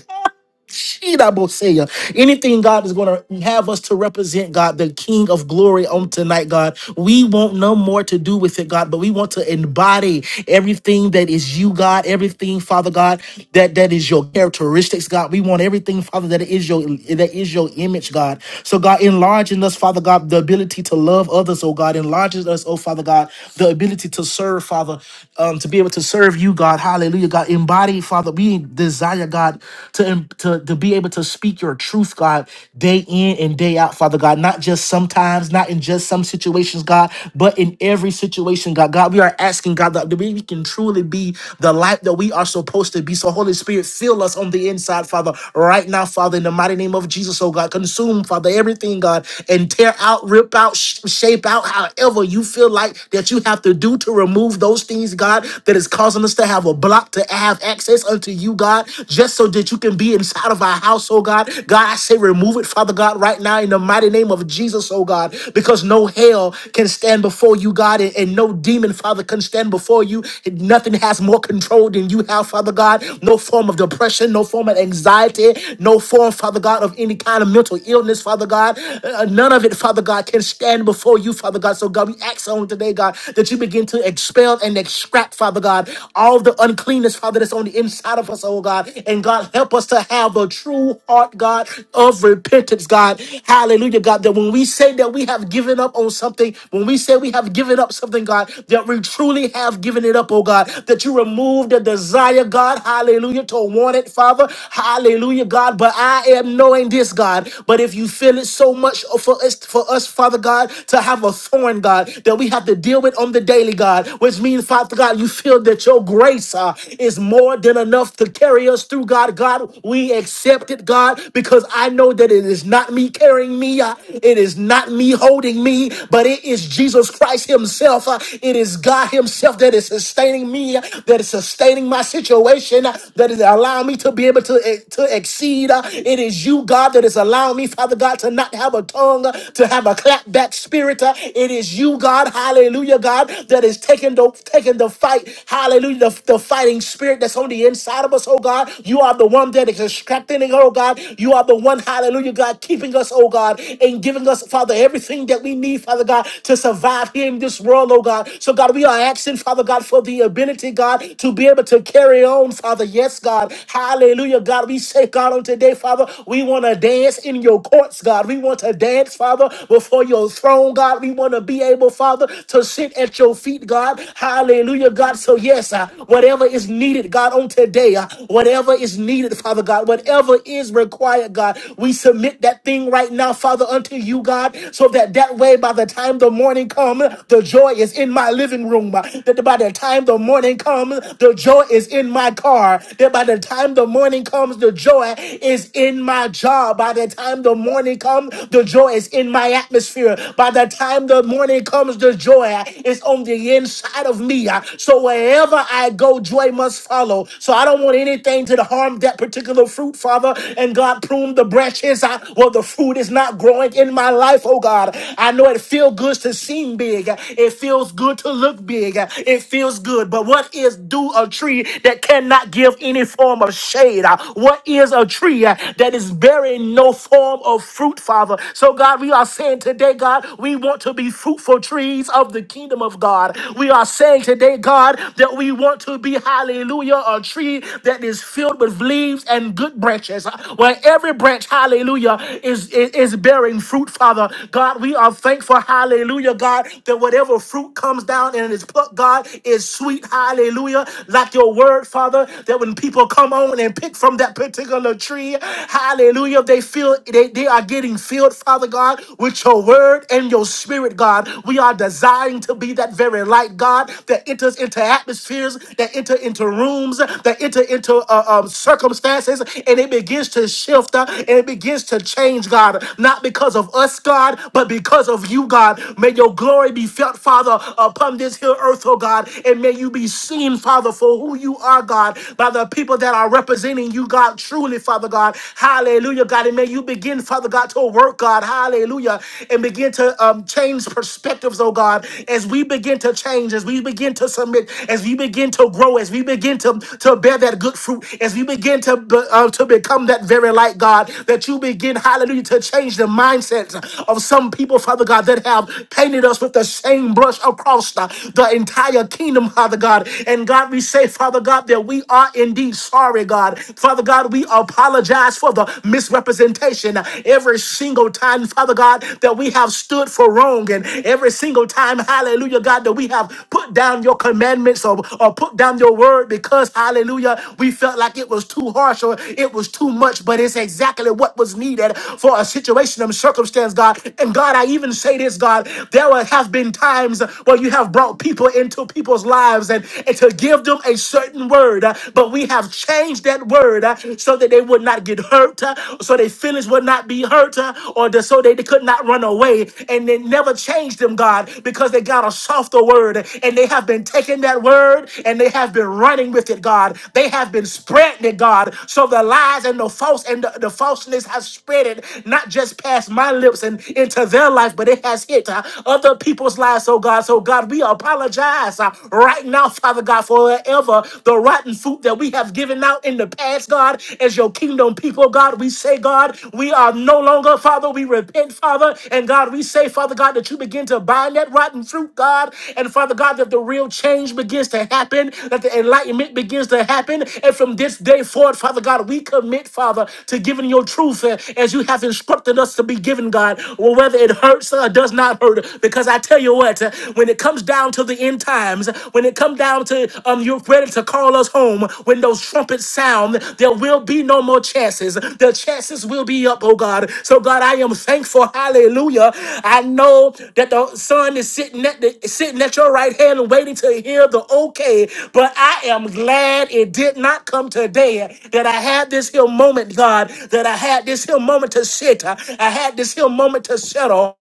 Shidaboseya. Anything God is going to have us to represent God, the King of glory on tonight, God. We want no more to do with it, God, but we want to embody everything that is you, God, everything, Father God, that, that is your characteristics, God. We want everything, Father, that is your that is your image, God. So God, enlarge in us, Father God, the ability to love others, oh God, enlarges us, oh Father God, the ability to serve, Father, um, to be able to serve you, God. Hallelujah. God, embody, Father. We desire desire, God, to, to, to be able to speak your truth, God, day in and day out, Father God. Not just sometimes, not in just some situations, God, but in every situation, God. God, we are asking, God, that we can truly be the light that we are supposed to be. So, Holy Spirit, fill us on the inside, Father, right now, Father, in the mighty name of Jesus, oh God. Consume, Father, everything, God, and tear out, rip out, sh- shape out, however you feel like that you have to do to remove those things, God, that is causing us to have a block to have access unto you, God, just so that you can be inside of our house, oh God. God, I say remove it, Father God, right now in the mighty name of Jesus, oh God, because no hell can stand before you, God, and, and no demon, Father, can stand before you. Nothing has more control than you have, Father God. No form of depression, no form of anxiety, no form, Father God, of any kind of mental illness, Father God. Uh, none of it, Father God, can stand before you, Father God. So, God, we ask on today, God, that you begin to expel and extract, Father. Father God, all the uncleanness, Father, that's on the inside of us, oh God. And God, help us to have a true heart, God, of repentance, God. Hallelujah, God, that when we say that we have given up on something, when we say we have given up something, God, that we truly have given it up, oh God, that you remove the desire, God, hallelujah, to want it, Father, hallelujah, God. But I am knowing this, God, but if you feel it so much for us, for us, Father God, to have a thorn, God, that we have to deal with on the daily daily, God, which means, Father God, you feel that your grace uh, is more than enough to carry us through, God. God, we accept it, God, because I know that it is not me carrying me, uh, it is not me holding me, but it is Jesus Christ Himself. uh, it is God Himself that is sustaining me, uh, that is sustaining my situation, uh, that is allowing me to be able to, eh, to exceed. uh, it is you, God, that is allowing me, Father God, to not have a tongue, uh, to have a clapback spirit. uh, it is you you, God, hallelujah, God, that is taking the taking the fight, hallelujah, the, the fighting spirit that's on the inside of us, oh God. You are the one that is strengthening, oh God. You are the one, hallelujah, God, keeping us, oh God, and giving us, Father, everything that we need, Father God, to survive here in this world, oh God. So, God, we are asking, Father God, for the ability, God, to be able to carry on, Father. Yes, God. Hallelujah, God. We say, God, on today, Father, we want to dance in your courts, God. We want to dance, Father, before your your throne, God. We want to be able, Father, to sit at your feet, God. Hallelujah, God. So, yes, uh, whatever is needed, God, on today, uh, whatever is needed, Father God, whatever is required, God, we submit that thing right now, Father, unto you, God, so that that way, by the time the morning comes, the joy is in my living room. uh, That by the time the morning comes, the joy is in my car. That by the time the morning comes, the joy is in my job. By the time the morning comes, the joy is in my atmosphere. By the time the morning comes, the joy is on the inside of me. So wherever I go, joy must follow. So I don't want anything to harm that particular fruit, Father. And God prune the branches out. Well, the fruit is not growing in my life, oh God. I know it feels good to seem big. It feels good to look big. It feels good. But what is do a tree that cannot give any form of shade? Uh, What is a tree uh, that is bearing? in no form of fruit, Father. So, God, we are saying today, God, we want to be fruitful trees of the kingdom of God. We are saying today, God, that we want to be, hallelujah, a tree that is filled with leaves and good branches, uh, where every branch, hallelujah, is, is, is bearing fruit, Father. God, we are thankful, hallelujah, God, that whatever fruit comes down and is plucked, God, is sweet, hallelujah, like your word, Father, that when people come on and pick from that particular the tree. Hallelujah. They feel they, they are getting filled, Father God, with your word and your spirit, God. We are desiring to be that very light, God, that enters into atmospheres, that enter into rooms, that enter into uh, um, circumstances, and it begins to shift uh, and it begins to change, God. Not because of us, God, but because of you, God. May your glory be felt, Father, upon this here earth, oh God, and may you be seen, Father, for who you are, God, by the people that are that are representing you, God, truly, Father God. Hallelujah, God. And may you begin, Father God, to work, God. Hallelujah. And begin to um, change perspectives, oh God, as we begin to change, as we begin to submit, as we begin to grow, as we begin to, to bear that good fruit, as we begin to, be- uh, to become that very light, God, that you begin, hallelujah, to change the mindsets of some people, Father God, that have painted us with the same brush across the, the entire kingdom, Father God. And God, we say, Father. Father God, that we are indeed sorry, God. Father God, we apologize for the misrepresentation every single time, Father God, that we have stood for wrong and every single time, hallelujah, God, that we have put down your commandments or, or put down your word because, hallelujah, we felt like it was too harsh or it was too much, but it's exactly what was needed for a situation and circumstance, God. And God, I even say this, God, there have been times where you have brought people into people's lives lives and, and to give them a certain word. uh, But we have changed that word uh, so that they would not get hurt, uh, so their feelings would not be hurt, uh, or the, so they could not run away. And they never changed them, God, because they got a softer word and they have been taking that word and they have been running with it, God. They have been spreading it, God. So the lies and the false and the, the falseness has spread it, not just past my lips and into their life, but it has hit uh, other people's lives, oh God. So God, we are we apologize uh, right now, Father God, for wherever the rotten fruit that we have given out in the past, God, as your kingdom people, God, we say, God, we are no longer, Father, we repent, Father, and God, we say, Father God, that you begin to bind that rotten fruit, God, and Father God, that the real change begins to happen, that the enlightenment begins to happen, and from this day forward, Father God, we commit, Father, to giving your truth uh, as you have instructed us to be given, God, well, whether it hurts or does not hurt, because I I tell you what, uh, when it comes down to the end times, when it comes down to um, you're ready to call us home, when those trumpets sound, there will be no more chances. The chances will be up, oh God. So God, I am thankful. Hallelujah. I know that the Son is sitting at the, sitting at your right hand and waiting to hear the okay. But I am glad it did not come today that I had this here moment, God. That I had this here moment to sit. I I had this here moment to settle.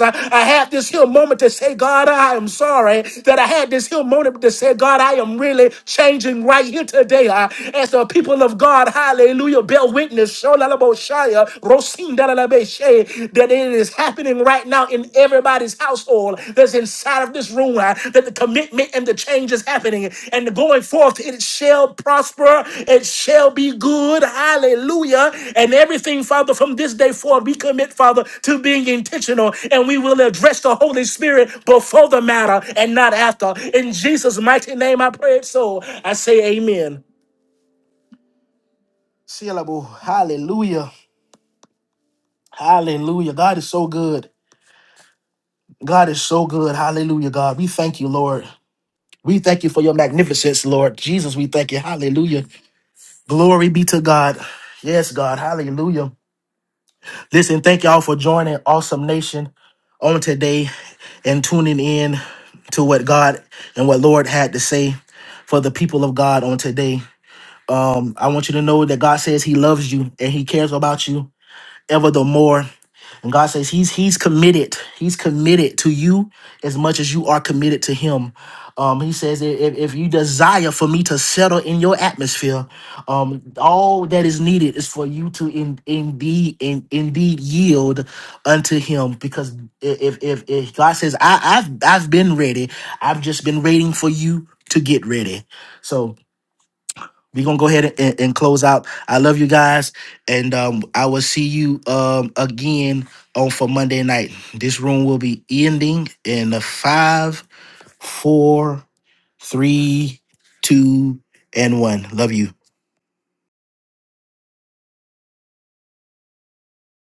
I, I had this here moment to say, God, I am sorry that I had this here moment to say, God, I am really changing right here today. Uh, as the people of God, hallelujah, bear witness, Sholalaboshaya, Rosindalalabeshe, that it is happening right now in everybody's household that's inside of this room, uh, that the commitment and the change is happening and the going forth it shall prosper it shall be good hallelujah and everything father from this day forward we commit father to being intentional and we will address the holy spirit before the matter and not after in jesus mighty name i pray it so i say amen Syllable. Hallelujah. Hallelujah. God is so good. God is so good. Hallelujah, God. We thank you, Lord. We thank you for your magnificence, Lord. Jesus, we thank you. Hallelujah. Glory be to God. Yes, God. Hallelujah. Listen, thank y'all for joining Awesome Nation on today and tuning in to what God and what Lord had to say for the people of God on today. Um, I want you to know that God says He loves you and He cares about you ever the more. And God says He's He's committed. He's committed to you as much as you are committed to Him. Um, he says if, if if you desire for me to settle in your atmosphere, um, all that is needed is for you to in, indeed in, indeed yield unto Him. Because if if, if God says I, I've I've been ready, I've just been waiting for you to get ready. So we're gonna go ahead and, and close out i love you guys and um i will see you um again on for monday night this room will be ending in a five four three two and one love you